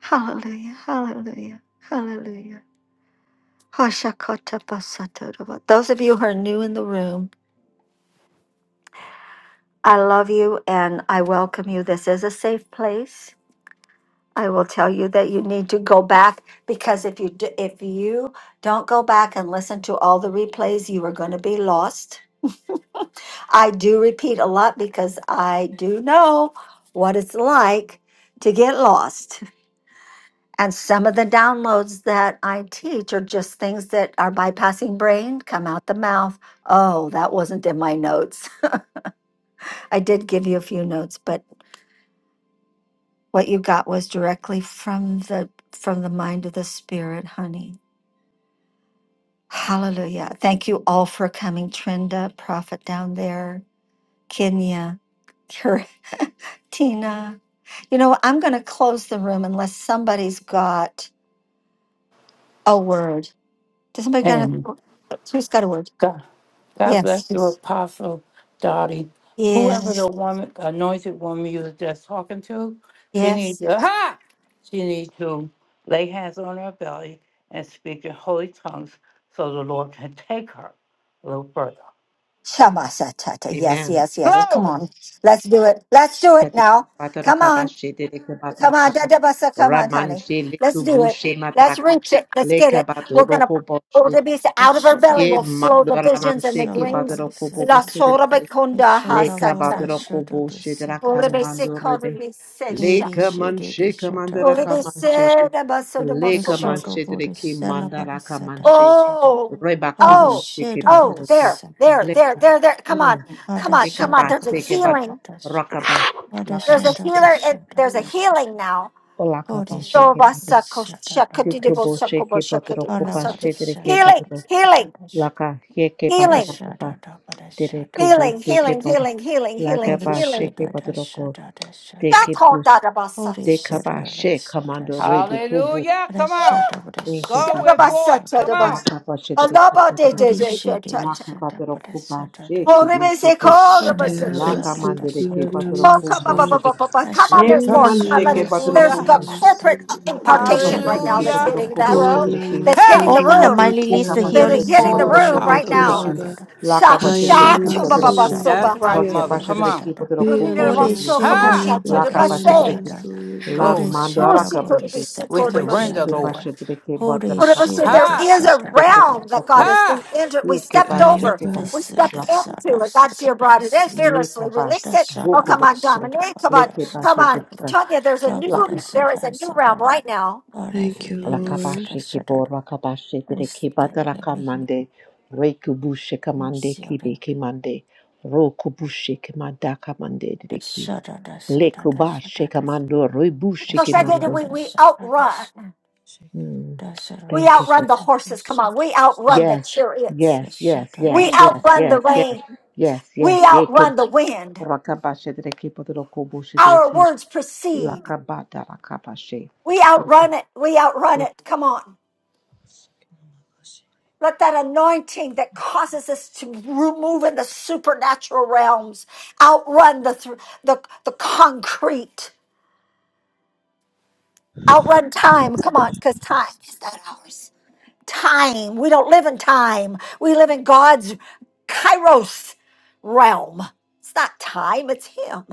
[SPEAKER 1] Hallelujah. Hallelujah. Hallelujah. Hoshakota basatorova. Those of you who are new in the room, I love you and I welcome you. This is a safe place. I will tell you that you need to go back because if you do, if you don't go back and listen to all the replays, you are going to be lost I do repeat a lot because I do know what it's like to get lost. And some of the downloads that I teach are just things that are bypassing brain, come out the mouth. Oh, that wasn't in my notes. I did give you a few notes, but what you got was directly from the from the mind of the spirit, honey. Hallelujah. Thank you all for coming, Trenda, Prophet down there, Kenya, Tina. You know, I'm going to close the room unless somebody's got a word. Does somebody got
[SPEAKER 11] And
[SPEAKER 1] a? Who's got a word?
[SPEAKER 11] God, God
[SPEAKER 1] Yes.
[SPEAKER 11] bless you, Apostle Dottie. Whoever the
[SPEAKER 1] Yes.
[SPEAKER 11] woman, anointed woman you was just talking to, she needs
[SPEAKER 1] Yes.
[SPEAKER 11] to, ha! She needs to lay hands on her belly and speak in holy tongues so the Lord can take her a little further.
[SPEAKER 1] Shama satata. Yes.
[SPEAKER 10] Amen.
[SPEAKER 1] Yes. Yes. Come
[SPEAKER 11] Glory!
[SPEAKER 1] on. Let's do it. Let's do it now. Come on. Come on. Dadabasa. Come on, honey.
[SPEAKER 10] Ramanshe
[SPEAKER 1] Let's do it.
[SPEAKER 10] lekubushe
[SPEAKER 1] Let's
[SPEAKER 10] mataraka
[SPEAKER 1] reach it. Let's get it. We're gonna.
[SPEAKER 10] lekabatoroko
[SPEAKER 1] Oh,
[SPEAKER 10] boshe
[SPEAKER 1] the beast
[SPEAKER 2] The
[SPEAKER 1] out of our belly
[SPEAKER 2] shadow,
[SPEAKER 10] ke
[SPEAKER 1] will
[SPEAKER 2] the
[SPEAKER 1] flow the
[SPEAKER 2] shadow, the
[SPEAKER 1] visions and the
[SPEAKER 10] mandoramanshe ke
[SPEAKER 2] shadow,
[SPEAKER 1] dreams.
[SPEAKER 2] the
[SPEAKER 1] La
[SPEAKER 2] shadow, the
[SPEAKER 1] sora
[SPEAKER 2] shadow. The
[SPEAKER 1] bekonda ha
[SPEAKER 2] shadow,
[SPEAKER 10] Leka
[SPEAKER 2] the
[SPEAKER 10] badra
[SPEAKER 1] satan.
[SPEAKER 2] shadow,
[SPEAKER 10] kobo
[SPEAKER 2] the
[SPEAKER 10] shedra
[SPEAKER 1] Ora
[SPEAKER 2] shadow,
[SPEAKER 1] be
[SPEAKER 2] the
[SPEAKER 10] kamando
[SPEAKER 2] shadow.
[SPEAKER 10] rebe.
[SPEAKER 1] se
[SPEAKER 2] Holy
[SPEAKER 10] Leka man
[SPEAKER 2] shady, the shadow, the shadow, the shadow, the
[SPEAKER 10] sheka
[SPEAKER 2] shadow,
[SPEAKER 10] mandara
[SPEAKER 1] Oh,
[SPEAKER 2] the shadow, the
[SPEAKER 10] kamanche. Leka man shedra ki mandara kamanche.
[SPEAKER 2] shadow.
[SPEAKER 1] oh,
[SPEAKER 10] Reba
[SPEAKER 2] Holy
[SPEAKER 10] kubu
[SPEAKER 2] shady, the
[SPEAKER 10] sheke
[SPEAKER 2] shadow,
[SPEAKER 1] oh,
[SPEAKER 2] the
[SPEAKER 10] badra
[SPEAKER 1] there,
[SPEAKER 2] shadow,
[SPEAKER 1] there,
[SPEAKER 2] the
[SPEAKER 1] there,
[SPEAKER 10] Leka.
[SPEAKER 2] shadow.
[SPEAKER 1] there, there. Come
[SPEAKER 10] Mm.
[SPEAKER 1] on, come on,
[SPEAKER 10] Eka
[SPEAKER 1] come on.
[SPEAKER 2] Adashada
[SPEAKER 10] ba
[SPEAKER 1] There's a
[SPEAKER 10] sheke bat
[SPEAKER 2] Brashada
[SPEAKER 1] healing.
[SPEAKER 2] Dash
[SPEAKER 10] rakaba. Laka
[SPEAKER 1] There's a
[SPEAKER 2] Adashada
[SPEAKER 10] ba.
[SPEAKER 1] healer. And
[SPEAKER 2] Dashada
[SPEAKER 1] there's a
[SPEAKER 2] Dash
[SPEAKER 1] healing now.
[SPEAKER 10] Olaka
[SPEAKER 2] Holy
[SPEAKER 10] ba
[SPEAKER 1] So,
[SPEAKER 10] sheke
[SPEAKER 2] Shada
[SPEAKER 10] badra.
[SPEAKER 2] Brashada
[SPEAKER 10] Tikobo
[SPEAKER 2] Brashada
[SPEAKER 10] sheke badra koba
[SPEAKER 2] Alabari
[SPEAKER 10] shedra ki
[SPEAKER 2] Shada
[SPEAKER 1] Healing,
[SPEAKER 10] badra.
[SPEAKER 2] Brashada
[SPEAKER 1] healing,
[SPEAKER 2] Dash
[SPEAKER 10] Laka heke badra
[SPEAKER 1] healing,
[SPEAKER 10] kaba.
[SPEAKER 2] Dashada
[SPEAKER 10] Tere
[SPEAKER 1] healing,
[SPEAKER 2] Brashada
[SPEAKER 1] healing,
[SPEAKER 10] kubu sheke
[SPEAKER 2] Brashada
[SPEAKER 10] badra.
[SPEAKER 1] healing, healing,
[SPEAKER 10] Laka
[SPEAKER 1] healing,
[SPEAKER 2] Holy
[SPEAKER 10] ba
[SPEAKER 1] healing.
[SPEAKER 10] sheke
[SPEAKER 2] Shada
[SPEAKER 10] badra
[SPEAKER 2] Dashada Dashada
[SPEAKER 10] Dekebus,
[SPEAKER 1] Shakodadabasa.
[SPEAKER 2] Holy Shada
[SPEAKER 10] dekabashe, kamando
[SPEAKER 2] Brashada
[SPEAKER 10] rebi kubu.
[SPEAKER 11] Hallelujah!
[SPEAKER 2] Brashada
[SPEAKER 11] Come on!
[SPEAKER 10] Thank you,
[SPEAKER 11] Go
[SPEAKER 2] Brashada
[SPEAKER 11] with
[SPEAKER 10] Jesus.
[SPEAKER 11] forth! Come
[SPEAKER 2] Brashada
[SPEAKER 11] on!
[SPEAKER 1] Shababasatadabas.
[SPEAKER 10] Makabashe dekebatero,
[SPEAKER 2] Holy Shada
[SPEAKER 1] Alabadejejejejej.
[SPEAKER 2] Dashada
[SPEAKER 10] makabapero kubashe
[SPEAKER 2] Brashada
[SPEAKER 1] Holy, they say,
[SPEAKER 10] kibisute.
[SPEAKER 2] Dashada
[SPEAKER 10] La
[SPEAKER 1] call.
[SPEAKER 2] Dashada
[SPEAKER 10] kamande
[SPEAKER 12] Ayarabasikia
[SPEAKER 10] dekebatero
[SPEAKER 2] Dashada
[SPEAKER 1] Oh, come on,
[SPEAKER 12] namaso,
[SPEAKER 1] come
[SPEAKER 10] kumanje
[SPEAKER 1] on,
[SPEAKER 10] de.
[SPEAKER 1] come on, come on,
[SPEAKER 10] Le
[SPEAKER 2] Rashada,
[SPEAKER 1] there's more.
[SPEAKER 12] Iyana
[SPEAKER 1] Come on,
[SPEAKER 10] kamanshe
[SPEAKER 2] Rashada,
[SPEAKER 1] let it.
[SPEAKER 10] kebatero
[SPEAKER 12] yesia
[SPEAKER 1] There's
[SPEAKER 2] Rashada,
[SPEAKER 11] Hallelujah!
[SPEAKER 1] a
[SPEAKER 10] kubu.
[SPEAKER 2] Rashada.
[SPEAKER 1] corporate
[SPEAKER 12] namasondo rebekia
[SPEAKER 1] impartation
[SPEAKER 10] Kabashe
[SPEAKER 2] Rashada,
[SPEAKER 1] right
[SPEAKER 12] raba,
[SPEAKER 1] now that's
[SPEAKER 11] Hallelujah!
[SPEAKER 10] dekebatero
[SPEAKER 2] Rashada,
[SPEAKER 1] hitting that
[SPEAKER 10] kubu she
[SPEAKER 2] Rashada.
[SPEAKER 1] room,
[SPEAKER 12] Iyana
[SPEAKER 10] deke.
[SPEAKER 1] that's
[SPEAKER 11] Ha!
[SPEAKER 1] hitting the
[SPEAKER 12] masondo
[SPEAKER 2] Open the
[SPEAKER 1] room,
[SPEAKER 2] mind
[SPEAKER 10] La
[SPEAKER 12] rebekia
[SPEAKER 2] release the
[SPEAKER 10] kabashe
[SPEAKER 1] that
[SPEAKER 12] raba,
[SPEAKER 1] is
[SPEAKER 2] healing
[SPEAKER 1] hitting the
[SPEAKER 2] surah.
[SPEAKER 12] sondo
[SPEAKER 11] Poor
[SPEAKER 10] dekebatero
[SPEAKER 1] room
[SPEAKER 10] kubu
[SPEAKER 2] shada,
[SPEAKER 1] right
[SPEAKER 10] she
[SPEAKER 11] Apostle
[SPEAKER 12] rebekia
[SPEAKER 1] now.
[SPEAKER 10] deke.
[SPEAKER 12] raba,
[SPEAKER 11] Dottie.
[SPEAKER 2] Rashada.
[SPEAKER 10] La kabashe
[SPEAKER 12] Hayana
[SPEAKER 1] Shasha
[SPEAKER 2] Rashada,
[SPEAKER 1] choba
[SPEAKER 10] dekebatero
[SPEAKER 1] baba
[SPEAKER 12] masondo
[SPEAKER 10] kubu.
[SPEAKER 11] That's
[SPEAKER 1] soba
[SPEAKER 2] Rashada,
[SPEAKER 1] ha.
[SPEAKER 11] right,
[SPEAKER 12] rebekia
[SPEAKER 11] mother.
[SPEAKER 12] raba,
[SPEAKER 10] Rakabashe
[SPEAKER 11] Come on.
[SPEAKER 2] Rashada.
[SPEAKER 10] dekebatero kubu
[SPEAKER 12] Iyana
[SPEAKER 1] Rudira
[SPEAKER 10] she
[SPEAKER 1] ba
[SPEAKER 2] Holy
[SPEAKER 10] deke.
[SPEAKER 12] maso
[SPEAKER 1] soko bo
[SPEAKER 2] Shada,
[SPEAKER 11] Ha!
[SPEAKER 1] shato
[SPEAKER 10] La
[SPEAKER 1] de ba
[SPEAKER 12] yebekia
[SPEAKER 10] kabashe
[SPEAKER 1] se.
[SPEAKER 10] deke.
[SPEAKER 2] Rashada.
[SPEAKER 12] namaso yebe.
[SPEAKER 10] La
[SPEAKER 2] Holy
[SPEAKER 11] Glory.
[SPEAKER 10] mando
[SPEAKER 1] Oh,
[SPEAKER 10] ara
[SPEAKER 2] Shada,
[SPEAKER 1] she could be, she
[SPEAKER 11] We
[SPEAKER 2] Bodhisattva,
[SPEAKER 1] could
[SPEAKER 12] Thank you,
[SPEAKER 1] be.
[SPEAKER 11] surrender,
[SPEAKER 10] Este
[SPEAKER 12] God.
[SPEAKER 11] Lord.
[SPEAKER 2] shada,
[SPEAKER 10] paso de que bota
[SPEAKER 2] Holy
[SPEAKER 10] la capa,
[SPEAKER 1] So
[SPEAKER 2] Shada,
[SPEAKER 1] there
[SPEAKER 11] Ha!
[SPEAKER 1] is a
[SPEAKER 2] shada,
[SPEAKER 10] de que
[SPEAKER 1] realm
[SPEAKER 2] Rashada,
[SPEAKER 1] that God
[SPEAKER 10] poco,
[SPEAKER 1] has
[SPEAKER 11] Ha!
[SPEAKER 1] entered. We
[SPEAKER 10] le que
[SPEAKER 1] stepped
[SPEAKER 10] pase, de
[SPEAKER 1] over.
[SPEAKER 10] que
[SPEAKER 2] Rashada.
[SPEAKER 10] pa,
[SPEAKER 12] Ayaba.
[SPEAKER 1] We
[SPEAKER 2] Rashada,
[SPEAKER 10] la,
[SPEAKER 1] stepped
[SPEAKER 2] Rashada,
[SPEAKER 1] into it. God's
[SPEAKER 2] Rashada,
[SPEAKER 1] here brought it in
[SPEAKER 10] le que
[SPEAKER 1] fearlessly.
[SPEAKER 10] pa,
[SPEAKER 1] Release it. Oh,
[SPEAKER 10] buco
[SPEAKER 1] come on,
[SPEAKER 10] boxe,
[SPEAKER 1] Dominique. Come
[SPEAKER 10] le
[SPEAKER 1] on.
[SPEAKER 10] que
[SPEAKER 1] Come
[SPEAKER 10] pase de
[SPEAKER 1] on.
[SPEAKER 2] Rashada. Rashada,
[SPEAKER 10] que pa,
[SPEAKER 1] Tonya, there's
[SPEAKER 2] Rashada,
[SPEAKER 1] a new
[SPEAKER 10] la ca,
[SPEAKER 1] there
[SPEAKER 2] Rashada,
[SPEAKER 1] is a new realm
[SPEAKER 2] Rashada.
[SPEAKER 1] right now.
[SPEAKER 2] Father,
[SPEAKER 12] Thank you,
[SPEAKER 10] la
[SPEAKER 2] release
[SPEAKER 10] capa
[SPEAKER 12] Lord.
[SPEAKER 2] the
[SPEAKER 10] se que
[SPEAKER 2] shudder,
[SPEAKER 10] por la capa se de
[SPEAKER 2] release
[SPEAKER 10] que
[SPEAKER 2] the
[SPEAKER 10] bota la
[SPEAKER 2] heavy
[SPEAKER 10] camande, re que buche camande, que
[SPEAKER 2] searing,
[SPEAKER 10] be que mande, ro que buche que manda camande
[SPEAKER 2] the
[SPEAKER 10] de que,
[SPEAKER 2] shudder, the shudder, the
[SPEAKER 10] le que bache
[SPEAKER 2] shudder, the
[SPEAKER 10] camando, re buche
[SPEAKER 1] So
[SPEAKER 10] que
[SPEAKER 1] Shante, did
[SPEAKER 2] shudder,
[SPEAKER 10] mande.
[SPEAKER 1] we
[SPEAKER 2] the
[SPEAKER 1] we
[SPEAKER 2] shudder, the
[SPEAKER 1] outrun.
[SPEAKER 2] sh-
[SPEAKER 13] Shake it,
[SPEAKER 10] Mm.
[SPEAKER 2] the shudder,
[SPEAKER 1] We
[SPEAKER 2] the
[SPEAKER 10] Thank
[SPEAKER 1] outrun
[SPEAKER 10] you.
[SPEAKER 1] the
[SPEAKER 2] shudder, the
[SPEAKER 1] horses. Come on. We outrun the
[SPEAKER 10] Yes,
[SPEAKER 1] chariots.
[SPEAKER 10] yes, yes,
[SPEAKER 2] shudder, the shudder, the
[SPEAKER 1] We
[SPEAKER 10] yes,
[SPEAKER 2] shudder,
[SPEAKER 10] yes,
[SPEAKER 1] outrun
[SPEAKER 10] yes,
[SPEAKER 1] the
[SPEAKER 10] yes,
[SPEAKER 1] rain.
[SPEAKER 10] yes,
[SPEAKER 1] We
[SPEAKER 10] yes. Yeke
[SPEAKER 1] outrun the wind.
[SPEAKER 10] rakabashe dereki potero kobushe
[SPEAKER 1] Our
[SPEAKER 10] dereki
[SPEAKER 1] words proceed.
[SPEAKER 10] lakabata rakabashe.
[SPEAKER 1] We outrun it. We outrun it. Come on.
[SPEAKER 13] shake it, oh my gosh.
[SPEAKER 1] Let that anointing that causes us to move in the supernatural realms outrun the thr the, the concrete, outrun time. Come on, because time is not ours. Time. We don't live in time. We live in God's kairos realm. It's not time, it's Him.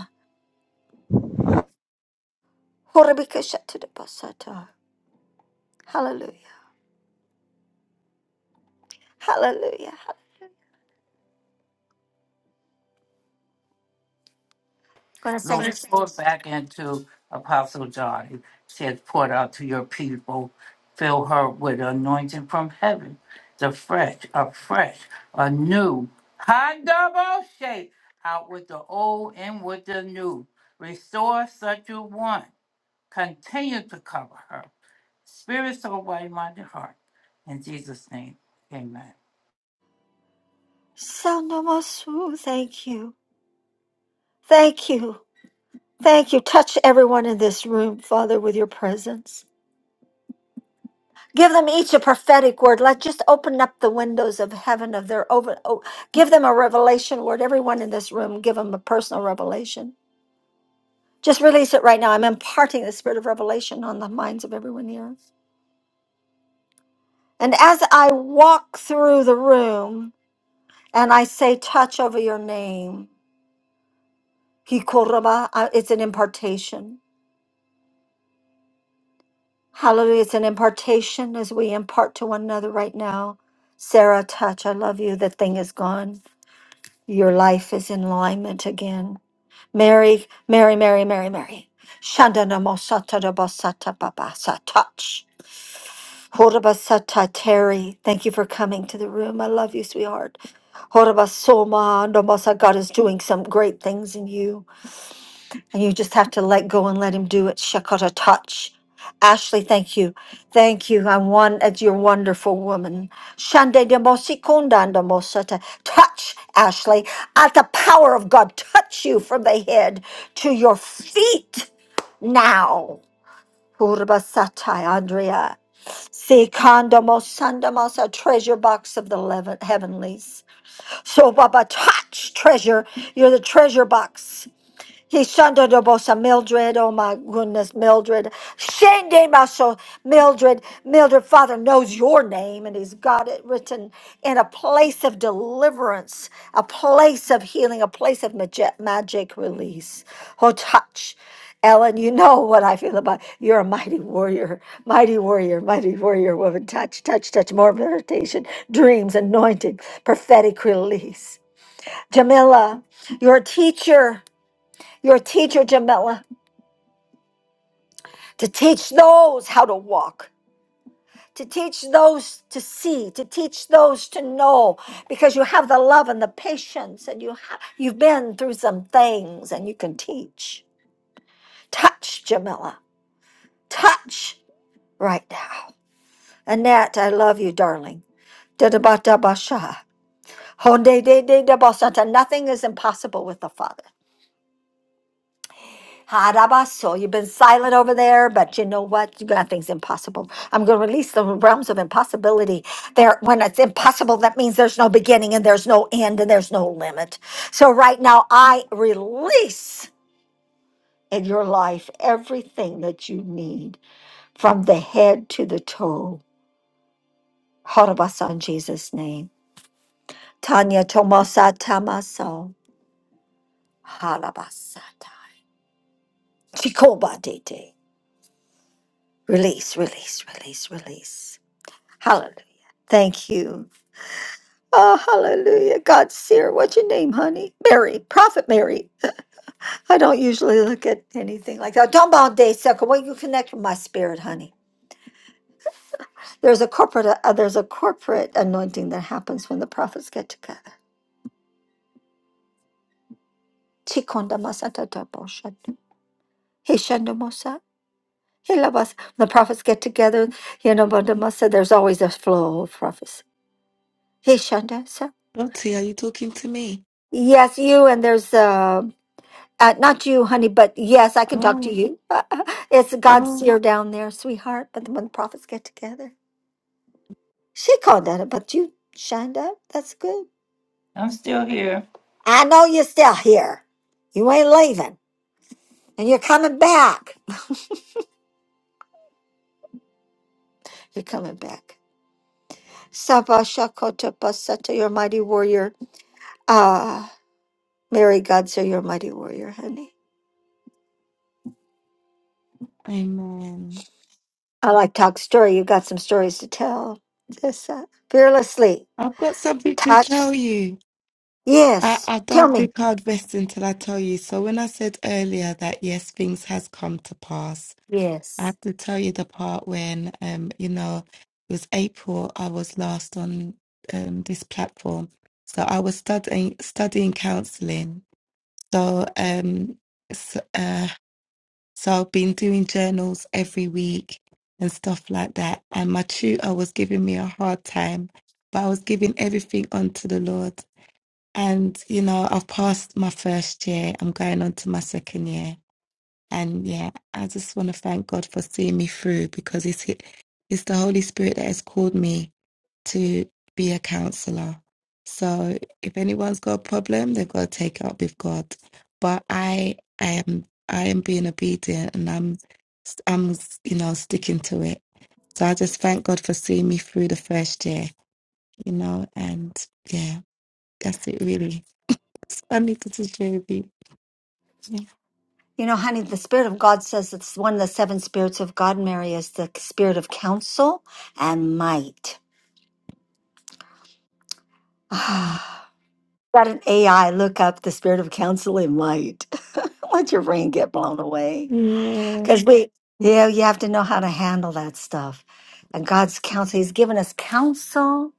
[SPEAKER 1] Horabikashatudabasata. Hallelujah. Hallelujah. Gonna sing.
[SPEAKER 11] Lord, pour back into Apostle John. She has poured out to your people. Fill her with anointing from heaven. The fresh, a fresh, a new. Ha double shape. Out with the old and with the new. Restore such a one. Continue to cover her. Spirit, soul, body, mind, and heart. In Jesus' name, amen.
[SPEAKER 1] Sound no Thank you. Thank you. Thank you. Touch everyone in this room, Father, with your presence. Give them each a prophetic word. Let just open up the windows of heaven of their over. Oh, give them a revelation word. Everyone in this room, give them a personal revelation. Just release it right now. I'm imparting the spirit of revelation on the minds of everyone here. And as I walk through the room and I say, touch over your name, Hikoraba, uh, it's an impartation. Hallelujah. It's an impartation as we impart to one another right now. Sarah, touch. I love you. The thing is gone. Your life is in alignment again. Mary, Mary, Mary, Mary, Mary. Shandana mosata da basata babasa. Touch. Horabasata Terry. Thank you for coming to the room. I love you, sweetheart. Horabasoma. Nomasa. God is doing some great things in you. And you just have to let go and let him do it. Shakata touch. Ashley, thank you. Thank you. I am want as your wonderful woman. Shande de mosikunda de mosata. Touch, Ashley. At the power of God, touch you from the head to your feet now. Urbasatai, Andrea. Sikanda mosanda mosa, treasure box of the leaven- heavenlies. So, Baba, touch treasure. You're the treasure box. He shunned the boss of Mildred. Oh my goodness, Mildred. Shende Maso, Mildred. Mildred, Father knows your name and He's got it written in a place of deliverance, a place of healing, a place of magic, magic release. Oh, touch. Ellen, you know what I feel about you're a mighty warrior, mighty warrior, mighty warrior woman. Touch, touch, touch, more meditation, dreams, anointing, prophetic release. Jamila, you're a teacher. You're a teacher, Jamila, to teach those how to walk, to teach those to see, to teach those to know, because you have the love and the patience, and you have you've been through some things, and you can teach. Touch, Jamila, touch right now. Annette, I love you, darling. Da da ba da ba sha. Honde de de da ba sa ta. Nothing is impossible with the Father. Harabaso, you've been silent over there, but you know what? You got things impossible. I'm going to release the realms of impossibility. There, when it's impossible, that means there's no beginning and there's no end and there's no limit. So right now, I release in your life everything that you need from the head to the toe. Harabasa in Jesus' name. Tanya Tomasa Tamaso. Harabasata. Chikoba Dete. Release, release, release, release. Hallelujah. Thank you. Oh, hallelujah. God, Seer, what's your name, honey? Mary, Prophet Mary. I don't usually look at anything like that. Don't bow day, sucker. Well, you connect with my spirit, honey. There's a corporate uh, there's a corporate anointing that happens when the prophets get together. Chikonda masata topo shadu. He shando mosa. He labas. When the prophets get together, you know, banda masa, there's always a flow of prophets. He shanda sa.
[SPEAKER 5] Lottie, are you talking to me?
[SPEAKER 1] Yes, you and there's uh, Uh, not you, honey, but yes, I can talk to
[SPEAKER 5] Oh.
[SPEAKER 1] you. it's God's
[SPEAKER 5] Oh,
[SPEAKER 1] ear down there, sweetheart. But when the prophets get together, she called at it, but you shined up. That's good.
[SPEAKER 11] I'm still here.
[SPEAKER 1] I know you're still here. You ain't leaving, and you're coming back. You're coming back. Saba Shakota Pasata, your mighty warrior. Ah, Mary Godser, your mighty warrior, honey.
[SPEAKER 5] amen.
[SPEAKER 1] I like talk story. You got some stories to tell. Yes, uh, fearlessly
[SPEAKER 5] I've got something to tell
[SPEAKER 1] touch.
[SPEAKER 5] you. I,
[SPEAKER 1] Yes,
[SPEAKER 5] I
[SPEAKER 1] tell
[SPEAKER 5] don't
[SPEAKER 1] me.
[SPEAKER 5] be hard resting till I tell you. So when I said earlier that yes, things has come to pass, I
[SPEAKER 1] Yes.
[SPEAKER 5] have to tell you the part when um, you know, it was April I was last on um this platform. So I was studying studying counseling. So um So I've been doing journals every week and stuff like that. And my tutor was giving me a hard time, but I was giving everything unto the Lord. And, you know, I've passed my first year. I'm going on to my second year. And yeah, I just want to thank God for seeing me through because it's, it's the Holy Spirit that has called me to be a counselor. So if anyone's got a problem, they've got to take it up with God. But I, I am, I am being obedient, and I'm, I'm, you know, sticking to it. So I just thank God for seeing me through the first year, you know, and yeah, that's it really. So I needed to share with you. Yeah,
[SPEAKER 1] You know, honey, the Spirit of God says it's one of the seven spirits of God, Mary, is the spirit of counsel and might.
[SPEAKER 5] Mm.
[SPEAKER 1] Got an AI look up the spirit of counsel and might. Let your brain get blown away.
[SPEAKER 5] yeah,
[SPEAKER 1] Because we, yeah, you have to know how to handle that stuff. And God's counsel, He's given us counsel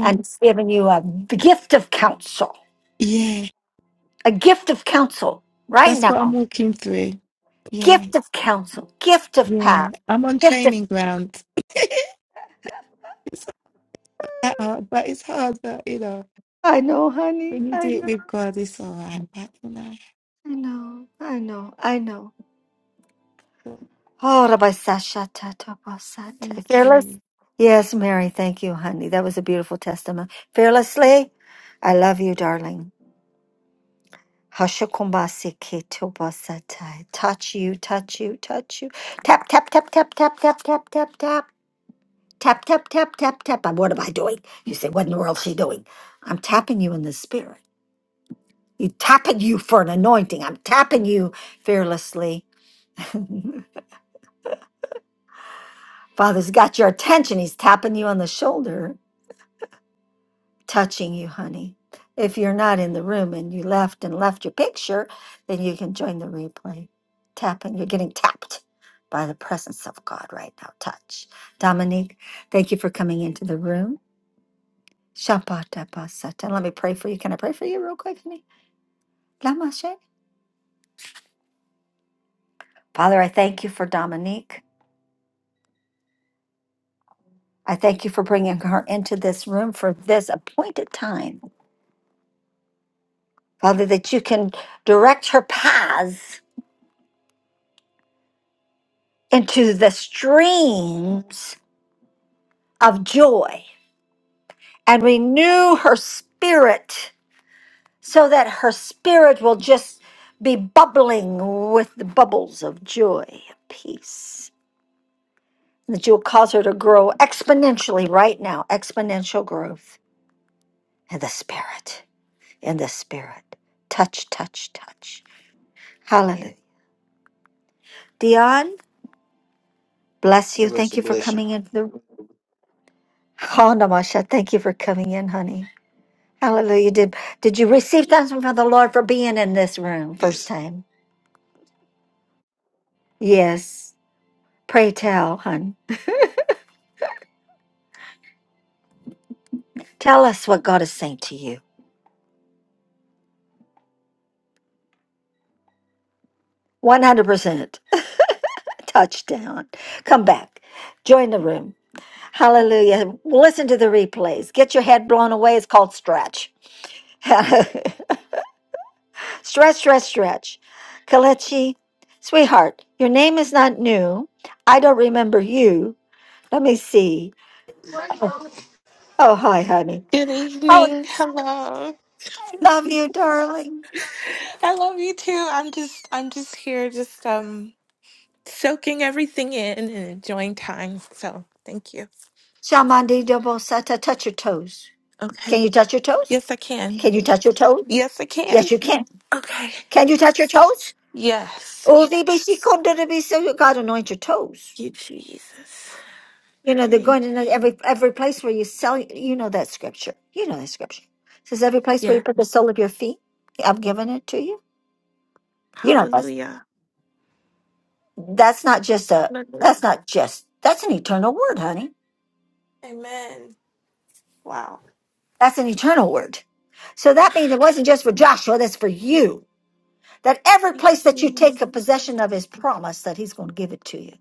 [SPEAKER 1] and given you a gift of counsel,
[SPEAKER 5] yeah.
[SPEAKER 1] a gift of counsel right
[SPEAKER 5] That's what I'm
[SPEAKER 1] now.
[SPEAKER 5] walking through. Yeah,
[SPEAKER 1] Gift of counsel, gift of power,
[SPEAKER 5] yeah. I'm on
[SPEAKER 1] gift of.
[SPEAKER 5] training ground. Uh-uh, but it's hard, but you know,
[SPEAKER 1] I know, honey.
[SPEAKER 5] when you do
[SPEAKER 1] I
[SPEAKER 5] it
[SPEAKER 1] know.
[SPEAKER 5] with God, it's all right. But you know,
[SPEAKER 1] I know. I know. I know.
[SPEAKER 5] so
[SPEAKER 1] Oh, Rabbi Sasha Tatabasata.
[SPEAKER 5] thank
[SPEAKER 1] Fearless.
[SPEAKER 5] you.
[SPEAKER 1] Yes, Mary. Thank you, honey. That was a beautiful testimony. Fearlessly, I love you, darling. Hashakumbasi ketobasatai. Touch you, touch you, touch you. Tap, tap, tap, tap, tap, tap, tap, tap, tap. Tap, tap, tap, tap, tap. And What am I doing? You say, what in the world is she doing? I'm tapping you in the spirit. You tapping you for an anointing. I'm tapping you fearlessly Father's got your attention. He's tapping you on the shoulder, touching you, honey. If you're not in the room and you left and left your picture, then you can join the replay. Tapping, you're getting tapped by the presence of God right now. Touch. Dominique, thank you for coming into the room. Shapatapasata. Let me pray for you. Can I pray for you real quick, honey? Lamashe. Father, I thank you for Dominique. I thank you for bringing her into this room for this appointed time. Father, that you can direct her paths into the streams of joy and renew her spirit so that her spirit will just be bubbling with the bubbles of joy, peace. That you'll cause her to grow exponentially right now, exponential growth in the spirit, in the spirit. Touch, touch, touch. Hallelujah. Dion, bless
[SPEAKER 14] It
[SPEAKER 1] you. Thank
[SPEAKER 14] a
[SPEAKER 1] you for
[SPEAKER 14] blessing.
[SPEAKER 1] coming into in. Oh, Namasha, thank you for coming in, honey. Hallelujah. Did did you receive thanks from the Lord for being in this room first
[SPEAKER 14] Yes.
[SPEAKER 1] time? Yes. Pray tell, hon. Tell us what God is saying to you. 100% touchdown. Come back. Join the room. Hallelujah. Listen to the replays. Get your head blown away. It's called stretch. stretch, stretch, stretch. Kalechi, sweetheart, your name is not new. I don't remember you. Let me see. Oh, hi, honey.
[SPEAKER 15] Good
[SPEAKER 1] Oh,
[SPEAKER 15] evening. Hello.
[SPEAKER 1] I love you, darling.
[SPEAKER 15] I love you too. I'm just I'm just here just um soaking everything in and enjoying time. So, thank you.
[SPEAKER 1] Shamandi double sata, touch your toes.
[SPEAKER 15] Okay.
[SPEAKER 1] Can you touch your toes?
[SPEAKER 15] Yes, I
[SPEAKER 1] Can
[SPEAKER 15] can.
[SPEAKER 1] you touch your toes?
[SPEAKER 15] Yes, I can.
[SPEAKER 1] Yes, you can.
[SPEAKER 15] Okay.
[SPEAKER 1] Can you touch your toes?
[SPEAKER 15] Yes.
[SPEAKER 1] Oh, they be she come to the be so God anoint your toes.
[SPEAKER 15] Thank You Jesus.
[SPEAKER 1] You know, they're
[SPEAKER 15] Thank.
[SPEAKER 1] going in every every place where you sell you know that scripture. You know that scripture. It says every place where you
[SPEAKER 15] Yeah.
[SPEAKER 1] put the sole of your feet, I've given it to you. You know that's
[SPEAKER 15] Hallelujah.
[SPEAKER 1] that's not just a
[SPEAKER 15] Hallelujah.
[SPEAKER 1] that's not just that's an eternal word, honey.
[SPEAKER 15] Amen. Wow.
[SPEAKER 1] That's an eternal word. So that means it wasn't just for Joshua, that's for you. That every
[SPEAKER 15] Thank you,
[SPEAKER 1] place that you
[SPEAKER 15] Jesus.
[SPEAKER 1] take a possession of His promise that he's going to give it to you.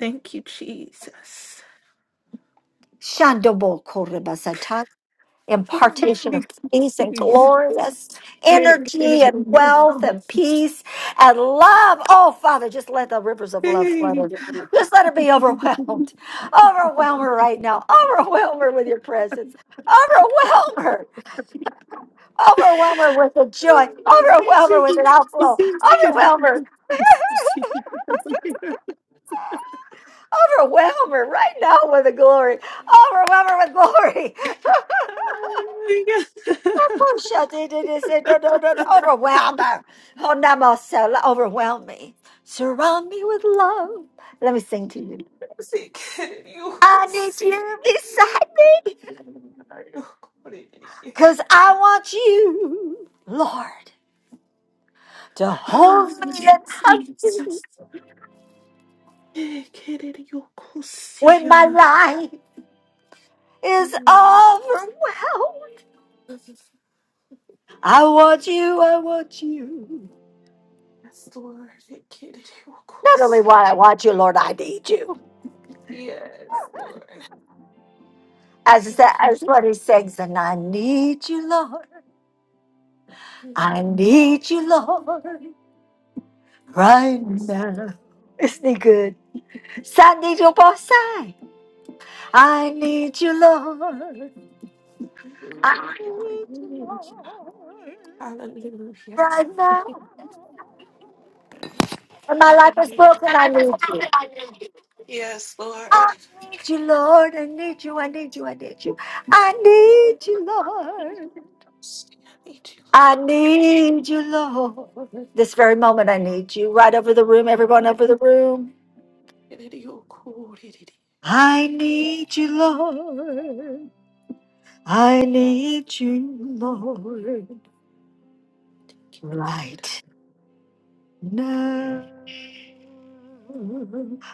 [SPEAKER 15] Thank you, Jesus.
[SPEAKER 1] Shandobo korebasata,
[SPEAKER 15] Oh,
[SPEAKER 1] impartation of
[SPEAKER 15] thank
[SPEAKER 1] peace
[SPEAKER 15] you,
[SPEAKER 1] and
[SPEAKER 15] Jesus.
[SPEAKER 1] glorious
[SPEAKER 15] Thank
[SPEAKER 1] energy and
[SPEAKER 15] you.
[SPEAKER 1] wealth and peace and love. Oh, Father, just let the rivers of love flood
[SPEAKER 15] Hey.
[SPEAKER 1] her. Just let her be
[SPEAKER 15] Oh,
[SPEAKER 1] overwhelmed. Overwhelm her right now. Overwhelm her with your presence. Overwhelm her. Overwhelm her with the joy.
[SPEAKER 15] thank you,
[SPEAKER 1] Overwhelm her with an outflow.
[SPEAKER 15] Jesus.
[SPEAKER 1] Overwhelm her. Overwhelm her right now with the glory. Overwhelm her with glory.
[SPEAKER 15] Hallelujah.
[SPEAKER 1] Overwhelm her. Oh, Namasela, overwhelm me. Surround me with love. Let me sing to you.
[SPEAKER 15] Sick. You
[SPEAKER 1] I need
[SPEAKER 15] sick.
[SPEAKER 1] you beside me because I want you, Lord, to
[SPEAKER 15] Oh,
[SPEAKER 1] hold
[SPEAKER 15] thank
[SPEAKER 1] me
[SPEAKER 15] you,
[SPEAKER 1] and hug me
[SPEAKER 15] Jesus. Eh, querer yo
[SPEAKER 1] when
[SPEAKER 15] cosilla,
[SPEAKER 1] my
[SPEAKER 15] Naya.
[SPEAKER 1] life is overwhelmed. I want you. I want you.
[SPEAKER 15] Yes, Lord. Thank you, that you will go
[SPEAKER 1] Not only
[SPEAKER 15] see.
[SPEAKER 1] want I want you, Lord, I need you.
[SPEAKER 15] Yes, Lord.
[SPEAKER 1] As, it sa-
[SPEAKER 15] Thank you,
[SPEAKER 1] as what he sings, and I need you, Lord. I
[SPEAKER 15] Mm,
[SPEAKER 1] need you, Lord, right
[SPEAKER 15] Jesus.
[SPEAKER 1] now. Isn't he good? Sandy your boss I need you, Lord.
[SPEAKER 15] Hallelujah.
[SPEAKER 1] I need you, Lord,
[SPEAKER 15] Hallelujah. Hallelujah.
[SPEAKER 1] right now. When my life is
[SPEAKER 15] Hallelujah.
[SPEAKER 1] broken, I need you.
[SPEAKER 15] Yes,
[SPEAKER 1] I
[SPEAKER 15] Lord.
[SPEAKER 1] need you, Lord. I need you. I need you. I need you. I
[SPEAKER 15] Lord,
[SPEAKER 1] need you, Lord.
[SPEAKER 15] Jesus, I need you,
[SPEAKER 1] I
[SPEAKER 15] Lord.
[SPEAKER 1] need you, Lord. This very moment, I need you. Right over the room, everyone over the room.
[SPEAKER 15] Kiririyo kuriri.
[SPEAKER 1] I need you, Lord. I need you, Lord. Right now.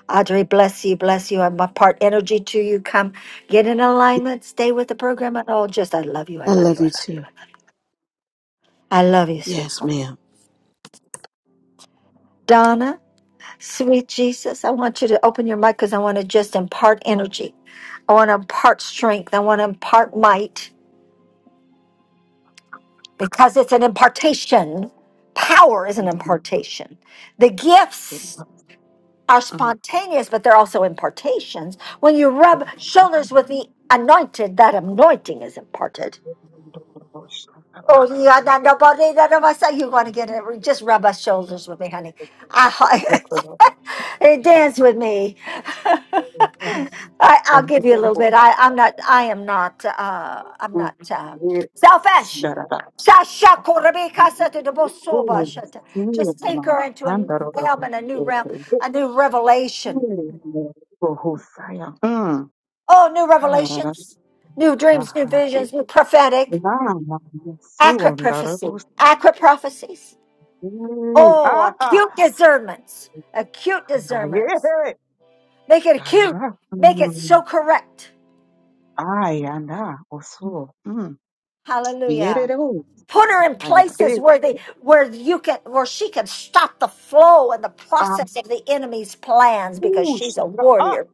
[SPEAKER 1] Audrey, bless you, bless you. I'm part energy to you. Come get in
[SPEAKER 4] right.
[SPEAKER 1] alignment, stay with the program, at all. Just, I love you, I
[SPEAKER 4] I
[SPEAKER 1] love you,
[SPEAKER 4] love
[SPEAKER 1] I
[SPEAKER 4] you
[SPEAKER 1] love you, I
[SPEAKER 4] too.
[SPEAKER 1] love you. I love you,
[SPEAKER 4] Yes,
[SPEAKER 1] sweetheart.
[SPEAKER 4] ma'am.
[SPEAKER 1] Donna, sweet Jesus, I want you to open your mic because I want to just impart energy. I want to impart strength. I want to impart might because it's an impartation. Power is an
[SPEAKER 16] Ndarabosi,
[SPEAKER 1] impartation. The gifts are spontaneous, but they're also impartations. When you rub shoulders with the anointed, that anointing is imparted. Oh, yeah, no, no, but they- none of us say you want to get it. Just rub our shoulders with me, honey. I, and dance with me. I, I'll give you a little bit. I, I'm not. I am not. Uh, I'm not uh, selfish. Sasha Korobeka said to the Bosoba, shut Just take her into a new realm and a new realm, a new revelation.
[SPEAKER 16] ah,
[SPEAKER 1] Oh, new
[SPEAKER 16] ah,
[SPEAKER 1] revelations, new dreams, new visions, new prophetic, accurate prophecy, accurate prophecies Oh, acute discernments, Acute discernments. Make it acute. Make it
[SPEAKER 16] yeah,
[SPEAKER 1] so correct.
[SPEAKER 16] Ay, anda, osuo. Mm.
[SPEAKER 1] Hallelujah.
[SPEAKER 16] Yerereo.
[SPEAKER 1] Put her in
[SPEAKER 16] Ay, eh.
[SPEAKER 1] places where they where you can where she can stop the flow and the
[SPEAKER 16] Ah,
[SPEAKER 1] process of the enemy's plans because
[SPEAKER 16] ush.
[SPEAKER 1] she's a
[SPEAKER 16] Ah,
[SPEAKER 1] warrior.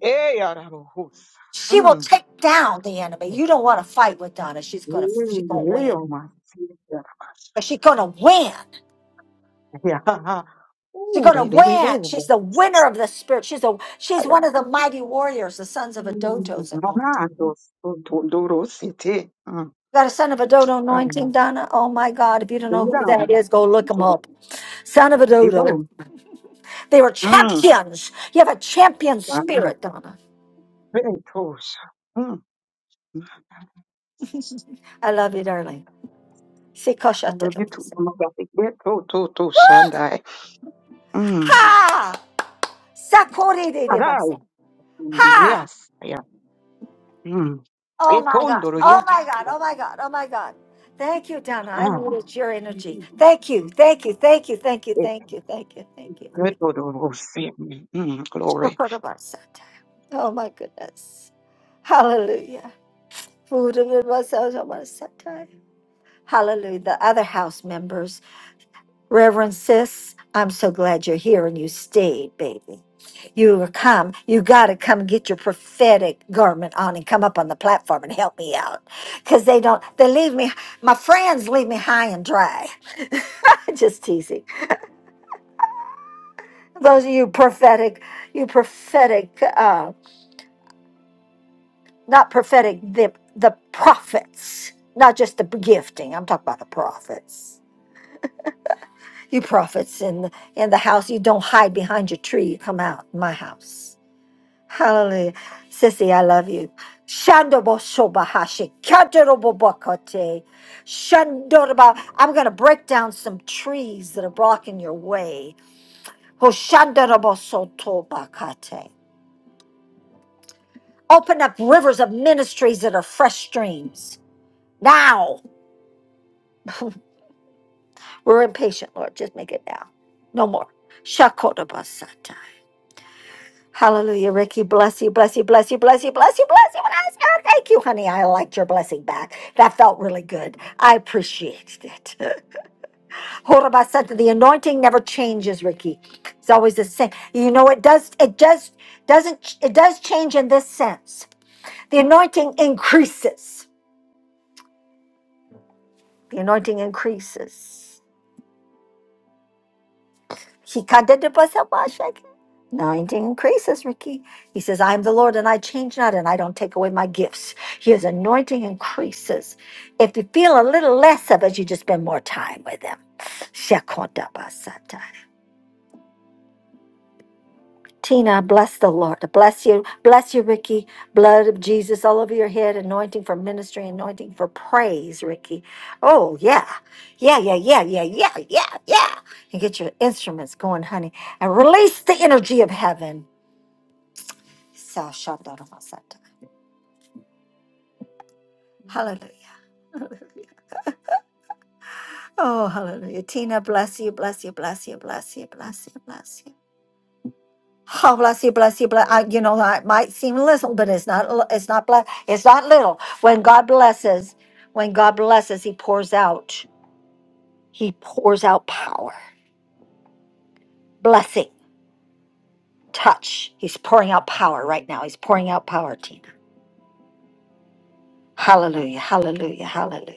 [SPEAKER 16] eh, yarabo, hus.
[SPEAKER 1] She will
[SPEAKER 16] Mm.
[SPEAKER 1] take down the enemy. You don't want to fight with Donna. She's gonna she's gonna win.
[SPEAKER 16] Yerereo, mas. Yarabas.
[SPEAKER 1] But she's gonna win.
[SPEAKER 16] Ya, ha, ha.
[SPEAKER 1] She's
[SPEAKER 16] Uh,
[SPEAKER 1] gonna
[SPEAKER 16] rererebo,
[SPEAKER 1] win.
[SPEAKER 16] bo. bo.
[SPEAKER 1] She's the winner of the spirit. She's a she's
[SPEAKER 16] Ay, ah.
[SPEAKER 1] one of the mighty warriors, the sons of
[SPEAKER 16] mm.
[SPEAKER 1] Adotos. anointed.
[SPEAKER 16] Rana, dos, do- doro, sete. Mm.
[SPEAKER 1] Got a son of a dodo
[SPEAKER 16] Ay,
[SPEAKER 1] anointing, Donna? Oh my God, if you don't know
[SPEAKER 16] mira,
[SPEAKER 1] who that
[SPEAKER 16] do-
[SPEAKER 1] is, go look him up. Son of a dodo.
[SPEAKER 16] tipo.
[SPEAKER 1] They were
[SPEAKER 16] Mm.
[SPEAKER 1] champions. You have a champion
[SPEAKER 16] Anda,
[SPEAKER 1] spirit, Donna.
[SPEAKER 16] ve, tos. Mm.
[SPEAKER 1] I love you, darling.
[SPEAKER 16] I love you too,
[SPEAKER 1] Sikoshatadomasa.
[SPEAKER 16] Mama Graphic. Yeah, too, too, too, Shandai. Mm.
[SPEAKER 1] Ha! Sakori de
[SPEAKER 16] Arai.
[SPEAKER 1] devasa. Ha!
[SPEAKER 16] Yes. Yeah. Mm.
[SPEAKER 1] Oh
[SPEAKER 16] It
[SPEAKER 1] my
[SPEAKER 16] on
[SPEAKER 1] God.
[SPEAKER 16] the
[SPEAKER 1] Oh
[SPEAKER 16] yes.
[SPEAKER 1] my God. Oh my God. Oh my God. Thank you, Donna. I
[SPEAKER 16] Ah.
[SPEAKER 1] needed your energy. Thank you. Thank you. Thank you. Thank you.
[SPEAKER 16] It
[SPEAKER 1] Thank you. Thank you. Thank you.
[SPEAKER 16] good
[SPEAKER 1] Thank
[SPEAKER 16] for the rose. Mm.
[SPEAKER 1] you.
[SPEAKER 16] Glory.
[SPEAKER 1] Shokorobasa. Oh my goodness. Hallelujah. Food of it was so so much satay. Hallelujah. The other house members, Reverend Sis, I'm so glad you're here and you stayed, baby. You were come. You got to come get your prophetic garment on and come up on the platform and help me out. Because they don't, they leave me, my friends leave me high and dry. Just teasing. Those of you prophetic, you prophetic, uh, not prophetic, the, the prophets, not just the gifting. I'm talking about the prophets. You prophets in the, in the house, you don't hide behind your tree. You come out my house. Hallelujah. Sissy, I love you. Shandobo shobahashi, kandarobo bakote, shandoroba. I'm going to break down some trees that are blocking your way. Hoshandarobo soto bakate. Open up rivers of ministries that are fresh streams. Now. We're impatient, Lord. Just make it now. No more. Shakoda basata. Hallelujah, Ricky. Bless you, bless you, bless you, bless you, bless you, bless you, bless you. Thank you, honey. I liked your blessing back. That felt really good. I appreciated it. Horabas said that the anointing never changes, Ricky. It's always the same. You know, it does, it just doesn't, it does change in this sense. The anointing increases. The anointing increases. He contented myself. Anointing increases, Ricky. He says, I am the Lord and I change not and I don't take away my gifts. His anointing increases. If you feel a little less of it, you just spend more time with him. Shekonda basata. Tina, bless the Lord. Bless you. Bless you, Ricky. Blood of Jesus all over your head. Anointing for ministry, anointing for praise, Ricky. Oh, yeah. Yeah, yeah, yeah, yeah, yeah, yeah, yeah. And get your instruments going, honey. And release the energy of heaven. Sa- Hallelujah. Oh, hallelujah. Tina, bless you, bless you, bless you, bless you, bless you, bless you. Oh, bless you, bless you, bless. I, you know, that might seem little, but it's not. li- It's not bless. It's not little. When God blesses, when God blesses, He pours out. He pours out power, blessing, touch. He's pouring out power right now. He's pouring out power, Tina. Hallelujah, hallelujah, hallelujah.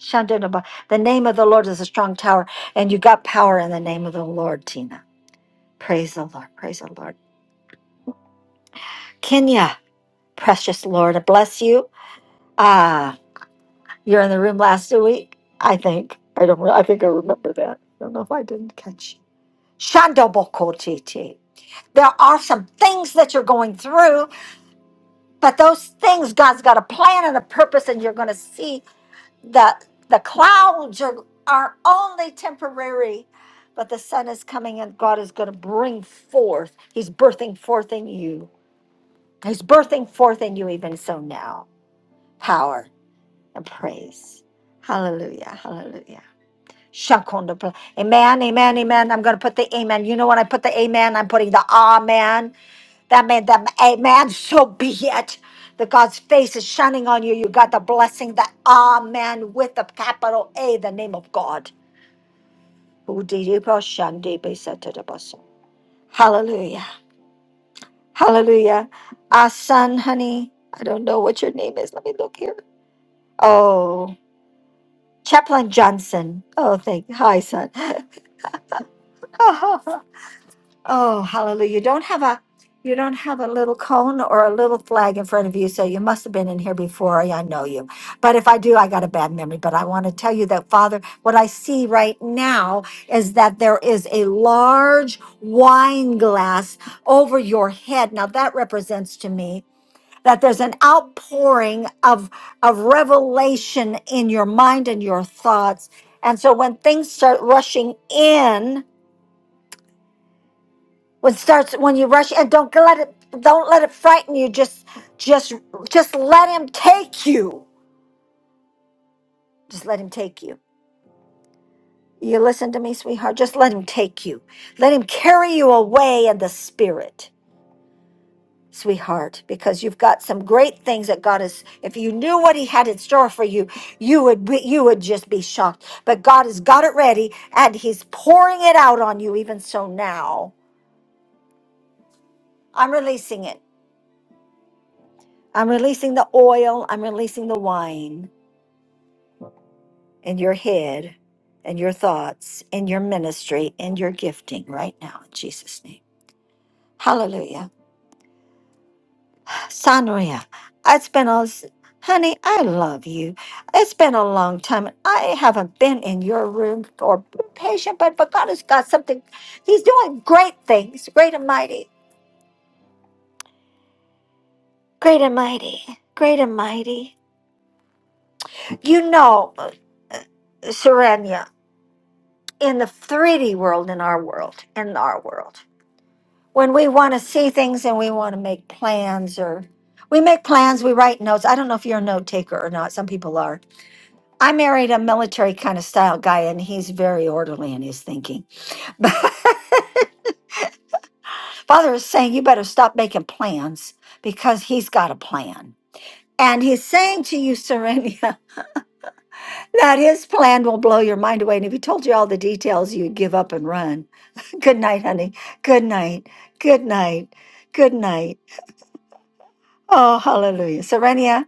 [SPEAKER 1] Shandonaba. The name of the Lord is a strong tower, and you got power in the name of the Lord, Tina. Praise the Lord, praise the Lord. Kenya, precious Lord, I bless you. Ah, You're in the room last week, I think. I don't. re- I think I remember that. I don't know if I didn't catch. Shandobokotiti. There are some things that you're going through, but those things God's got a plan and a purpose, and you're going to see that the clouds are, are only temporary, but the sun is coming, and God is going to bring forth. He's birthing forth in you. He's birthing forth in you even so now. Power and praise. Hallelujah. Hallelujah. Shakonda. Amen, amen, amen. I'm going to put the amen. You know, when I put the amen, I'm putting the amen. That made them amen. So be it. That God's face is shining on you. You got the blessing, the amen with the capital A, the name of God. Hallelujah. Hallelujah. Our son, honey, I don't know what your name is. Let me look here. Oh, Chaplain Johnson. Oh, thank Hi, son. Oh, hallelujah. You don't have a you don't have a little cone or a little flag in front of you, so you must have been in here before. I know you. But if I do, I got a bad memory. But I want to tell you that, Father, what I see right now is that there is a large wine glass over your head. Now that represents to me that there's an outpouring of of revelation in your mind and your thoughts. And so when things start rushing in, when it starts when you rush and don't let it don't let it frighten you just just just let him take you just let him take you you listen to me sweetheart just let him take you let him carry you away in the spirit sweetheart because you've got some great things that god is if you knew what he had in store for you you would be you would just be shocked but god has got it ready and he's pouring it out on you even so now i'm releasing it i'm releasing the oil i'm releasing the wine in your head and your thoughts in your ministry in your gifting right now in Jesus' name. Hallelujah. Sonia, it's been a honey, I love you. It's been a long time. I haven't been in your room or been patient, but, but God has got something. He's doing great things, great and mighty, great and mighty, great and mighty. You know, uh, Serenia, in the 3D world, in our world, in our world. when we want to see things and we want to make plans or we make plans, we write notes. I don't know if you're a note taker or not. Some people are. I married a military kind of style guy and he's very orderly in his thinking. But Father is saying you better stop making plans because he's got a plan. And he's saying to you, Serenia, that his plan will blow your mind away. And if he told you all the details, you'd give up and run. Good night, honey. Good night. Good night. Good night. Oh, hallelujah. Serenia,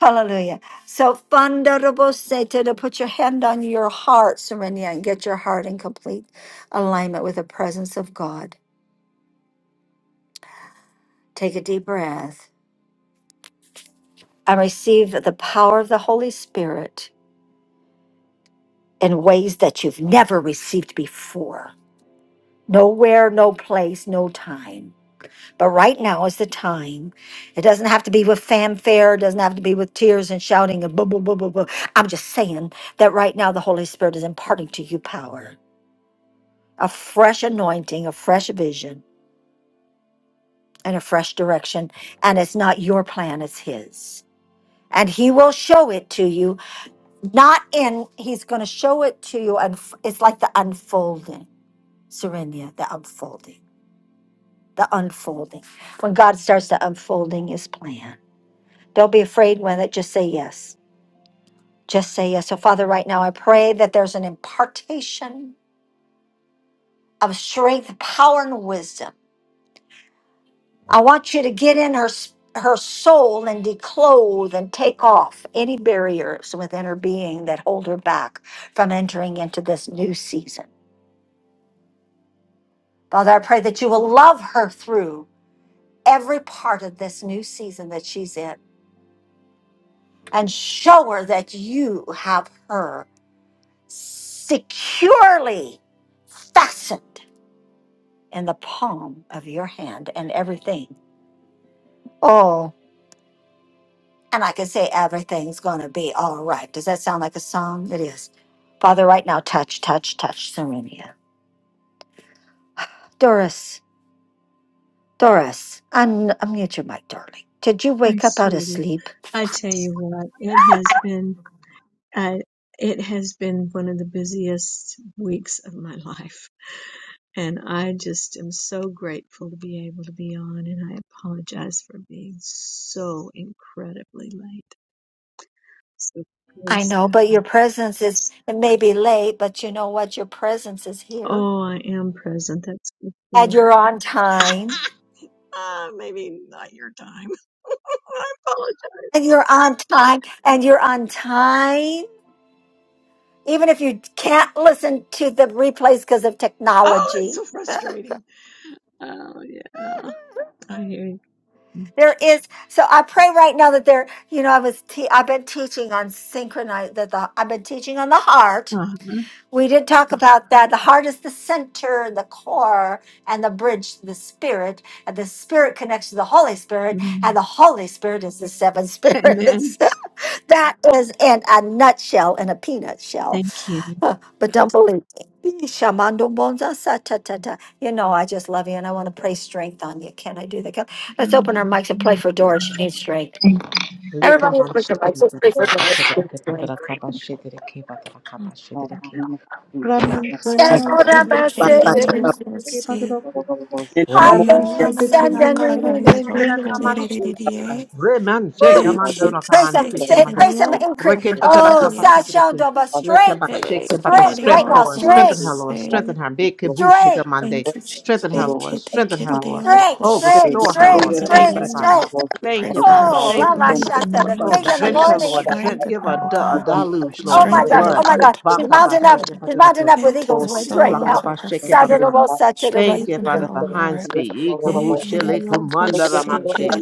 [SPEAKER 1] hallelujah. So, Fundarabo to put your hand on your heart, Serenia, and get your heart in complete alignment with the presence of God. Take a deep breath and receive the power of the Holy Spirit in ways that you've never received before. Nowhere, no place, no time. But right now is the time. It doesn't have to be with fanfare. It doesn't have to be with tears and shouting and blah, blah, blah, blah, blah. I'm just saying that right now the Holy Spirit is imparting to you power, a fresh anointing, a fresh vision, and a fresh direction. And it's not your plan, it's His. And He will show it to you, not in, He's going to show it to you. And it's like the unfolding, Serenia, the unfolding, the unfolding. When God starts the unfolding His plan. Don't be afraid with it. Just say yes. Just say yes. So, Father, right now, I pray that there's an impartation of strength, power, and wisdom. I want you to get in her s- her soul and declothe and take off any barriers within her being that hold her back from entering into this new season. Father, I pray that you will love her through every part of this new season that she's in and show her that you have her securely fastened in the palm of your hand and everything. Oh, and I can say everything's going to be all right. Does that sound like a song? It is. Father, right now, touch, touch, touch, Serenia. Doris, Doris, un- unmute your mic, darling. Did you
[SPEAKER 17] Hi,
[SPEAKER 1] wake up out of
[SPEAKER 17] sweetie.
[SPEAKER 1] sleep?
[SPEAKER 17] I tell you what, it has been I it has been one of the busiest weeks of my life. And I just am so grateful to be able to be on and I apologize for being so incredibly late. So
[SPEAKER 1] I
[SPEAKER 17] please
[SPEAKER 1] know,
[SPEAKER 17] God.
[SPEAKER 1] but your presence is, it may be late, but you know what? Your presence is here.
[SPEAKER 17] Oh, I am present. That's for sure.
[SPEAKER 1] And you're on time.
[SPEAKER 17] Uh, maybe not your time. I apologize.
[SPEAKER 1] And you're on time. And you're on time even if you can't listen to the replays because of
[SPEAKER 17] Oh, it's
[SPEAKER 1] technology
[SPEAKER 17] so frustrating. Oh yeah. I hear you.
[SPEAKER 1] there is so i pray right now that there you know i was te- i've been teaching on synchronize that the i've been teaching on the heart
[SPEAKER 17] Uh-huh.
[SPEAKER 1] we did talk about that the heart is the center the core and the bridge to the spirit and the spirit connects to the holy spirit and the holy spirit is the seven
[SPEAKER 17] Amen.
[SPEAKER 1] spirits that is in a nutshell in a peanut shell
[SPEAKER 17] Thank you.
[SPEAKER 1] Huh, But don't believe me. Shamando bonza sa ta ta ta. You know, I just love you and I want to play strength on you. Can I do that? Can- Let's open our
[SPEAKER 17] Mhm.
[SPEAKER 1] mics and play
[SPEAKER 17] Thank
[SPEAKER 1] for
[SPEAKER 17] you.
[SPEAKER 1] Doris. She needs strength.
[SPEAKER 10] Leke
[SPEAKER 1] Everybody
[SPEAKER 10] manshike rakabashe
[SPEAKER 1] needs
[SPEAKER 10] dereki patera
[SPEAKER 1] strength.
[SPEAKER 10] kabashe dereki patera kabashe
[SPEAKER 16] Oh,
[SPEAKER 10] dereki.
[SPEAKER 16] no, Jesus.
[SPEAKER 15] Ya mazo
[SPEAKER 1] Yes,
[SPEAKER 10] Ramanshela
[SPEAKER 1] Lord, I'm
[SPEAKER 15] kuri
[SPEAKER 1] a
[SPEAKER 15] kiririyo
[SPEAKER 1] sinner.
[SPEAKER 15] kursi.
[SPEAKER 1] I
[SPEAKER 15] Haya
[SPEAKER 10] Ramanshi
[SPEAKER 1] bless
[SPEAKER 15] namana
[SPEAKER 1] and
[SPEAKER 10] Bidiki
[SPEAKER 15] ya
[SPEAKER 1] then we
[SPEAKER 10] Mandara
[SPEAKER 15] kaya
[SPEAKER 1] need
[SPEAKER 15] na
[SPEAKER 1] it,
[SPEAKER 15] yo
[SPEAKER 10] Kimandara Kamanshi.
[SPEAKER 15] kuririye.
[SPEAKER 10] Remanshi
[SPEAKER 1] Woo!
[SPEAKER 15] E
[SPEAKER 10] Kamandora
[SPEAKER 1] Pray some,
[SPEAKER 15] kitse
[SPEAKER 10] Kamanshi
[SPEAKER 1] say,
[SPEAKER 10] Kimandara.
[SPEAKER 1] pray some
[SPEAKER 15] kiririyo
[SPEAKER 1] increase.
[SPEAKER 10] Reke Batara
[SPEAKER 1] Oh,
[SPEAKER 15] kuririye.
[SPEAKER 10] Kabashi Bidiki.
[SPEAKER 1] Sashando, but strength,
[SPEAKER 10] Lekabashi
[SPEAKER 15] E
[SPEAKER 10] Kabata.
[SPEAKER 1] strength
[SPEAKER 10] Strength,
[SPEAKER 1] right
[SPEAKER 15] kiririyo
[SPEAKER 1] now,
[SPEAKER 10] Lord. Strengthen
[SPEAKER 1] strength,
[SPEAKER 10] her, Lord.
[SPEAKER 15] kursi.
[SPEAKER 10] Strengthen her. Beke Bushi
[SPEAKER 1] strength,
[SPEAKER 10] Kamande.
[SPEAKER 15] Thank you, Jesus.
[SPEAKER 10] Strengthen her,
[SPEAKER 15] We
[SPEAKER 10] Lord. Strengthen her, Lord.
[SPEAKER 1] strength,
[SPEAKER 10] Oh,
[SPEAKER 1] strength,
[SPEAKER 10] restore her,
[SPEAKER 1] strength,
[SPEAKER 10] Lord. Thank
[SPEAKER 1] strength,
[SPEAKER 10] you, Father.
[SPEAKER 1] strength.
[SPEAKER 10] Thank
[SPEAKER 15] pray
[SPEAKER 10] you,
[SPEAKER 15] for her
[SPEAKER 10] Father.
[SPEAKER 1] Oh,
[SPEAKER 10] Thank you,
[SPEAKER 1] Lava
[SPEAKER 10] Father.
[SPEAKER 15] strength in the
[SPEAKER 1] Shanta, the
[SPEAKER 15] name of
[SPEAKER 10] Oh,
[SPEAKER 1] strength in the
[SPEAKER 10] drench her,
[SPEAKER 15] Jesus.
[SPEAKER 1] morning.
[SPEAKER 10] Lord. Drench,
[SPEAKER 15] Strengthen
[SPEAKER 10] give her a,
[SPEAKER 15] her, oh
[SPEAKER 10] du-
[SPEAKER 1] Oh
[SPEAKER 10] a
[SPEAKER 15] God.
[SPEAKER 1] my God.
[SPEAKER 10] deluge,
[SPEAKER 1] Oh
[SPEAKER 10] Lord, in the
[SPEAKER 1] my
[SPEAKER 15] Strengthen
[SPEAKER 1] gosh.
[SPEAKER 15] her
[SPEAKER 10] blood.
[SPEAKER 1] Oh my
[SPEAKER 15] from the
[SPEAKER 1] gosh. She's
[SPEAKER 15] top of
[SPEAKER 1] mounting
[SPEAKER 15] her
[SPEAKER 1] up.
[SPEAKER 10] Bakabashi
[SPEAKER 1] She's mounting up with
[SPEAKER 15] head to
[SPEAKER 1] eagle's
[SPEAKER 15] the
[SPEAKER 1] wings right
[SPEAKER 15] soles
[SPEAKER 1] now.
[SPEAKER 15] of her feet.
[SPEAKER 10] Kabatara
[SPEAKER 1] Saturable,
[SPEAKER 10] Thank
[SPEAKER 1] saturable.
[SPEAKER 10] you,
[SPEAKER 15] Strengthen her,
[SPEAKER 10] Father,
[SPEAKER 15] oh
[SPEAKER 10] for Hans
[SPEAKER 15] Lord.
[SPEAKER 10] V.
[SPEAKER 15] Oh
[SPEAKER 10] Ikabushilikumandaramanishi.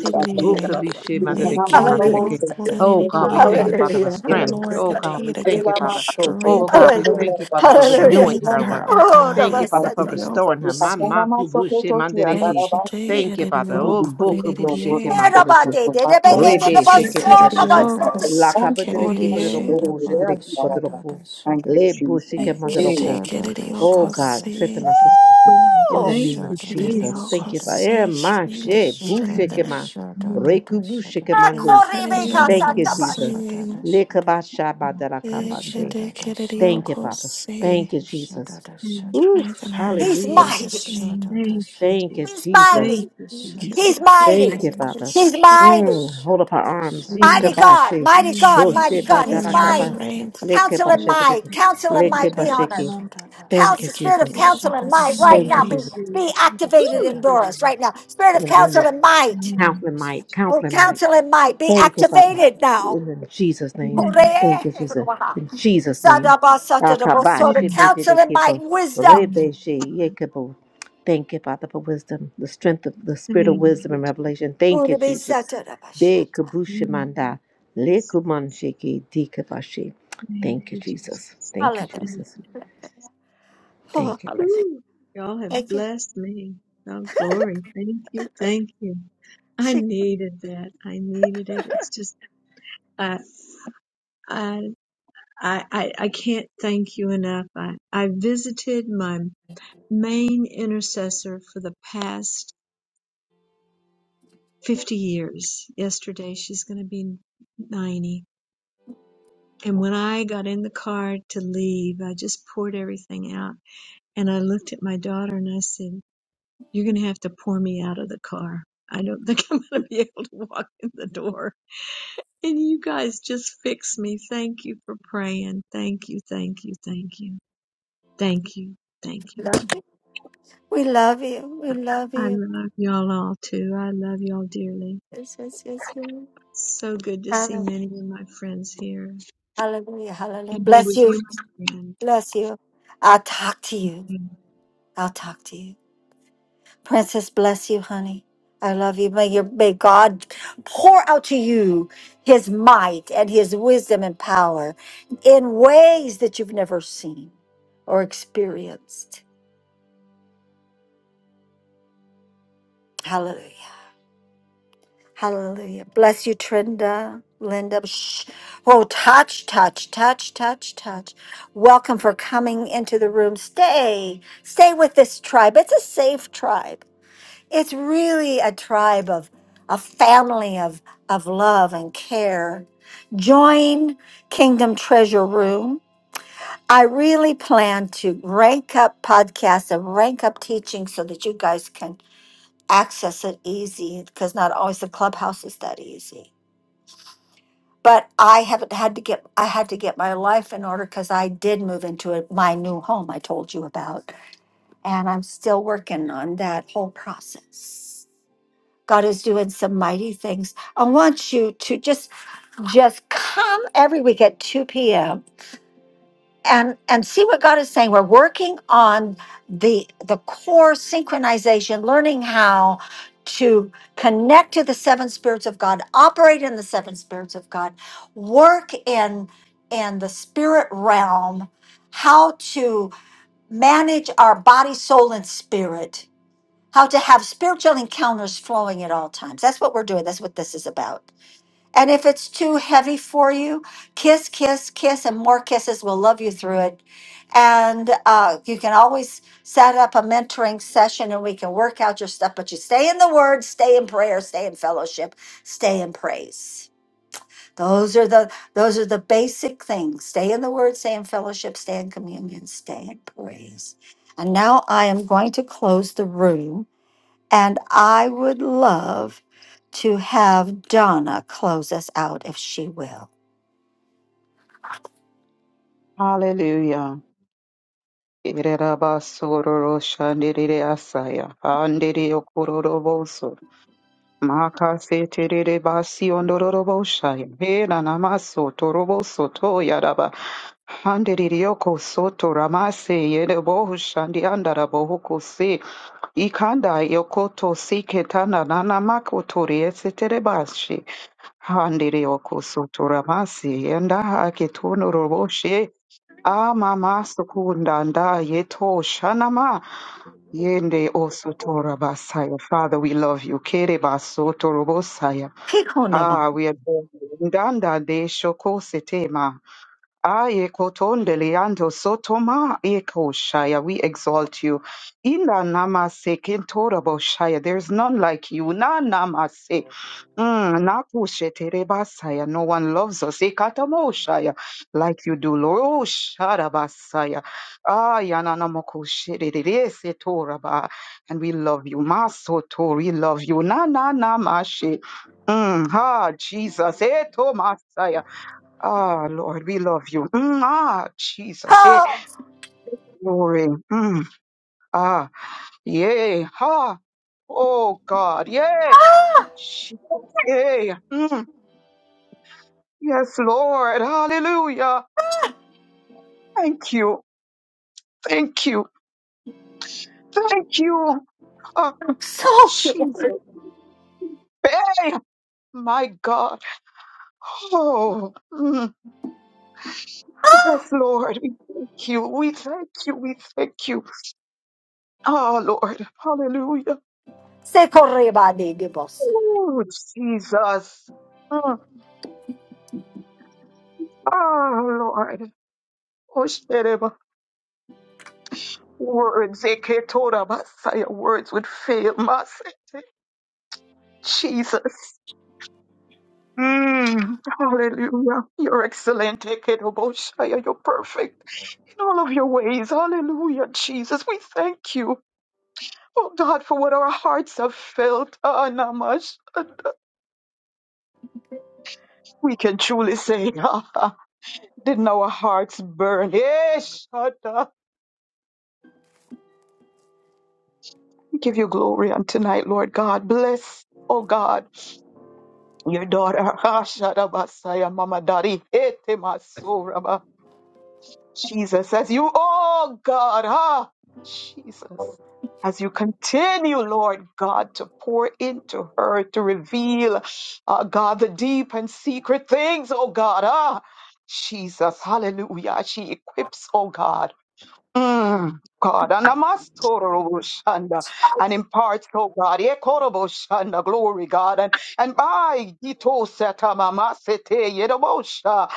[SPEAKER 10] Bukabishimandariki,
[SPEAKER 1] Hallelujah.
[SPEAKER 10] mandariki. Oh God, we thank you, Father, for
[SPEAKER 1] Hallelujah.
[SPEAKER 10] strength.
[SPEAKER 15] Lord,
[SPEAKER 10] Oh God,
[SPEAKER 15] continue
[SPEAKER 10] we
[SPEAKER 15] to
[SPEAKER 1] Hallelujah.
[SPEAKER 15] give
[SPEAKER 10] thank you,
[SPEAKER 15] her
[SPEAKER 10] Father.
[SPEAKER 16] Ulamaso,
[SPEAKER 10] Oh
[SPEAKER 15] strength, oh
[SPEAKER 16] Torobo,
[SPEAKER 10] God, we
[SPEAKER 1] Hallelujah.
[SPEAKER 15] God.
[SPEAKER 16] Senda,
[SPEAKER 10] thank you, Father,
[SPEAKER 16] Baba,
[SPEAKER 10] for
[SPEAKER 1] Hallelujah.
[SPEAKER 10] renewing
[SPEAKER 15] Strengthen
[SPEAKER 16] Kovinan,
[SPEAKER 10] her,
[SPEAKER 15] her,
[SPEAKER 10] Lord.
[SPEAKER 15] oh
[SPEAKER 1] Oh, the
[SPEAKER 10] Thank you,
[SPEAKER 1] Lord
[SPEAKER 15] God.
[SPEAKER 10] Father,
[SPEAKER 16] as
[SPEAKER 1] said
[SPEAKER 16] he
[SPEAKER 10] for
[SPEAKER 1] to them,
[SPEAKER 16] means that
[SPEAKER 10] restoring her.
[SPEAKER 16] if Asanamaso, Petoti, and
[SPEAKER 10] Mamakubushi
[SPEAKER 15] Take take
[SPEAKER 16] Arabasio,
[SPEAKER 10] Thank
[SPEAKER 15] it
[SPEAKER 10] you,
[SPEAKER 15] in
[SPEAKER 10] Father.
[SPEAKER 16] he will
[SPEAKER 15] your
[SPEAKER 10] Oh
[SPEAKER 16] be
[SPEAKER 15] core
[SPEAKER 16] driven
[SPEAKER 15] it it
[SPEAKER 16] on board
[SPEAKER 10] Mbokubushiki
[SPEAKER 16] of
[SPEAKER 15] in.
[SPEAKER 1] "Care
[SPEAKER 16] state
[SPEAKER 1] about
[SPEAKER 16] to
[SPEAKER 10] Mandariki.
[SPEAKER 1] did it,
[SPEAKER 16] provide
[SPEAKER 1] but they
[SPEAKER 15] Take
[SPEAKER 16] balance
[SPEAKER 1] did
[SPEAKER 2] the
[SPEAKER 15] it
[SPEAKER 10] Rebe
[SPEAKER 1] it, but
[SPEAKER 10] Shiki
[SPEAKER 15] take
[SPEAKER 2] shudder,
[SPEAKER 15] it
[SPEAKER 2] the
[SPEAKER 1] so
[SPEAKER 15] in
[SPEAKER 1] about
[SPEAKER 10] Padakubu.
[SPEAKER 15] your
[SPEAKER 2] shudder,
[SPEAKER 15] core
[SPEAKER 1] such
[SPEAKER 2] the
[SPEAKER 1] a-"
[SPEAKER 15] sick it it
[SPEAKER 10] Lakabadiriki
[SPEAKER 2] Holy
[SPEAKER 15] in.
[SPEAKER 2] shit
[SPEAKER 10] Padakubu
[SPEAKER 2] about the
[SPEAKER 10] Shidiriki
[SPEAKER 2] shadow,
[SPEAKER 16] and
[SPEAKER 10] Padaku.
[SPEAKER 2] the
[SPEAKER 16] Thank
[SPEAKER 2] shadow,
[SPEAKER 16] you,
[SPEAKER 10] Le Bushiki
[SPEAKER 2] the
[SPEAKER 15] Take it
[SPEAKER 16] Jesus.
[SPEAKER 10] Mandaruku.
[SPEAKER 15] take it
[SPEAKER 2] shadow,
[SPEAKER 15] in
[SPEAKER 2] the
[SPEAKER 15] your
[SPEAKER 10] Oh
[SPEAKER 15] core
[SPEAKER 2] shadow,
[SPEAKER 10] God, strengthen
[SPEAKER 15] sick.
[SPEAKER 10] my sister.
[SPEAKER 17] Mhm.
[SPEAKER 10] In
[SPEAKER 2] the shadow, the
[SPEAKER 10] the
[SPEAKER 1] Woo!
[SPEAKER 17] Thank
[SPEAKER 10] name
[SPEAKER 17] you,
[SPEAKER 10] of
[SPEAKER 2] shadow,
[SPEAKER 15] it in
[SPEAKER 2] holy
[SPEAKER 10] Jesus.
[SPEAKER 15] your
[SPEAKER 17] Jesus.
[SPEAKER 15] core
[SPEAKER 10] Thank you,
[SPEAKER 2] shadow,
[SPEAKER 10] Father. Eh, Ma
[SPEAKER 2] the
[SPEAKER 15] Strengthen
[SPEAKER 10] she,
[SPEAKER 15] it,
[SPEAKER 17] Oh,
[SPEAKER 10] bu
[SPEAKER 2] shadow,
[SPEAKER 17] my
[SPEAKER 10] she
[SPEAKER 15] strengthen
[SPEAKER 10] ke
[SPEAKER 2] the
[SPEAKER 10] ma,
[SPEAKER 2] shadow,
[SPEAKER 10] re
[SPEAKER 2] the
[SPEAKER 10] ku bu she
[SPEAKER 2] shadow,
[SPEAKER 10] ke ma nde.
[SPEAKER 15] it. Take it
[SPEAKER 2] the
[SPEAKER 15] in your
[SPEAKER 1] Akorebeka
[SPEAKER 17] Thank
[SPEAKER 10] Thank
[SPEAKER 15] core
[SPEAKER 10] you,
[SPEAKER 2] shadow, the
[SPEAKER 1] satapa.
[SPEAKER 17] you.
[SPEAKER 10] Jesus.
[SPEAKER 2] shadow,
[SPEAKER 15] sick.
[SPEAKER 2] the
[SPEAKER 10] Le
[SPEAKER 2] shadow,
[SPEAKER 10] ka ba sha ba
[SPEAKER 17] Thank
[SPEAKER 10] da la ka
[SPEAKER 2] The
[SPEAKER 10] ba
[SPEAKER 15] it
[SPEAKER 10] nde.
[SPEAKER 2] shudder,
[SPEAKER 15] take
[SPEAKER 2] the
[SPEAKER 15] it in your
[SPEAKER 10] Thank
[SPEAKER 2] shudder,
[SPEAKER 10] you,
[SPEAKER 2] the
[SPEAKER 15] core
[SPEAKER 2] sh-
[SPEAKER 10] Papa. Thank you,
[SPEAKER 2] the shudder,
[SPEAKER 10] Jesus.
[SPEAKER 2] the
[SPEAKER 17] you,
[SPEAKER 2] shudder, the
[SPEAKER 10] Ooh,
[SPEAKER 15] Strengthen
[SPEAKER 2] sh-
[SPEAKER 15] her in
[SPEAKER 1] He's
[SPEAKER 10] hallelujah.
[SPEAKER 2] the
[SPEAKER 1] mighty.
[SPEAKER 15] Jesus' name.
[SPEAKER 2] shudder,
[SPEAKER 17] Thank
[SPEAKER 2] the
[SPEAKER 17] you,
[SPEAKER 2] sh-
[SPEAKER 10] Thank you,
[SPEAKER 17] Jesus.
[SPEAKER 1] He's
[SPEAKER 10] Jesus.
[SPEAKER 17] Thank
[SPEAKER 1] mighty.
[SPEAKER 17] you,
[SPEAKER 2] the
[SPEAKER 15] Take it
[SPEAKER 17] Jesus.
[SPEAKER 2] shudder,
[SPEAKER 1] He's
[SPEAKER 2] the
[SPEAKER 15] take it
[SPEAKER 2] shudder,
[SPEAKER 1] mighty.
[SPEAKER 15] in
[SPEAKER 10] Thank you,
[SPEAKER 15] your
[SPEAKER 2] the
[SPEAKER 17] Mhm.
[SPEAKER 15] core
[SPEAKER 2] sh-
[SPEAKER 10] Father.
[SPEAKER 1] He's
[SPEAKER 15] sick.
[SPEAKER 2] the
[SPEAKER 1] mighty.
[SPEAKER 10] Mm, hold up our
[SPEAKER 2] shudder,
[SPEAKER 10] arms. Ye ka
[SPEAKER 1] Mighty
[SPEAKER 17] Mhm.
[SPEAKER 10] ba
[SPEAKER 1] God,
[SPEAKER 10] she,
[SPEAKER 1] mighty God,
[SPEAKER 10] bu
[SPEAKER 17] Mhm.
[SPEAKER 1] mighty
[SPEAKER 10] she
[SPEAKER 15] Strengthen her.
[SPEAKER 10] ba
[SPEAKER 1] God.
[SPEAKER 2] the
[SPEAKER 10] da
[SPEAKER 1] He's
[SPEAKER 10] la ka
[SPEAKER 1] might.
[SPEAKER 10] ba.
[SPEAKER 2] shudder,
[SPEAKER 15] Strengthen
[SPEAKER 10] Le ka
[SPEAKER 1] Counsel
[SPEAKER 10] ba
[SPEAKER 1] and
[SPEAKER 10] she te te ke.
[SPEAKER 1] might,
[SPEAKER 17] Thank
[SPEAKER 1] counsel and
[SPEAKER 10] Le
[SPEAKER 17] you,
[SPEAKER 2] the sh- the shudder, the
[SPEAKER 10] ka
[SPEAKER 1] might
[SPEAKER 10] ba
[SPEAKER 1] be
[SPEAKER 15] her.
[SPEAKER 10] she
[SPEAKER 1] on
[SPEAKER 2] shudder,
[SPEAKER 1] her.
[SPEAKER 10] ke.
[SPEAKER 2] shudder,
[SPEAKER 10] Thank you,
[SPEAKER 1] Counsel, spirit of
[SPEAKER 10] Jesus.
[SPEAKER 2] the
[SPEAKER 1] counsel and
[SPEAKER 2] shudder, the shudder, the
[SPEAKER 1] might
[SPEAKER 17] Thank
[SPEAKER 1] right
[SPEAKER 10] Thank you,
[SPEAKER 1] now
[SPEAKER 2] shudder,
[SPEAKER 17] you,
[SPEAKER 1] be,
[SPEAKER 2] the-
[SPEAKER 10] Jesus.
[SPEAKER 1] be
[SPEAKER 17] Jesus.
[SPEAKER 2] the
[SPEAKER 1] activated
[SPEAKER 17] Woo,
[SPEAKER 1] in
[SPEAKER 2] shudder, the-
[SPEAKER 17] glory.
[SPEAKER 1] Doris right now. Spirit of
[SPEAKER 10] In the name
[SPEAKER 1] counsel
[SPEAKER 10] of
[SPEAKER 1] and might.
[SPEAKER 17] Amen.
[SPEAKER 10] Counseling
[SPEAKER 2] the sh-
[SPEAKER 10] Mike.
[SPEAKER 1] Oh,
[SPEAKER 10] Counseling Mike.
[SPEAKER 1] counsel and might be
[SPEAKER 10] Thank you, Papa.
[SPEAKER 1] activated
[SPEAKER 10] In
[SPEAKER 1] now.
[SPEAKER 10] the Jesus' name.
[SPEAKER 17] Amen.
[SPEAKER 10] Thank
[SPEAKER 1] Hooray.
[SPEAKER 10] you, Jesus. In Jesus' name.
[SPEAKER 1] Sadabasatadabasota,
[SPEAKER 10] Akabashi
[SPEAKER 17] Amen.
[SPEAKER 1] Counsel and might
[SPEAKER 10] bididikibo,
[SPEAKER 1] and wisdom.
[SPEAKER 17] Amen.
[SPEAKER 10] rebeshi
[SPEAKER 17] God.
[SPEAKER 10] yekibo. Thank you, Father, for wisdom, the strength of the spirit of
[SPEAKER 17] Thank
[SPEAKER 10] wisdom
[SPEAKER 17] you,
[SPEAKER 10] and
[SPEAKER 17] Jesus.
[SPEAKER 10] revelation. Thank you, Jesus. Be
[SPEAKER 1] Uribisatadabashata.
[SPEAKER 17] Thank
[SPEAKER 10] kabushimanda,
[SPEAKER 17] you, Jesus.
[SPEAKER 10] lekumanshiki dikabashi.
[SPEAKER 17] Thank
[SPEAKER 10] Thank you,
[SPEAKER 17] you,
[SPEAKER 10] Jesus.
[SPEAKER 17] Jesus.
[SPEAKER 10] Thank you,
[SPEAKER 1] Hallelujah.
[SPEAKER 17] Thank you,
[SPEAKER 10] Jesus.
[SPEAKER 1] Oh,
[SPEAKER 10] Thank you, Jesus.
[SPEAKER 1] hallelujah.
[SPEAKER 17] Whew, y'all have
[SPEAKER 1] Thank you.
[SPEAKER 17] blessed me. Oh, glory. Thank you. Thank you. I
[SPEAKER 1] She-
[SPEAKER 17] needed that. I needed it. It's just, I, I, I, I I can't thank you enough. I, I visited my main intercessor for the past 50 years. Yesterday, she's going to be 90. And when I got in the car to leave, I just poured everything out. And I looked at my daughter and I said, You're going to have to pour me out of the car. I don't think I'm going to be able to walk in the door. And you guys just fix me. Thank you for praying. Thank you, thank you, thank you. Thank you, thank
[SPEAKER 1] We
[SPEAKER 17] you.
[SPEAKER 1] love you. We love you. We love
[SPEAKER 17] I
[SPEAKER 1] you.
[SPEAKER 17] love y'all all too. I love y'all dearly.
[SPEAKER 1] Yes, yes, yes, yes.
[SPEAKER 17] So good to see
[SPEAKER 1] Hallelujah.
[SPEAKER 17] many of my friends here
[SPEAKER 1] Hallelujah. Hallelujah.
[SPEAKER 17] and be
[SPEAKER 1] Bless
[SPEAKER 17] with
[SPEAKER 1] you.
[SPEAKER 17] you, my friend.
[SPEAKER 1] Bless you. I'll talk to you.
[SPEAKER 17] I
[SPEAKER 1] I'll talk to you. Princess, bless you, honey. I love you. May, your, may God pour out to you his might and his wisdom and power in ways that you've never seen or experienced. Hallelujah. Hallelujah. Bless you, Trinda, Linda. Shh. Oh, touch, touch, touch, touch, touch. Welcome for coming into the room. Stay, stay with this tribe. It's a safe tribe. It's really a tribe of a family of, of love and care. Join Kingdom Treasure Room. I really plan to rank up podcasts and rank up teaching so that you guys can access it easy because not always the clubhouse is that easy but I haven't had to get I had to get my life in order because I did move into a, my new home I told you about, and I'm still working on that whole process. God is doing some mighty things. I want you to just just come every week at 2 p.m and and see what god is saying we're working on the the core synchronization learning how to connect to the seven spirits of god operate in the seven spirits of god work in in the spirit realm how to manage our body soul and spirit how to have spiritual encounters flowing at all times that's what we're doing that's what this is about and if it's too heavy for you, kiss, kiss, kiss, and more kisses will love you through it. And uh, you can always set up a mentoring session and we can work out your stuff. But you stay in the word, stay in prayer, stay in fellowship, stay in praise. Those are the those are the basic things. Stay in the word, stay in fellowship, stay in communion, stay in praise. And now I am going to close the room. And I would love to have Donna close us out if she will.
[SPEAKER 16] Hallelujah. Irerabasoro, Shandirire Asaya, Andiri Okororoboso, Makaseterere basi ondororobo shaya. He na namaso torobo soto yaraba. Handeririoko soto ramase yerebo shandi andarabo huko se. Ikanda yokoto si ketana nana makotori esetere bashi. Handerioko soto ramase yenda hake tonorobo she. Ama masukunda nda yeto shanama. Yende o soto rabasaya. Father, we love you. Kere basoto robo torobosaya.
[SPEAKER 1] Kikonoma.
[SPEAKER 16] Ah, we adore you. Ndanda de shoko setema. Aye, kotonde liando sotoma eko shaya. We exalt you. Ila namase kentorabo shaya. There's none like you. Na namase. Mm, nakushe terebasaya. No one loves us. Ekatamo shaya. Like you do, Lord. Oh, sharabasaya. Aya nanamoko shirerere setoraba. And we love you. Masoto, we love you. Na na namashe. Mm, ha, Jesus. Eto Ah, Lord, we love you. Mm, ah, Jesus. Hey,
[SPEAKER 1] Oh,
[SPEAKER 16] glory. Mm, ah, yay. Ha. Oh, God. Yay.
[SPEAKER 1] ah,
[SPEAKER 16] Jesus. Yay. Mm, yes, Lord. Hallelujah. Thank you. Thank you. Thank you. Ah,
[SPEAKER 1] soldier.
[SPEAKER 16] Jesus. Hey, my God. Oh, mm, yes, Lord. We thank you. We thank you. We thank you. Ah, Lord. Hallelujah.
[SPEAKER 1] Sekorebadi gibos.
[SPEAKER 16] Oh, Jesus. Mm. Oh Lord, Oshtereba, words, Eketora Messiah, words would fail, Messiah, Jesus. Mm, hallelujah. You're excellent, Eketoboshaya. You're perfect in all of your ways. Hallelujah, Jesus. We thank you. Oh God, for what our hearts have felt, Ah, Namash. We can truly say, ah, ah, didn't our hearts burn? Yes, Shaddai. We give you glory on tonight, Lord God. Bless, oh God. Your daughter, Hashadabasaya, Mama Daddy, Etemasuraba. Jesus, as you, oh God, ah, Jesus, as you continue, Lord God, to pour into her, to reveal, ah, God, the deep and secret things, oh God, ah, Jesus, hallelujah. as She equips, oh God. Mm, God, and Shanda and imparts, oh God, Ekorobo Shanda, glory, God, and and by Gito Satamamasete Yedobosha.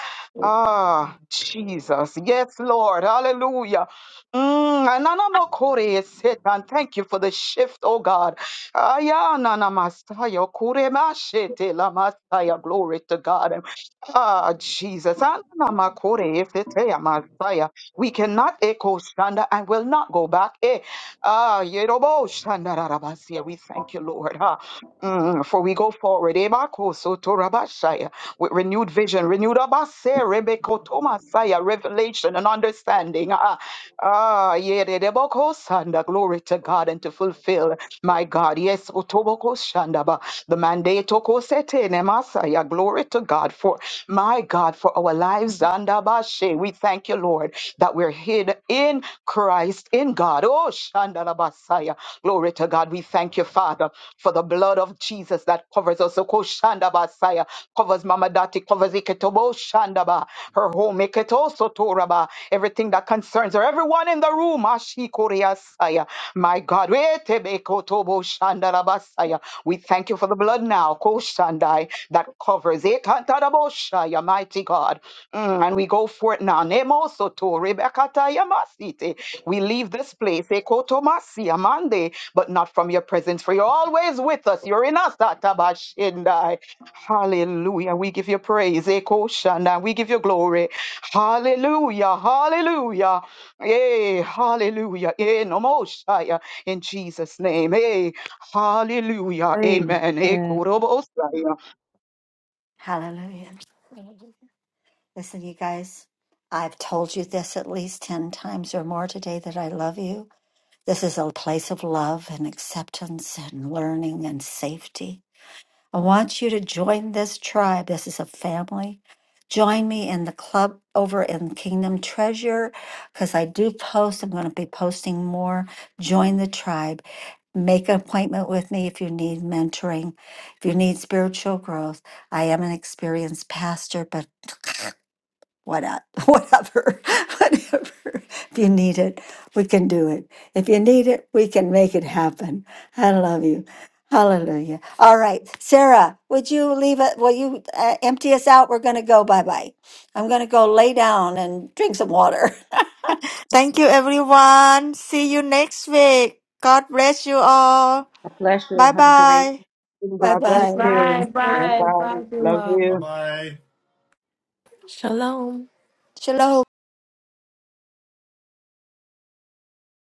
[SPEAKER 16] Ah, Jesus. Yes, Lord. Hallelujah. Mm, ananamakore setan. Thank you for the shift, oh God. Ayananamasaya, kuremashete lamasaya. Glory to God. Ah, Jesus. Ananamakore seteyamasaya. We cannot echo Shanda and will not go back. Eh, ah, Yerobo Shanda Rarabasia. We thank you, Lord. ah, mm, for we go forward. Ebako Soto Rabashaya, With renewed vision, renewed Abase, Rebeko Tomasaya, revelation and understanding. ah, Ah, yeah, de de boko sanda, glory to God and to fulfill, my God, yes, otoboko shandaba, the mandate toko sete ne masaya, glory to God for, my God, for our lives, zandabashe, we thank you, Lord, that we're hid in Christ, in God, oh, shandalabasaya, glory to God, we thank you, Father, for the blood of Jesus that covers us, oko shandabasaya, covers Mama Dati, covers Iketobo shandaba, her home. Eketoso toraba, Everything that concerns her, everyone in the room. Ashikoriasaya. My God, Wetebekotobo shandarabasaya. we thank you for the blood now, Koshandai, that covers. Ekantaraboshaya, Mighty God. Mm, and we go for it now. Nemosoto, rebekatayamasite. We leave this place, Ekotomasi, Amande, but not from your presence, for you're always with us. You're in us, Tatabashindai. Hallelujah. We give you praise. Eko Shanda. We give you glory. Hallelujah. Hallelujah. Hey, hallelujah. Hey, no more Shia. In Jesus' name. Hey, hallelujah.
[SPEAKER 8] Amen.
[SPEAKER 16] Amen. Eko Robo Shia.
[SPEAKER 1] Hallelujah. Listen, you guys, I've told you this at least 10 times or more today that I love you. This is a place of love and acceptance and learning and safety. I want you to join this tribe. This is a family. Join me in the club over in Kingdom Treasure because I do post. I'm going to be posting more. Join the tribe. Make an appointment with me if you need mentoring, if you need spiritual growth. I am an experienced pastor, but what at- whatever, whatever. If you need it, we can do it. If you need it, we can make it happen. I love you. Hallelujah. All right, Sarah, would you leave it? Will you uh, empty us out? We're going to go. Bye bye. I'm going to go lay down and drink some water.
[SPEAKER 2] Thank you, everyone. See you next week. God bless you all.
[SPEAKER 10] God bless you.
[SPEAKER 2] Bye
[SPEAKER 10] Have a great
[SPEAKER 2] bye.
[SPEAKER 1] bye
[SPEAKER 16] God bless
[SPEAKER 1] bye.
[SPEAKER 5] Bye,
[SPEAKER 16] you.
[SPEAKER 5] bye,
[SPEAKER 16] Bye.
[SPEAKER 5] bye,
[SPEAKER 16] Love
[SPEAKER 5] everyone.
[SPEAKER 3] Bye
[SPEAKER 16] you.
[SPEAKER 3] bye.
[SPEAKER 15] Shalom,
[SPEAKER 1] Shalom.